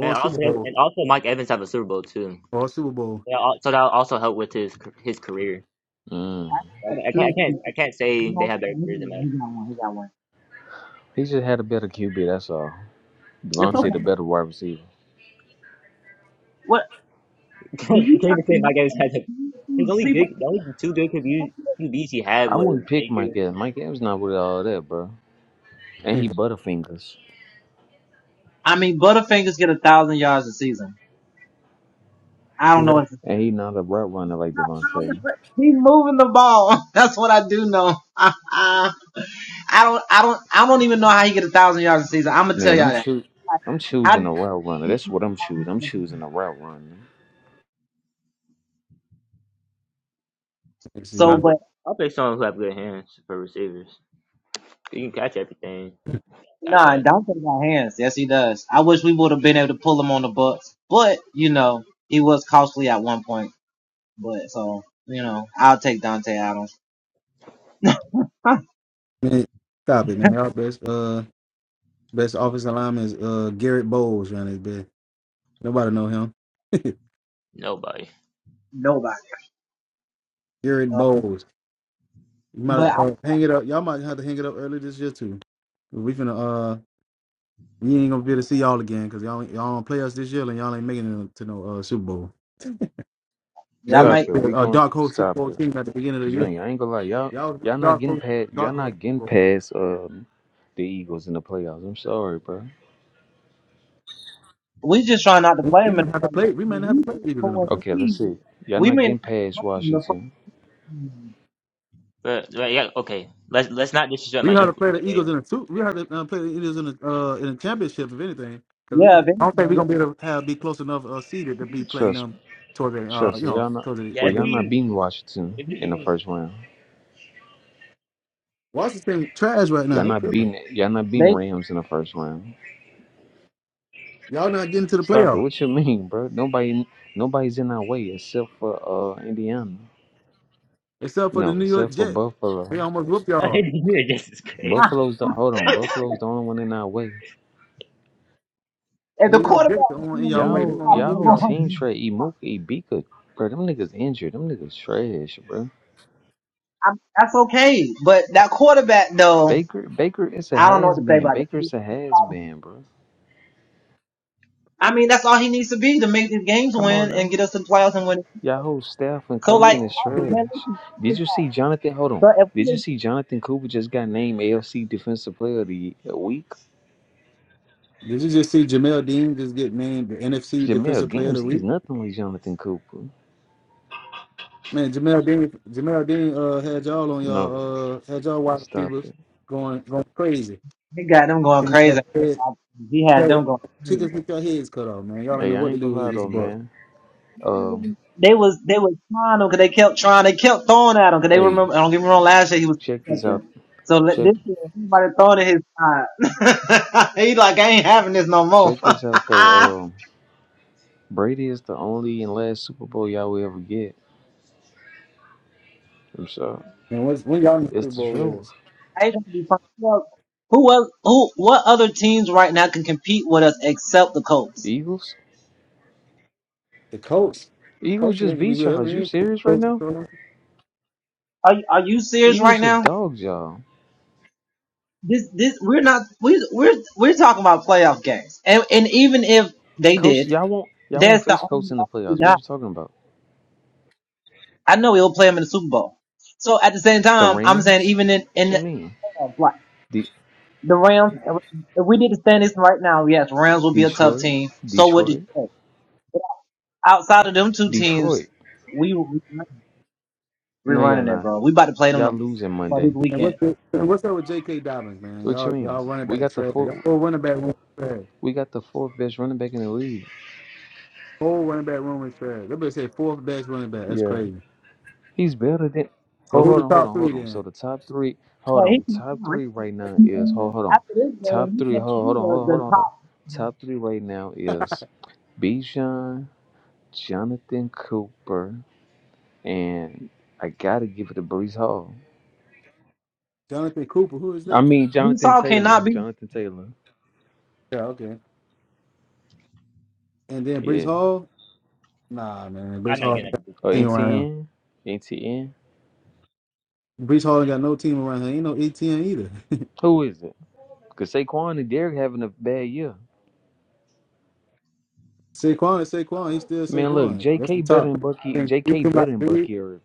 S4: And
S3: a Super
S4: also
S3: Bowl,
S4: and also Mike Evans have a Super Bowl too.
S3: or a Super Bowl.
S4: Yeah, al- so that also helped with his his career.
S2: Mm.
S4: I
S1: is a
S4: can't, I can't, I can't
S1: two.
S4: I can't say they
S1: No,
S4: have better
S1: he got
S4: careers than
S1: one.
S4: Mac.
S1: He got one. He got one.
S2: He just had a better QB, that's all.
S1: It's
S3: Yeah,
S2: Devontae
S1: okay.
S2: the better wide receiver.
S1: What do
S4: you
S1: you
S4: can't
S1: not
S4: even say Mike
S1: know?
S4: Evans has a, his only
S1: People,
S4: good, the only two good QB, QBs he had
S2: I
S4: was
S2: wouldn't pick
S4: Baker.
S2: Mike Evans. Mike Evans not with all that, bro. And
S3: I
S2: he
S3: see
S2: butterfingers.
S1: I mean, Butterfingers get a thousand yards a season. I don't know
S3: that.
S1: if I
S2: And he not a route runner like
S1: don't know
S2: Devontae.
S1: what he-
S2: Man, I'm choo- I'm
S1: had
S2: choosing a
S1: to,
S2: route runner. That's what I'm choosing. I'm choosing a route runner.
S3: I
S4: And
S3: see
S4: I'll pick,
S1: but
S4: I'll pick someone who have good hands for receivers. You can catch everything. Got that?
S3: Man, stop it, man. Our best uh best offensive lineman is uh Garrett Bowles around this bit. Nobody know him.
S4: Nobody.
S3: Garrett Bowles. You might uh, hang it up. Y'all might have to hang it up early this year too. We finna uh you ain't gonna be able to see y'all again because y'all ain't- y'all don't play us this year and y'all ain't making it to no uh Super Bowl. They was
S2: Stop it. We
S3: a uh,
S2: going
S3: dark hole Super
S2: stop
S3: Bowl
S2: it.
S3: team at the beginning of the year.
S2: Junior, I ain't gonna lie, y'all
S3: Y'all was my
S2: y'all not
S3: dark
S2: getting
S3: hole
S2: past y'all
S3: dark hole
S2: not getting
S3: Super Bowl.
S2: past um the Eagles in the playoffs. I'm sorry, bro.
S1: we just trying not to play
S3: We
S1: him in
S3: might have
S1: the
S3: to
S1: playoffs.
S3: play we
S1: When
S3: might have
S1: we
S3: to play
S1: play
S3: the Eagles
S1: them
S3: in the playoffs.
S2: Okay, let's
S1: speed,
S2: see. Y'all
S1: we
S2: not
S1: may not
S2: getting past
S1: play him in the first-
S2: Washington.
S4: But, but yeah, okay. Let's let's not disrespect
S3: We
S4: my
S3: had to
S4: Eagles,
S3: play the
S4: okay?
S3: Eagles in a two. We had to uh, play the Eagles in a uh, in a championship, if anything. Because we,
S1: yeah, if
S3: I
S1: anything,
S3: don't think we're gonna be
S1: yeah.
S3: able to have be close enough uh, seeded to be playing
S2: Trust
S3: them
S2: me.
S3: towards the uh,
S2: Trust
S3: you
S2: me.
S3: know
S2: Y'all not
S3: towards the
S4: Yeah,
S2: well
S4: if
S3: beginning.
S2: y'all not
S4: we
S2: beating Washington
S4: if
S2: in the
S4: we
S2: first round.
S3: Washington trash right now.
S2: Y'all
S3: They
S2: not
S3: tripping.
S2: beating y'all not beating
S1: They
S2: Rams in the first round.
S3: Y'all not getting to the
S2: Stop it.
S3: playoffs
S2: What you mean, bro? Nobody nobody's in our way except for uh Indiana.
S3: except for the
S2: No,
S3: New York
S2: except for
S3: Jets.
S2: Buffalo.
S3: They almost whoop y'all.
S4: even just is crazy.
S1: ah,
S2: Buffalo's the hold on, Buffalo's the only one in our way.
S1: if the
S3: New York
S1: quarterback
S3: Jets are
S1: is
S3: on in
S1: doing
S3: y'all way.
S1: good, they
S3: They
S2: Y'all,
S1: call
S3: almost
S1: him the
S2: y'all
S3: whoop
S2: whole
S3: y'all.
S2: team
S1: one.
S2: straight. Imuka, Ibika, bro. Them niggas injured. Them niggas trash, bro.
S1: I'm- That's okay, but that quarterback though,
S2: Baker, Baker is a
S1: I don't know
S2: has
S1: what to say
S2: been.
S1: about
S2: Baker
S1: that.
S2: is a has been, bro.
S1: I mean, that's all he needs to be to make these games
S2: Come on
S1: win
S2: now.
S1: and get us in playoffs and win
S2: Y'all whole staff and
S1: So
S3: And yeah.
S1: like,
S2: coaching is trash.
S1: man, listen,
S2: Did you
S1: so
S2: see Jonathan? Hold on.
S1: if
S2: Did you
S1: we,
S2: see Jonathan Cooper just got named AFC Defensive Player of the Week?
S3: Did you just see Jamel Dean just get named the NFC
S2: Jamel
S3: Defensive Player of
S2: Games,
S3: the
S2: he's
S3: Week?
S2: nothing like Jonathan Cooper.
S3: Man, Jamel Dean, Jamel Dean uh, had y'all on
S2: No,
S3: y'all uh, had y'all wide
S2: stop
S3: receivers
S2: it.
S3: going going crazy.
S1: they got them going
S3: Chickens
S1: crazy. He had them going crazy.
S3: with your heads cut off, man. Y'all ain't
S2: Hey,
S3: know
S2: I
S3: what to
S2: ain't gonna
S3: do with
S2: lie
S3: this
S2: though,
S3: buck.
S2: man. Um,
S1: They was they was trying them because they kept trying. They kept throwing at him because they
S2: hey,
S1: remember. Don't get me wrong. Last year he was
S2: check this out.
S1: second. So let-
S2: Check
S1: this year everybody throwing at his side.
S2: check this out though. Um. Brady is the only and last Super Bowl y'all will ever get. I'm sorry.
S3: And what's when y'all in the Super
S2: It's the
S3: Bowl
S2: truth.
S3: is?
S1: I ain't gonna be fun. Who else? Who else- who- What other teams right now can compete with us except the Colts?
S2: Eagles?
S3: The coach. Coach
S2: Eagles just
S3: did be
S2: beat
S3: with
S2: y'all.
S3: us.
S2: Is
S3: We
S2: you
S3: ain't
S2: serious right
S3: coach was
S2: now?
S3: on us.
S1: Are you- are you serious
S2: Eagles
S1: right
S2: just
S1: now?
S2: dogs y'all.
S1: This this we're not we we're we're talking about playoff games. And and even if they
S2: Coach,
S1: did,
S2: y'all won't y'all won't
S1: that's the
S2: face
S1: only.
S2: coach in the
S1: loss we
S2: playoffs. What
S1: got.
S2: are you talking about?
S1: I know he'll play him in the Super Bowl. So at the same
S2: The
S1: time, I'm saying
S2: Rams?
S1: even in
S2: What
S1: in
S2: you
S1: the
S2: mean?
S1: playoffs, like
S2: De-
S1: the Rams, if we did the standings right now, yes, Rams will be a tough
S2: Detroit?
S1: team. So would
S2: Detroit?
S1: Detroit. outside of them two
S2: Detroit.
S1: teams, we we we
S2: No, y'all
S1: running it,
S2: not.
S1: bro. We about to play them
S2: Y'all
S1: the-
S2: losing
S1: well, this
S2: Monday.
S3: And
S1: weekend.
S3: what's the, and what's up with J.K. Dobbins, man?
S2: What you
S3: Y'all
S2: mean?
S3: y'all running
S2: We
S3: back
S2: got the
S3: trash.
S2: fourth
S3: Y'all whole running back room is trash.
S2: we got the fourth best running back in the league.
S3: Whole running back room is trash. That better say fourth best running back. That's
S2: Yeah.
S3: crazy.
S2: He's better than.
S3: So
S2: Oh,
S3: who
S2: hold
S3: the
S2: on, hold
S3: top
S2: on,
S3: three
S2: hold on.
S3: then?
S2: So the top three, hold
S1: But he
S2: on.
S1: can,
S2: Top
S1: no,
S2: three right now is hold, hold on.
S1: after this
S2: Top
S1: game, he
S2: three,
S1: can't
S2: hold,
S1: be
S2: hold on, hold
S1: the,
S2: on, hold
S1: the
S2: on, hold on.
S1: top.
S2: Top three right now is Bijan, Jonathan Cooper, and I gotta give it to Brees Hall.
S3: Jonathan Cooper. Who is
S2: I
S3: that?
S2: mean Jonathan
S1: Utah
S2: Taylor,
S1: cannot be
S2: Jonathan Taylor.
S3: Yeah, okay. And then Brees
S2: Yeah.
S3: Hall. Nah, man. Brees
S4: I'm not
S3: Hall
S4: getting
S3: ain't
S4: up
S3: got
S2: Or
S3: no team
S4: to
S3: around him.
S2: NTN, NTN.
S3: Brees Hall ain't got no team around him. Ain't no ATM either.
S2: Who is it? Cause Saquon and Derek having a bad year.
S3: Saquon is Saquon. He's still
S2: Man, look,
S3: Saquon. That's
S2: J.K.
S3: the
S2: better
S3: top.
S2: than Bucky.
S3: pick. You
S2: J.K.
S3: come
S2: better
S3: out
S2: than Bucky Irving.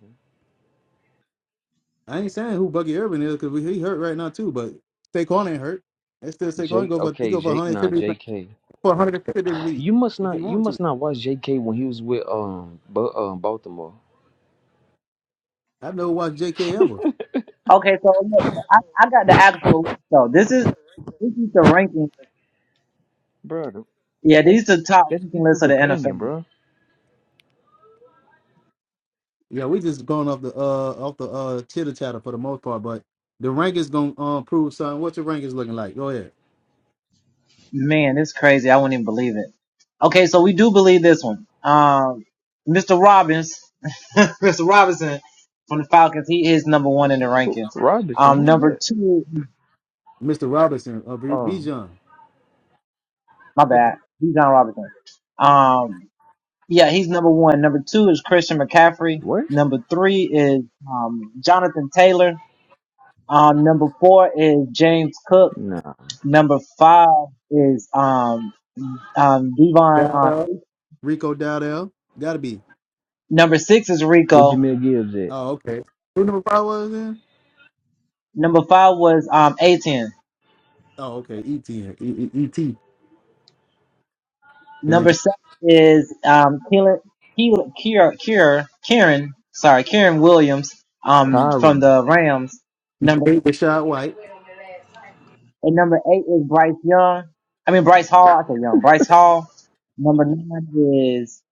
S3: I ain't saying who Bucky Urban is because he hurt right now too, but Saquon ain't hurt. That's still Saquon. He
S2: Jake,
S3: go for he
S2: okay,
S3: go for
S2: Jake, nah,
S3: 150
S2: J.K.
S3: for 150 this week
S2: You must
S3: if he
S2: not, you
S3: want to.
S2: must not watch J.K. when he was with um, but um, Baltimore,
S3: I know watch J.K. Ever.
S1: okay. So look, I, I got the actual. So this is this is the ranking.
S2: bro.
S1: Yeah, these
S2: That's
S1: are the top
S2: that's
S1: ranking lists
S2: people's
S1: of the
S2: opinion,
S1: NFL.
S2: bro.
S3: Yeah, we just going off the uh off the uh chitter chatter for the most part, but the rank is gonna um, prove something. What's your rank is looking like? Go ahead,
S1: Man, it's crazy. I wouldn't even believe it. Okay, so we do believe this one. Um, Mr. Robbins,
S2: Who, Robinson,
S1: um,
S2: who's
S1: number
S2: it?
S1: two,
S3: Mr. Robinson uh, B-
S2: Oh,
S3: Bijan,
S1: my bad, he's John Robinson. Um, yeah, he's number one. Number two is Christian McCaffrey.
S2: what?
S1: Number three is um, Jonathan Taylor. Um, number four is James Cook.
S2: Nah,
S1: Number five is um, um, Devon. Uh,
S3: Dowdell, Rico Dowdell, gotta be.
S1: number six is
S2: what
S1: Rico.
S2: Jamil Gibbs at?
S3: Oh, okay. Who number five was then?
S1: Number five was um, a
S3: Oh, okay. ET. E- E- ET.
S1: Number
S3: Then
S1: seven is um, Keelan, Keelan, Kier, Kier, Karen, sorry, Kieran Williams um, from
S2: Kyron,
S1: the Rams. Number
S3: Rashad White.
S1: and number eight is Bryce Young. I mean Bryce Hall. I said Young. Bryce Hall. Number nine is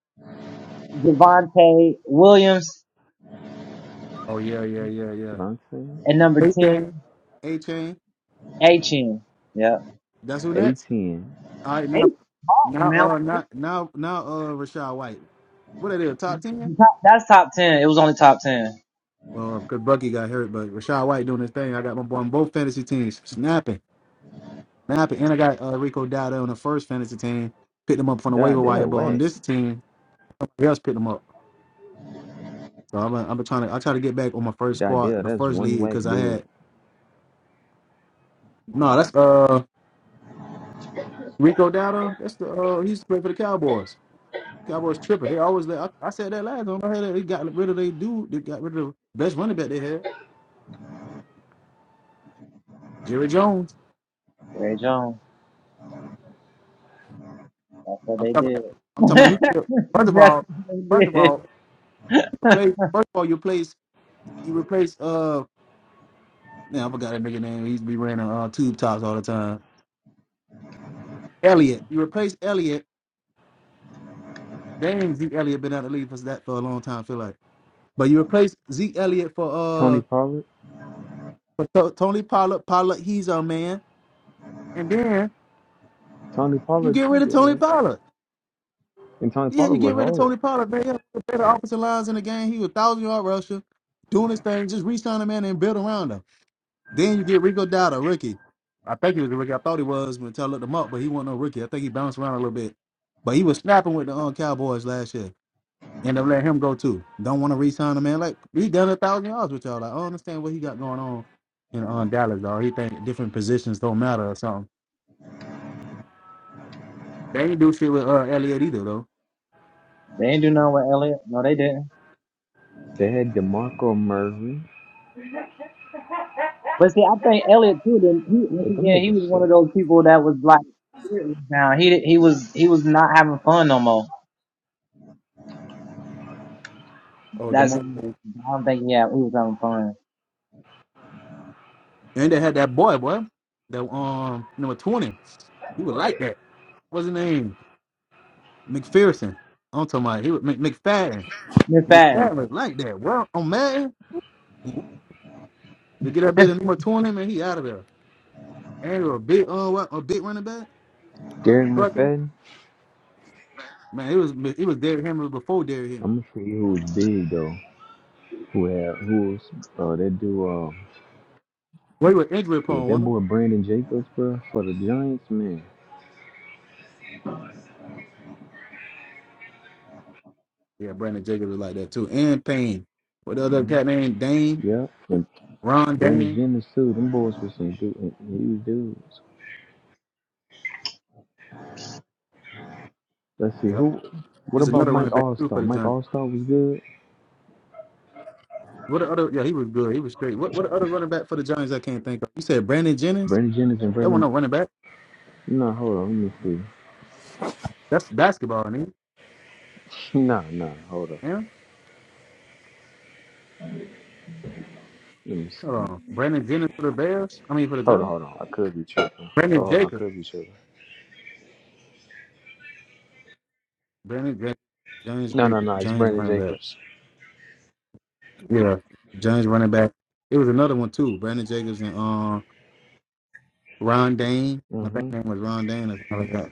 S1: Javante Williams,
S3: Oh yeah, yeah, yeah, yeah.
S2: Javante,
S1: and number
S3: A
S1: ten
S3: Chain. a Chain.
S1: Achin. Yep.
S3: That's who next.
S2: Atn,
S3: All right, now,
S1: Achin,
S3: now,
S1: man, like,
S3: uh, now, now, now, uh, Rashad White. What are they? Top ten?
S1: the top- that's top ten. It was only top ten.
S3: Well, because Bucky got hurt, but Rashad White doing his thing. I got my boy on both fantasy teams, snapping, snapping, and I got uh, Rico Dowda on the first fantasy team. Picked him up from the waiver wire,
S2: Dardell,
S3: but on
S2: whack.
S3: this team, somebody else picked him up. So I'm, I'm trying to, I try to get back on my first
S2: Dardell,
S3: squad, the
S2: that's
S3: first
S2: one
S3: league,
S2: whack
S3: because I
S2: dude.
S3: had no, that's uh, Rico Dowdle, that's the uh, he used to play for the Cowboys. Cowboys tripping. They always let, I, I said that last time I heard that they got rid of they dude. They got rid of the best running back they had, Jerry Jones.
S1: Ray Jones. That's what
S3: I'm
S1: they
S3: talking
S1: did.
S3: about. I'm talking about. He, failed. first of
S1: that's
S3: all,
S1: what
S3: first of
S1: they did.
S3: all, play. First of all, you place you replace uh. Now I forgot that nigga name. He used to be wearing uh, tube tops all the time. Elliott. You replace Elliott. Dang, Zeke Elliott been out of the league for that for a long time. I feel like, but you replace Zeke Elliott for
S2: Tony
S3: uh
S2: Pollard,
S3: for T- Tony Pollard. Pollard, he's our man. And then
S2: Tony
S3: You
S2: Pollard,
S3: get
S2: he
S3: rid of
S2: good,
S3: Tony
S2: right?
S3: Pollard.
S2: and Tony
S3: Yeah,
S2: Pollard
S3: you get
S2: was
S3: rid of
S2: hard.
S3: Tony Pollard, man. You have the better offensive lines in the game. He was thousand yard rusher, doing his thing. Just reach on him man and build around him. Then you get Rico Dowdle, rookie. I think he was a rookie. I thought he was until I looked him up, but he wasn't no rookie. I think he bounced around a little bit. But he was snapping with the um, Cowboys last year. End up letting him go too. Don't want to re-sign him, man. Like he done a thousand yards with y'all. Like, I don't understand what he got going on in on Dallas, though. He think different positions don't matter or something. They ain't do shit with uh, Elliott either, though.
S1: They ain't do nothing with Elliott. No, they didn't.
S2: They had Demarco Murray,
S1: But see, I think Elliot too. Then he, once
S2: but them
S1: again, he
S2: niggas
S1: was one of
S2: suck.
S1: those people that was like, now he he was he was not having fun no more.
S3: Or the
S1: That's I
S3: most.
S1: don't think yeah, he was having fun.
S3: And they had that boy, boy, that um number twenty. He was like that. What's his name? McPherson. I'm talking about he was Mc, McFadden.
S1: Miss Patton,
S3: McFadden was like that. Well, on Madden, you get that baby number twenty, man, he out of there. And he was a big uh what, a big running back,
S2: Darren
S3: trucking.
S2: McFadden.
S3: Man, it was it was Derrick Henry before Derrick Henry.
S2: I'm gonna show you who's big though. Who have who's uh that do uh
S3: Well, he was injury
S2: yeah
S3: prone,
S2: that
S3: wasn't
S2: boy Brandon Jacobs bro for the Giants man.
S3: he? Yeah, Brandon Jacobs was like that too. And Payne. What the other cat named Dane?
S2: Yep, and
S3: Ron
S2: Brandon
S3: Dane.
S2: Jennings too. Them boys were some du- huge dudes. Let's see
S3: Yeah,
S2: who. What
S3: It's
S2: about
S3: another
S2: Mike
S3: running back too for
S2: Allstar?
S3: the
S2: Mike
S3: Giants.
S2: Allstar was good.
S3: What the other? Yeah, he was good. He was great. What what the other running back for the Giants? I can't think of. You said Brandon Jennings.
S2: Brandon Jennings and
S3: That one
S2: Brandon.
S3: no running back.
S2: No, hold on. Let me see.
S3: That's basketball, man.
S2: No, no, hold on.
S3: Yeah.
S2: Let me
S3: Hold
S2: see.
S3: on. Brandon Jennings for the Bears. I mean for the
S2: Hold on,
S3: Giants.
S2: hold on. I could be tripping.
S3: Brandon
S2: Hold on, I
S3: Jacobs.
S2: could be tripping.
S3: Brandon Jacobs. Giants
S2: No, no,
S3: big
S2: no. It's
S3: Giants
S2: Brandon
S3: running back.
S2: Jacobs.
S3: Yeah. Giants running back. It was another one too. Brandon Jacobs and um Ron Dane. I
S2: Mm-hmm.
S3: think his name was Ron Dane or something like that.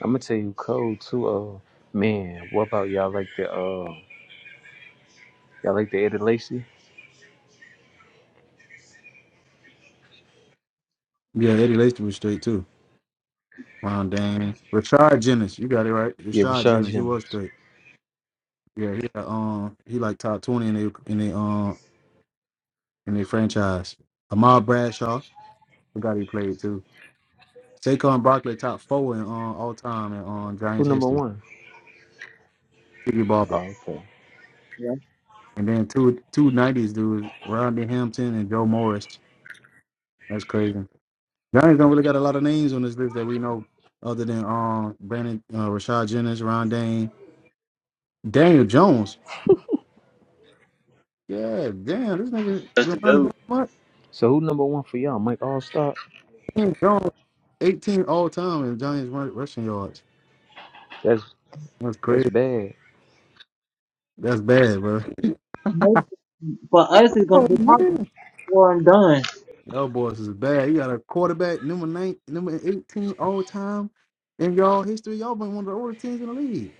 S2: I'm gonna tell you cold too. Uh, man, what about y'all like the uh, y'all like the Eddie Lacy?
S3: Yeah, Eddie Lacy was straight too. Ron Dane. Rashad Jennings. You got it right.
S2: Yeah,
S3: Rashad
S2: Rashad
S3: Jennings. He was
S2: Jennings.
S3: straight. Yeah, he uh, um he like top twenty in their in their um in their franchise. Ahmad Bradshaw, forgot he played too. Saquon Barkley top four in uh, all time in um,
S2: Who
S3: Giants
S2: number
S3: history.
S2: one?
S3: Tiki
S2: Oh,
S3: Barber,
S2: okay.
S3: and then two two nineties dudes, Rodney Hampton and Joe Morris. That's crazy. Giants don't really got a lot of names on this list that we know, other than um Brandon uh, Rashad Jennings, Ron Dane, Daniel Jones. Yeah, damn, this nigga been
S4: this
S3: around
S4: phone.
S3: about much.
S2: So who number one for y'all? Mike Allstar.
S3: Daniel Jones, eighteen all time in Giants run- rushing yards.
S2: That's
S3: That's
S2: that's
S3: crazy.
S2: bad.
S3: That's bad, bro.
S1: maybe for us it's gonna
S3: Oh
S1: be party
S3: man.
S1: before I'm done.
S3: Y'all boys is bad. You got a quarterback number nine, number eighteen all time in y'all history. Y'all been one of the oldest teams in the league.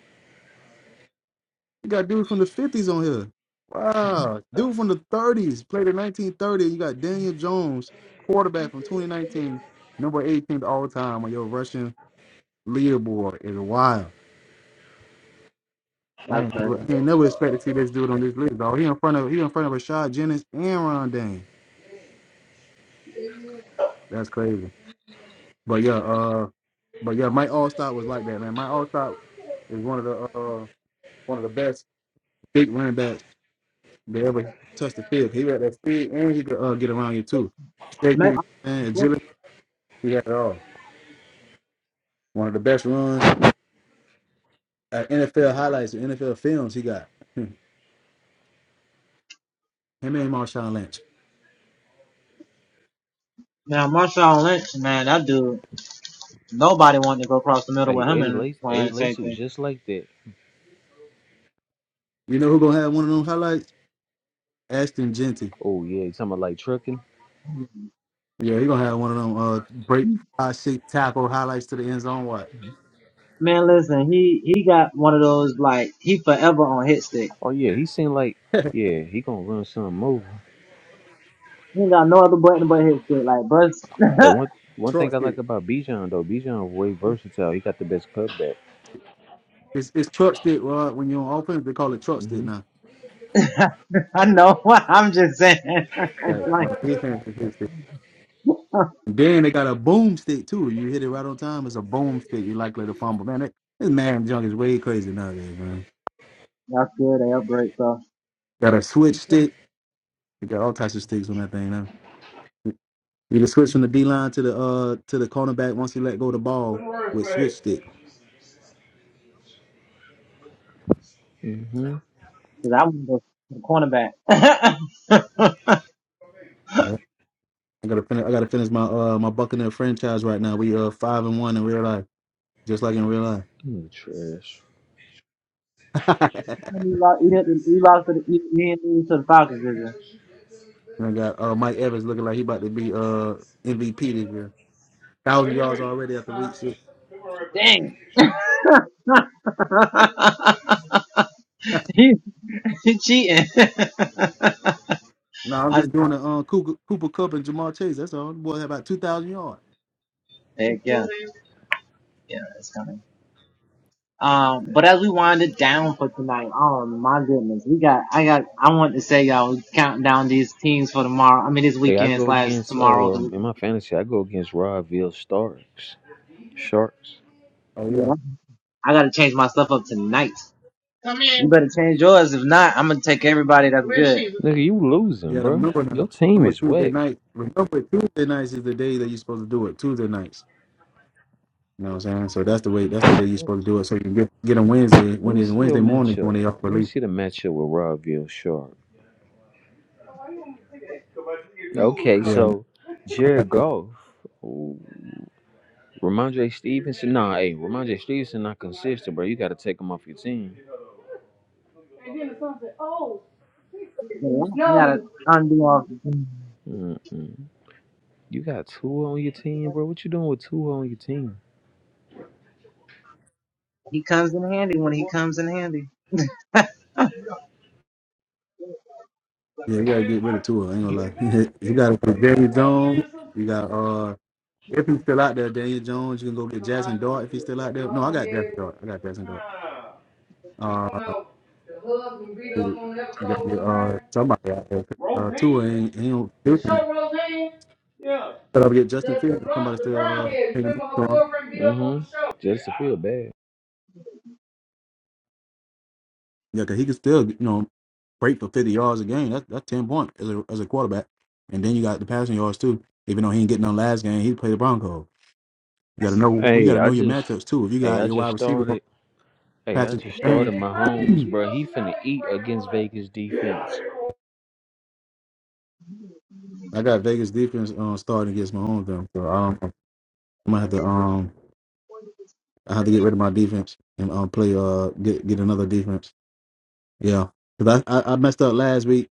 S3: You got dudes from the fifties on here. Wow, dude from the thirties played in nineteen thirty. You got Daniel Jones, quarterback from twenty nineteen, number eighteen all time on your Russian leaderboard. It's wild. I
S1: That's
S3: ain't
S1: her.
S3: never, I ain't never expect to see this dude on this list, dog. He in front of he in front of Rashad Jennings and Ron Dane. That's crazy. But yeah, uh, but yeah, Mike Allstott was like that, man. Mike Allstott is one of the uh one of the best big running backs that ever touched the field. He had that speed and he could uh, get around you too.
S1: Maybe,
S3: Safety and agility, he had it all. One of the best runs at NFL highlights, and NFL films he got. Hmm. Him and Marshawn Lynch.
S1: now Marshawn Lynch, man, that dude. Nobody wanted to go across the middle
S2: Hey,
S1: with him
S2: Eddie
S1: and
S2: Lacy. Eddie
S1: playing
S2: Lacy was
S1: safety.
S2: just like that.
S3: You know who gonna have one of them highlights? Ashton Genty.
S2: Oh yeah, you talking about like trucking?
S3: Yeah, he gonna have one of them uh break five six tackle highlights to the end zone. What?
S1: Man, listen, he he got one of those like he forever on hit stick.
S2: Oh yeah, he seemed like yeah he gonna run something over.
S1: He ain't got no other button but hit stick. Like,
S2: Hey,
S1: bro,
S2: one one
S3: Troy
S2: thing I like
S3: stick.
S2: about Bijan though, Bijan way versatile. He got the best cutback.
S3: It's it's truck stick, Rod. When you're on offense, they call it truck stick
S2: Mhm.
S3: now.
S1: I know. I'm just saying.
S3: Yeah,
S1: it's
S3: no
S1: like
S3: defense is hit stick. Then they got a boomstick too. You hit it right on time. It's a boomstick. You're likely to fumble. Man, that, this man junk is way crazy nowadays, man.
S1: y'all scared of outbreak, so
S3: Got a switch stick. You got all types of sticks on that thing now. You can switch from the D line to the uh to the cornerback once you let go of the ball with switch stick.
S2: Mhm.
S1: because I was the, the cornerback.
S3: Yeah. I gotta finish I gotta finish my uh my Buccaneer franchise right now. We uh five and one in real life, just like in real
S2: He was Trash.
S3: life.
S1: When He lost, he, didn't- he lost to the he, he didn't lose to the Falcons, did you?
S3: I got uh, Mike Evans looking like he about to be uh, MVP this year. Thousand yards already after week six.
S1: Dang. He's
S3: no, I'm just doing the uh, Cooper, Cooper Cup and Jamal Chase. That's all. The boy had about two thousand yards.
S1: thinking. um, but as we wind it down for tonight, oh my goodness, we got I got I want
S2: Hey, I go against um in my fantasy, I go against Rodville Starks. Sharks.
S3: Oh
S1: to get
S3: yeah,
S1: up. Come in.
S2: Nigga, you
S3: yeah.
S2: losing,
S3: I
S2: bro.
S3: remember
S2: Your
S3: now.
S2: team
S3: Remember
S2: is
S3: Tuesday
S2: wet.
S3: night. Remember Tuesday nights is the day that you're supposed to do it. Tuesday nights. You know what I'm saying? So that's the way. That's the day you're supposed to do it. So you can get get on Wednesday
S2: Let
S3: when
S2: me
S3: it's
S2: see your
S3: Wednesday morning when
S2: matchup.
S3: they off
S2: Let me
S3: release.
S2: see the matchup with Rodville Shark. Okay,
S3: Yeah,
S2: so Jared
S3: yeah.
S2: Goff, ooh, Ramondre Stevenson. Nah, hey, Ramondre Stevenson not consistent, bro. You got to take him off your team.
S1: better get up. I gotta undo off.
S2: Mm-mm. You got two on your team, bro. What you doing with two on your team?
S1: He comes in handy when he comes in handy.
S3: We gotta get rid of Tua. I ain't gonna lie. you
S2: You-
S3: got Jerry Jones. You got uh If he's still out there, Daniel Jones, you can go get Jackson Dart if he's still out there. No, I got Jackson Dart. I got Jackson Dart. Uh, you got uh somebody out there. Uh, Tua ain't he don't do nothing. But I'll get Justin Fields. if Somebody still uh, taking him strong.
S2: Mm-hmm. Just to feel bad.
S3: Yeah, cause he can still you know break for fifty yards a game. That's that's ten points as a as a quarterback. And then you got the passing yards too. Even though he ain't getting on last game, he played the Broncos. You gotta know we
S2: Hey,
S3: gotta
S2: I
S3: know your
S2: just,
S3: matchups too. If you
S2: hey,
S3: got
S2: I
S3: your
S2: just
S3: wide receiver
S2: started. Hey, I
S3: Patrick
S2: just
S3: Sertain,
S2: started my homes, bro. He finna eat against Vegas defense.
S3: I got Vegas defense um, starting against my own them. So I don't know. I'm gonna have to um I have to get rid of my defense and um play uh get get another defense. Yeah, because I, I I messed up last week,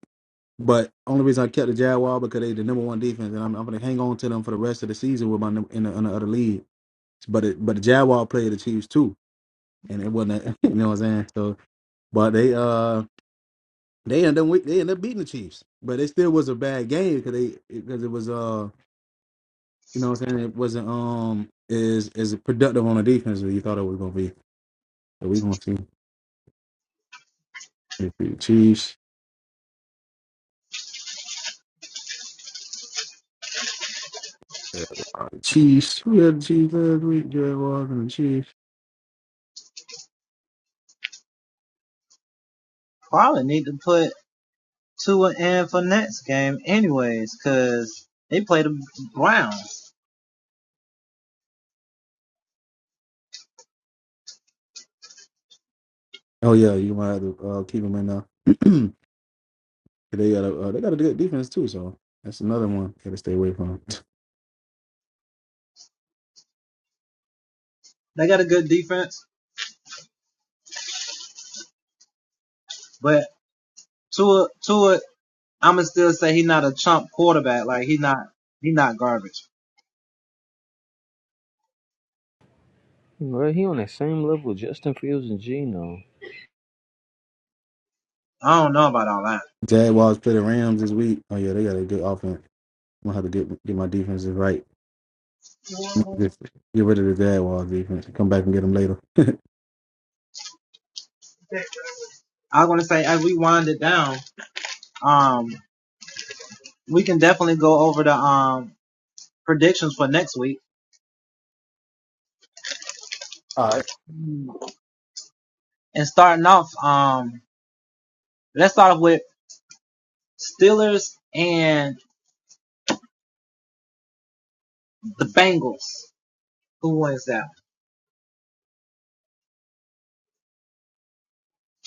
S3: but only reason I kept the Jaguar because they the number one defense, and I'm, I'm gonna hang on to them for the rest of the season with my num- in the, in the other league. But it, but the Jaguar played the Chiefs too, and it wasn't a, you know what I'm saying. So but they uh they ended up wi- they ended up beating the Chiefs, but it still was a bad game because they because it was uh you know what I'm saying it wasn't um is is productive on the defense that you thought it was gonna be. So we gonna see. If you Chiefs, everybody Chiefs. Who had the Chiefs last week? Jared Walker and the Chiefs. Oh yeah, you might have to uh, keep them in there. 'Cause they got a uh, they got a good defense too, so that's another one gotta stay away from.
S2: Bro, he on that same level, as Justin Fields and Geno.
S3: Jaguars play the Rams this week. Oh yeah, they got a good offense. I'm gonna have to get get my defenses right. I'm gonna Just get rid of the Jaguars defense. Come back and get them later. All right.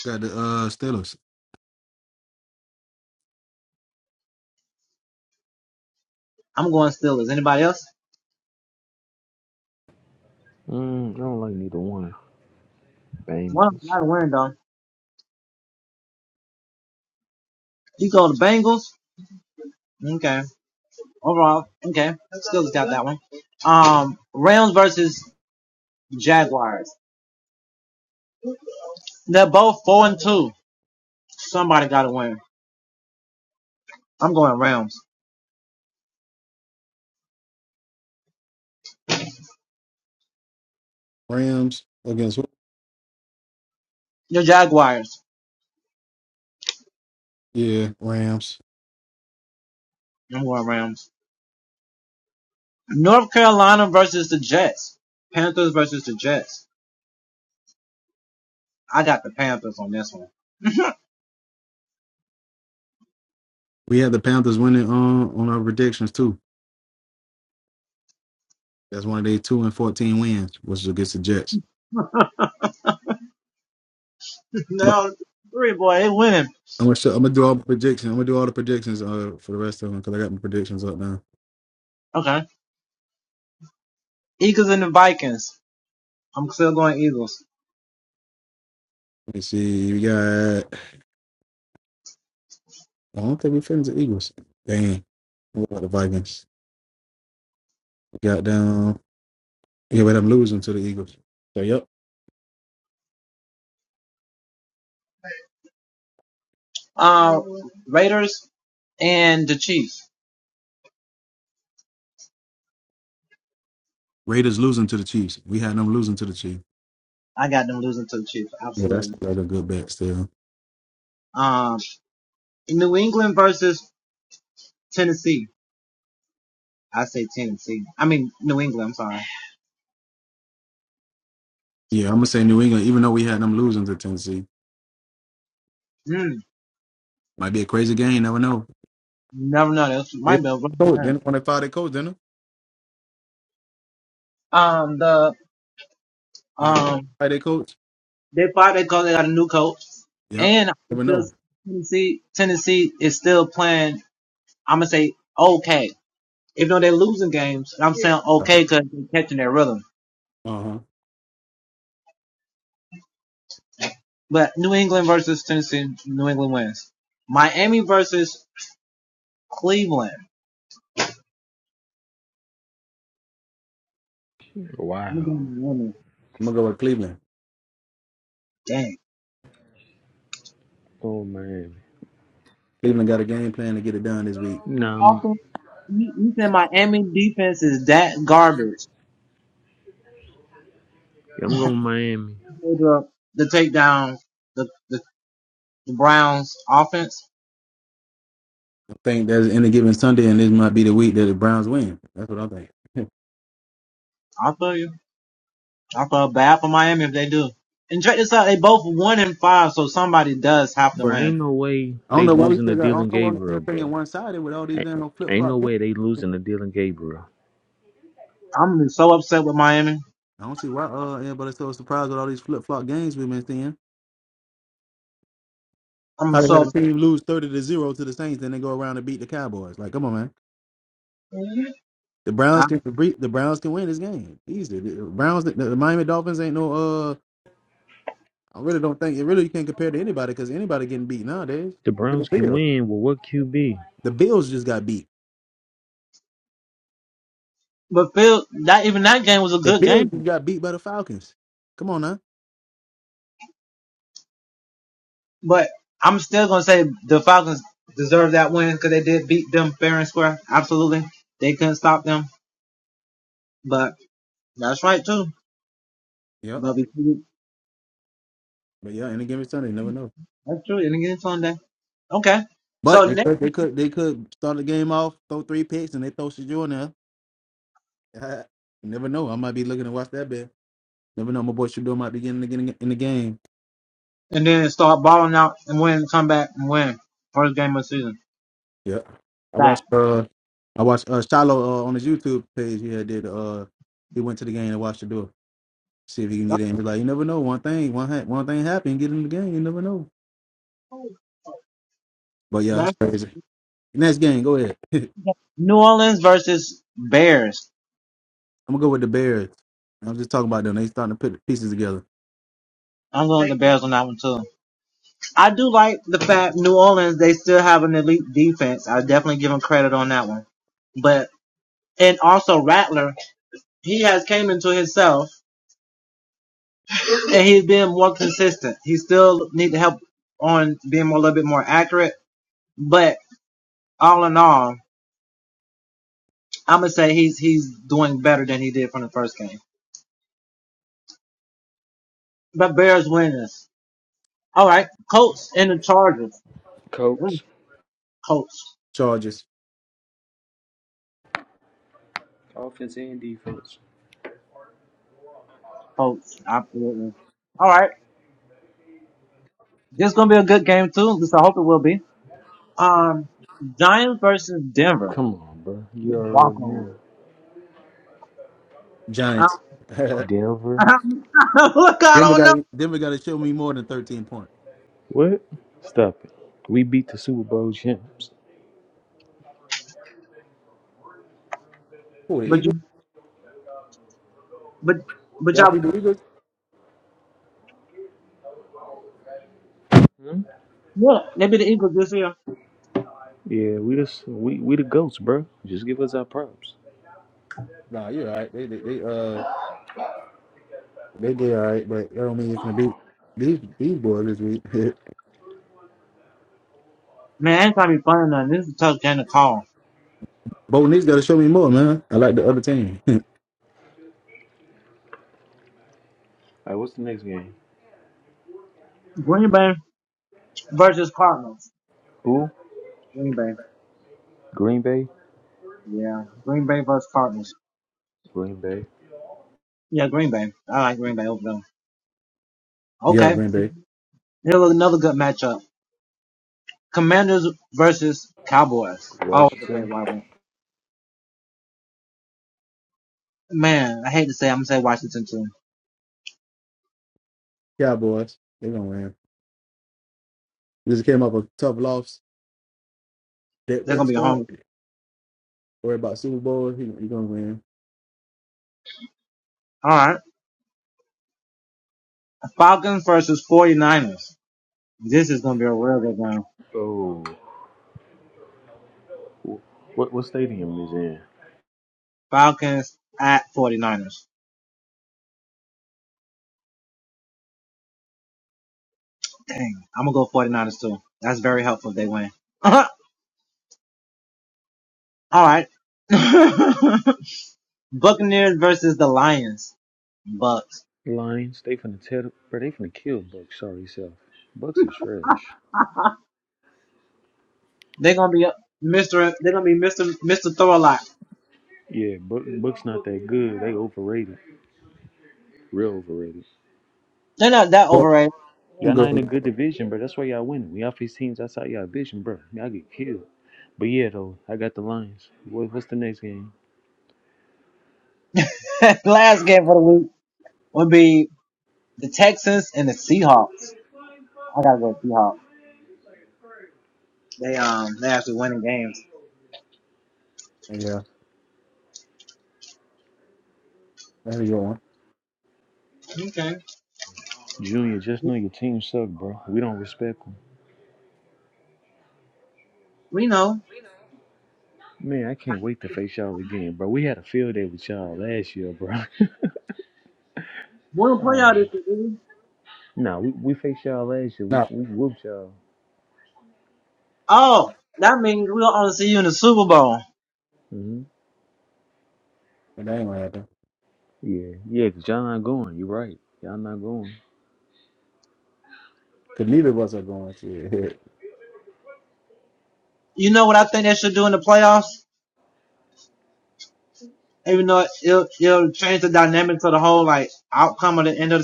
S3: Got the uh Steelers.
S2: Mm, I don't like neither one.
S1: One of them
S2: Bengals.
S1: gotta win though.
S3: Rams against who? Yeah, Rams. We had the Panthers winning on on our predictions too. That's one of their two and fourteen wins, which is against the Jets. But I'm gonna show, I'm gonna do all the predictions. I'm gonna do all the predictions uh, for the rest of them because I got my predictions up now. Let me see. We got. I don't think we finished the Eagles. Dang. What about the Vikings? We got down. Yeah, but I'm losing to the Eagles. So yep. Raiders losing to the Chiefs. We had them losing to the Chiefs. Yeah, that's that's a good bet still. Yeah, I'm gonna say New England, even though we had them losing to Tennessee. Might be a crazy game. Never know. They coach. Then when they fired their coach, didn't they? And they fired their coach. Yep. Never know. Uh huh.
S2: Wow.
S3: I'm gonna go with Cleveland.
S2: Oh Miami.
S3: Cleveland got a game plan to get it done this week.
S2: Nah, I'm, yeah,
S1: Offense, you, you said Miami defense is that garbage.
S2: I'm going Miami.
S1: They
S3: I think there's any given Sunday, and this might be the week that the Browns win. That's what I think.
S2: Bro,
S1: Man,
S2: ain't no way
S3: I don't
S2: they
S3: know why we
S2: losing to
S3: still got. I
S2: Dylan
S3: don't know why we still
S2: Gabriel, bro.
S3: thinking one sided with all these
S2: Ain't,
S3: damn flip
S2: ain't no
S3: flop. games.
S2: way they losing to Dylan Gabriel.
S1: I'm so upset with Miami.
S3: I don't see why uh anybody's so surprised with all these flip flop games we've been seeing.
S1: I'm
S3: How they
S1: so
S3: had a
S1: upset.
S3: team lose thirty to zero to the Saints, then they go around and beat the Cowboys. Like, come on, man. The Browns can the Browns can win this game easy. The Browns, the, the Miami Dolphins ain't no uh I really don't think it really you can't compare to anybody because anybody getting beat nowadays.
S2: The
S3: Look
S2: Browns
S3: at the
S2: can
S3: Bills.
S2: win with what QB?
S3: The Bills just got beat. The Bills just got beat by the Falcons. Come on now. Yep. But yeah, any given Sunday, you never know. But they could they could they could start the game off, throw three picks, and they throw Shador in there. you never know. I might be looking to watch that bet. Never know. My boy Shador might be getting in the, in the game. Yep. I
S1: That
S3: watched uh I watched uh Shiloh uh, on his YouTube page. He had did uh he went to the game and watched Shador. See if he can get in. Be like, you never know. One thing, one ha- one thing happened. get in the game. You never know. But yeah, it's crazy. Next game, go ahead. I'm gonna go with the Bears. I'm just talking about them. They starting to put the pieces together.
S2: Colts.
S1: Coach,
S3: Chargers,
S2: It's in defense.
S1: coach, absolutely. All right, this is gonna be a good game too. At least I hope it will be. Um, Giants versus Denver
S2: Come on, bro. You already
S1: Broncos.
S2: know.
S1: Um,
S3: Giants.
S2: Denver.
S1: look, I
S3: Denver
S1: don't know,
S3: got Denver got to show me more than 13 points.
S2: What? Stop it. We beat the Super Bowl champs.
S3: Cool, the
S1: but
S3: Eagles.
S1: you, but, but
S3: Y'all
S1: y'all,
S3: pick the Eagles?
S2: Hmm?
S1: look, they be the Eagles this year.
S2: Yeah, we just we we the goats, bro. Just give us our props. All
S3: Nah, you're all right. They they, they uh they did all right, but I don't mean it's gonna be these these boys this week.
S1: Man, ain't gonna be fun or nothing, this is a tough game to call.
S3: Both Nix got to show me more, man. I like the other team.
S2: right, what's the next game?
S1: Green Bay versus Cardinals.
S2: Who?
S1: Green Bay,
S2: Green Bay.
S1: yeah, Green Bay versus Cardinals.
S2: Green Bay.
S1: Yeah, Green Bay. right, okay.
S3: yeah, Green Bay
S1: Here's another good matchup: Commanders versus Cowboys. Always a great
S2: Washington.
S1: rival. Imagine,
S3: Cowboys. They gonna win. This came up a tough loss Dak
S1: they're going to be
S3: Prescott,
S1: hungry.
S3: worry about Super Bowl. He, he gonna win.
S1: All right. Falcons versus 49ers. This is going to be a real good round.
S2: Oh, what what stadium is it
S1: Falcons at 49ers. Dang. I'm going to go 49ers too. That's very helpful if they win. All right.
S2: in? Lions. They finna tell, bro. They finna kill Bucks. Sorry, self. Bucks is trash. Yeah, Buck, Bucks not that good. They overrated. Real overrated.
S1: They're not that
S3: Well,
S1: overrated.
S3: I'm
S2: Y'all not in a
S3: good.
S2: good division, bro. That's why y'all winning. When y'all face teams outside y'all division, bro, y'all get killed. But yeah, though, I got the Lions. What, what's the next game?
S1: Last game for the week would be the Texans and the Seahawks. I got to go Seahawks. They, um, they actually winning games.
S3: Yeah, that's a good one.
S2: Junior, just know your team suck, bro. We don't respect them.
S1: We know.
S2: Man, I can't wait to face y'all again, bro. We had a field day with y'all last year, bro.
S1: We're going to play
S2: Uh,
S1: out this week.
S2: nah, we, we faced y'all last year. We,
S3: No,
S2: we whooped y'all.
S1: Oh, that means we'll only see you in the Super Bowl.
S2: hmm
S3: but that ain't gonna happen.
S2: Yeah, yeah, because y'all not going. You're right. Y'all not going.
S3: Cause neither of us are going to.
S1: You know, in the playoffs, know the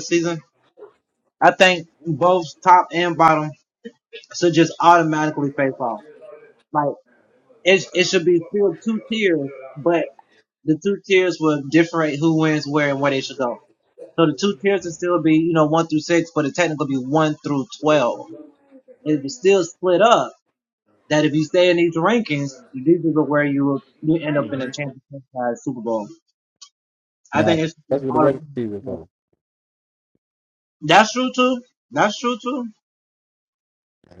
S1: I think both top and bottom should just automatically pay off. Like it, it should be still two tiers, but the two tiers will differentiate who wins where and where they should go. So the two tiers would still be, you know, one through six, but it technically be one through twelve. It would still split up. That if you stay in these rankings, these are where you will you end up in a championship uh, Super Bowl.
S3: Nah, that's what the
S1: All
S3: regular season is for.
S1: the-
S3: Nah,
S1: That's true too.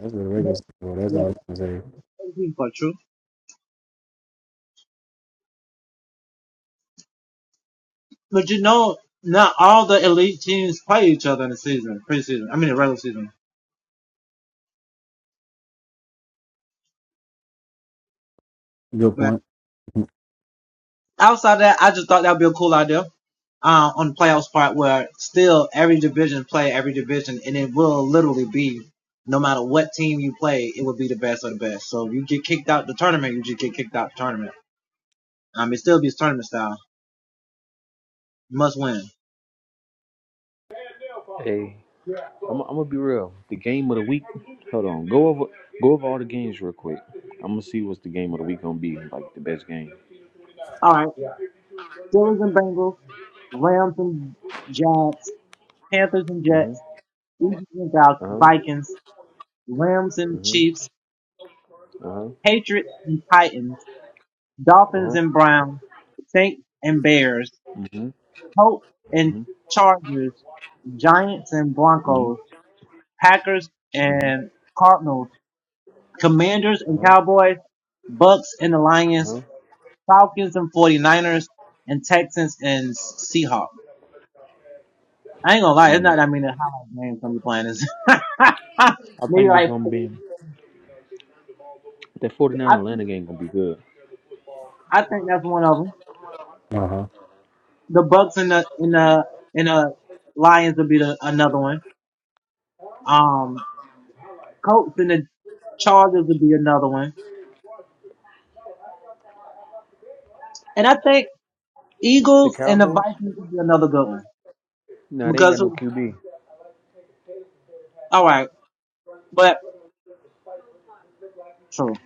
S3: That's what the
S1: But,
S3: regular season is for. That's
S1: yeah.
S3: all I can say. Good point.
S2: Mhm. I'm, I'm gonna be real. The game of the week. Hold on. Go over go over all the games real quick. I'm gonna see what's the game of the week gonna be. Like the best game.
S1: All right. Steelers and Bengals, Rams and Jags, Panthers and
S2: Uh
S1: Jets.
S2: huh.
S1: even without
S2: Uh
S1: Vikings, Rams and
S2: huh.
S1: Chiefs,
S2: Uh huh. Uh
S1: Patriots and Titans,
S2: huh. Uh
S1: Dolphins
S2: huh.
S1: and Browns, Saints and Bears,
S2: Mhm.
S1: Colts and
S2: Mhm.
S1: Chargers, Giants and
S2: Mhm.
S1: Broncos, Packers
S2: Mhm.
S1: and Cardinals, Commanders
S2: Uh
S1: and
S2: huh.
S1: Cowboys, Bucks and the Lions,
S2: Uh huh.
S1: Falcons and 49ers, and Texans and Seahawks. I ain't gonna lie, it's not
S2: Mm.
S1: that many highlight names I'm playing. It's
S2: I
S1: Maybe
S2: think it's
S1: like,
S2: gonna
S1: four.
S2: be that 49
S1: I think,
S2: Atlanta game gonna be good.
S1: I think that's one of them.
S3: Uh huh.
S1: the Bucks and the and the and the Lions would be the, another one. Um, Colts and the Chargers would be another one, and I think
S2: The
S1: Eagles and the
S2: Cowboys?
S1: Vikings would be another good one
S2: Nah, they ain't got
S1: because
S2: no QB.
S1: all right, but true.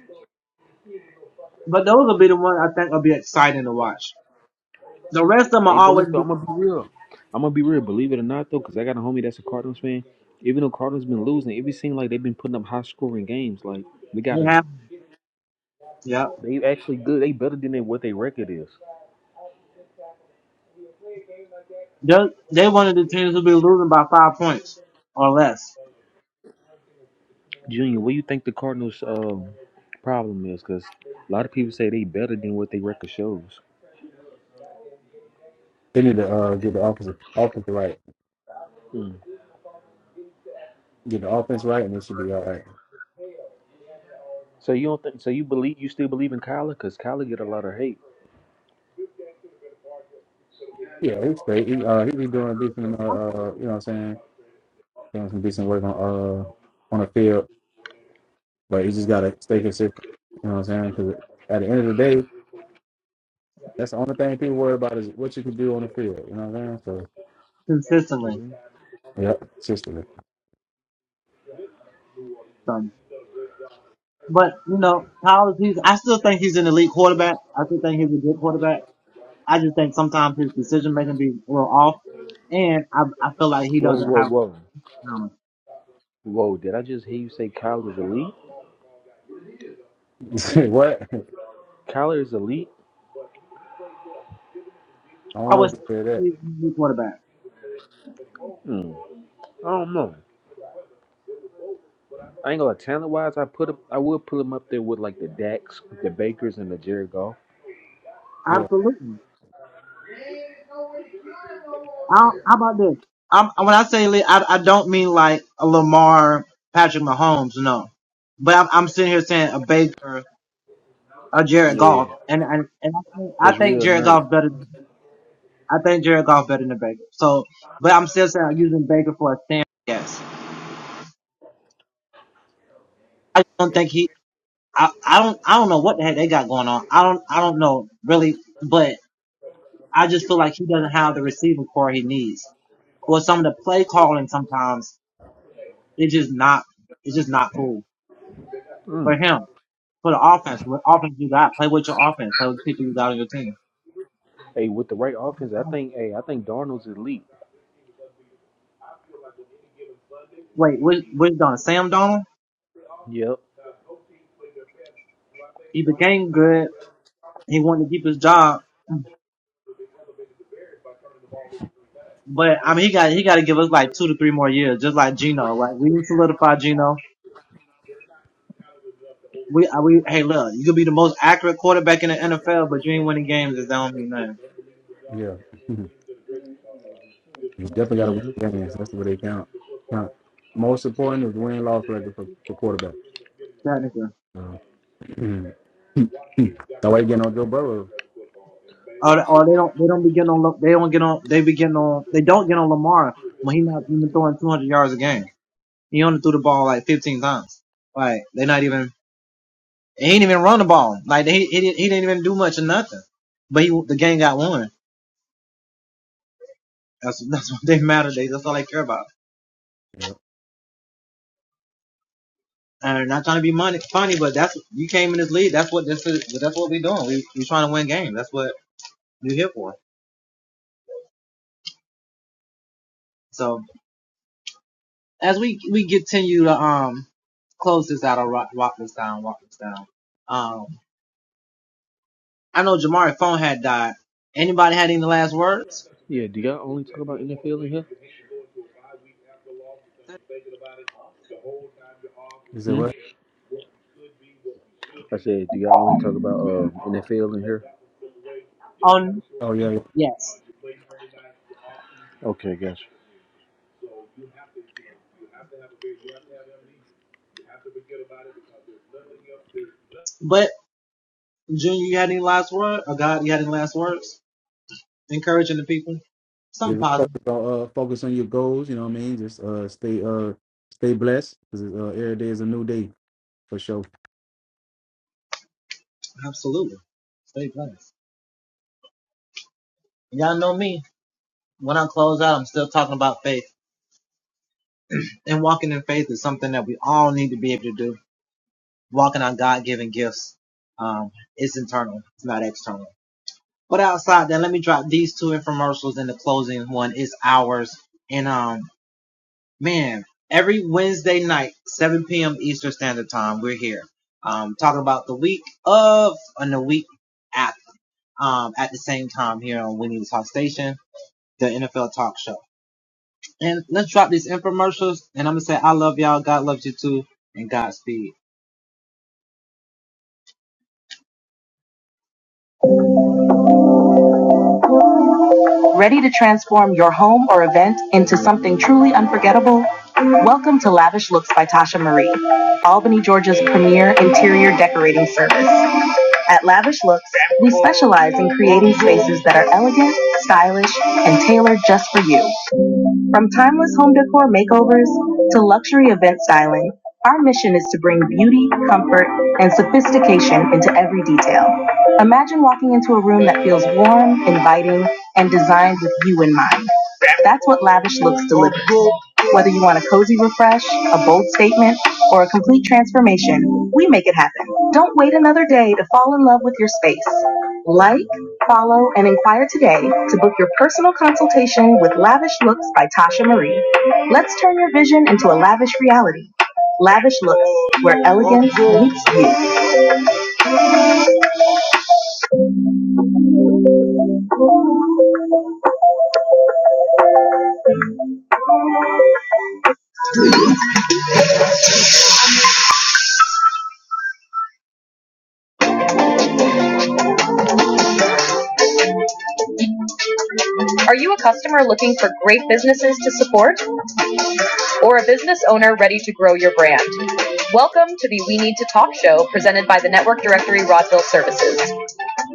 S1: But those will be the one I think will be exciting to watch. The rest of them are
S2: Hey, but
S1: always
S2: look, though,
S1: be,
S2: I'm gonna be real. I'm gonna be real. Believe it or not, though, because I got a homie that's a Cardinals fan. Even though Cardinals been losing, it be seem like they've been putting up high scoring games. Like we
S1: they
S2: gotta
S1: have yeah.
S2: They actually good. They better than they- what their record is.
S1: They they one of the teams will be losing by five points or less
S2: Junior, what do you think the Cardinals' um, problem is? Because a lot of people say they better than what their record shows.
S3: They need to uh get the offensive offense right.
S2: Hmm.
S3: Get the offense right, and it should be all right.
S2: So you don't think? So you believe you still believe in Kyler? Because Kyler get a lot of hate.
S3: Yeah, he's great. He uh he be doing decent. Uh, uh you know what I'm saying. Doing some decent work on uh on the field, but he just gotta stay consistent. You know what I'm saying? Because at the end of the day. That's the only thing people worry about is what you can do on the field. You know what I'm saying? So,
S1: consistently.
S2: hmm
S3: yep, sister.
S1: So, but you know, Powers, he's I still think he's an elite quarterback. I still think he's a good quarterback. I just think sometimes his decision making be real off, and I I feel like he
S2: Whoa,
S1: doesn't
S2: whoa,
S1: have
S2: whoa,
S1: talent.
S2: whoa! Did I just hear you say Kyler's elite?
S3: what? I
S2: Kyler is elite?
S3: don't
S1: I
S3: know if
S1: was
S3: you said that.
S1: he's a new quarterback.
S2: Hmm. I don't know. I ain't gonna lie. talent wise. I put him. I would put him up there with like the Dax, the Bakers, and the Jared Goff.
S3: Yeah,
S1: Absolutely. I, how about this? I'm, when I say elite, I I don't mean like a Lamar, Patrick Mahomes, no. But I'm, I'm sitting here saying a Baker, a Jared
S2: Yeah,
S1: Goff, and and, and I, think, I
S2: it's
S1: think
S2: real
S1: Jared
S2: nice.
S1: Goff better. I think Jared Goff better than Baker. So, but I'm still saying I'm using Baker for a stand. Yes, I don't think he I, I don't I don't know what the heck they got going on. I don't I don't know really, but I just feel like he doesn't have the receiving core he needs. Or some of the play calling sometimes it's just not it's just not cool for
S2: Mm.
S1: him for the offense. What offense you got? Play with your offense. Play with the people you got on your team.
S2: Hey, with the right offense, I think. Hey, I think Darnold's elite.
S1: Wait, which which Donald? Sam Donald?
S2: Yep.
S1: He became good. He wanted to keep his job, but I mean he got he got to give us like two to three more years, just like Geno. Like we need to solidify Geno. We, I, we, hey, look, you could be the most accurate quarterback in the NFL, but you ain't winning games. That don't mean nothing.
S3: yeah. you definitely got to
S2: hmm
S3: win games. That's what they count. count. Most important is the win loss record for, for quarterback.
S1: Technically,
S3: So, that way you getting on Joe Burrow.
S1: or, or they don't, they don't be getting on, Lam- they don't get on, they be getting on, they don't get on Lamar when he not even throwing 200 yards a game. He only threw the ball like
S3: Yeah.
S2: Yeah. Do y'all only talk about NFL in here?
S3: You said
S2: Hmm?
S3: what?
S2: I said, do y'all only talk about um, NFL in here?
S1: on.
S3: Oh yeah. yeah.
S1: Yes.
S2: Okay, gotcha.
S3: Just focus on uh, focus on your goals. You know what I mean? Just uh, stay uh, stay blessed because uh, every day is a new day for sure.
S1: Ready to transform your home or event into something truly unforgettable? Welcome to Lavish Looks by Tasha Marie, Albany, Georgia's premier interior decorating service. At Lavish Looks, we specialize in creating spaces that are elegant, stylish, and tailored just for you. From timeless home decor makeovers to luxury event styling, our mission is to bring beauty, comfort, and sophistication into every detail. Imagine walking into a room that feels warm, inviting, and designed with you in mind. That's what Lavish Looks delivers. Whether you want a cozy refresh, a bold statement, or a complete transformation, we make it happen. Don't wait another day to fall in love with your space. Like, follow, and inquire today to book your personal consultation with Lavish Looks by Tasha Marie. Let's turn your vision into a lavish reality. Lavish Looks, where elegance meets you. Are you a customer looking for great businesses to support or a business owner ready to grow your brand? Welcome to the We Need to Talk show presented by the Network Directory Rodville Services.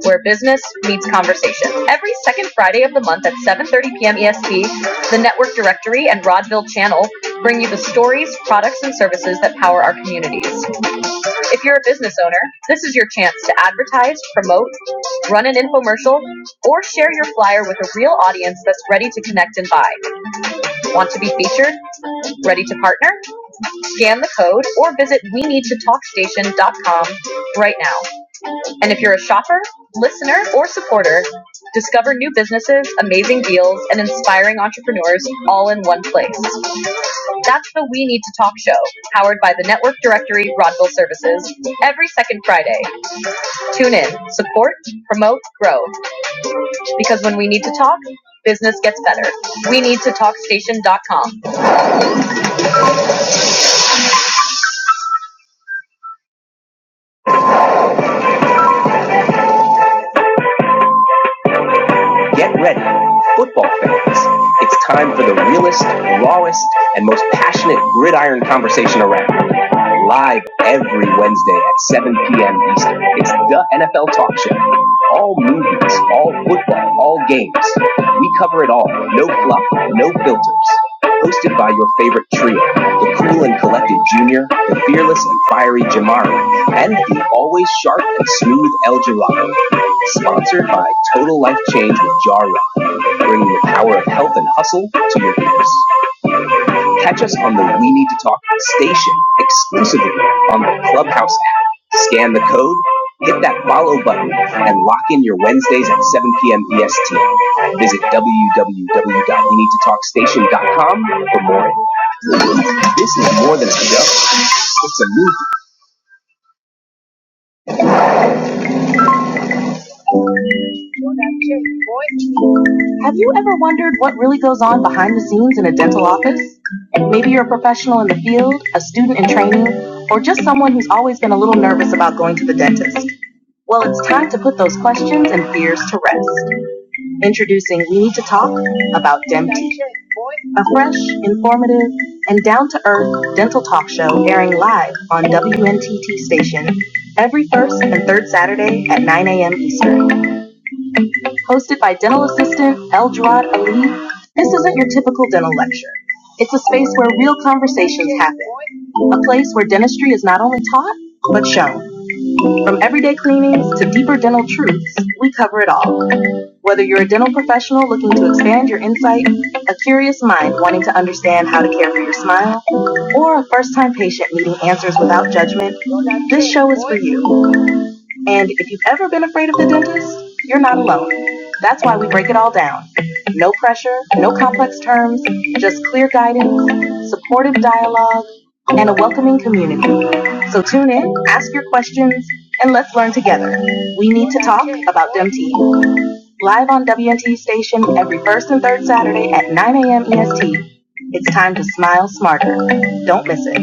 S1: where business meets conversation. Every second Friday of the month at 7:30 p.m. EST, the Network Directory and Rodville Channel bring you the stories, products, and services that power our communities. If you're a business owner, this is your chance to advertise, promote, run an infomercial, or share your flyer with a real audience that's ready to connect and buy. Want to be featured? Ready to partner? Scan the code or visit we need to talkstation.com right now. And if you're a shopper, listener, or supporter, discover new businesses, amazing deals, and inspiring entrepreneurs all in one place. That's the We Need to Talk show, powered by the Network Directory Rodville Services, every second Friday. Tune in, support, promote, grow, because when we need to talk, business gets better. We need to talkstation.com. Get ready, football fans. It's time for the realest, rawest, and most passionate gridiron conversation around. Live every Wednesday at 7 p.m. Eastern. It's the NFL Talk Show. All movies, all football, all games. We cover it all. No fluff, no filters. Hosted by your favorite trio, the cool and collected Junior, the fearless and fiery Jamari, and the always sharp and smooth El Gelato. Sponsored by Total Life Change with Jar bringing the power of health and hustle to your ears. Catch us on the We Need to Talk station exclusively on the Clubhouse app. Scan the code, hit that follow button, and lock in your Wednesdays at 7 p.m. EST. Visit www.weneedtotalkstation.com for more. This is more than a show. It's a movie. Have you ever wondered what really goes on behind the scenes in a dental office? Maybe you're a professional in the field, a student in training, or just someone who's always been a little nervous about going to the dentist. Well, it's time to put those questions and fears to rest. Introducing We Need to Talk about DEMT, a fresh, informative, and down to earth dental talk show airing live on WNTT station every first and third Saturday at 9 a.m. Eastern. Hosted by dental assistant Eldrad Ali, this isn't your typical dental lecture. It's a space where real conversations happen, a place where dentistry is not only taught, but shown. From everyday cleanings to deeper dental truths, we cover it all. Whether you're a dental professional looking to expand your insight, a curious mind wanting to understand how to care for your smile, or a first time patient needing answers without judgment, this show is for you. And if you've ever been afraid of the dentist, you're not alone. That's why we break it all down. No pressure, no complex terms, just clear guidance, supportive dialogue, and a welcoming community. So tune in, ask your questions, and let's learn together. We need to talk about DEMT. Live on WNT station every first and third Saturday at 9 a.m. EST. It's time to smile smarter. Don't miss it.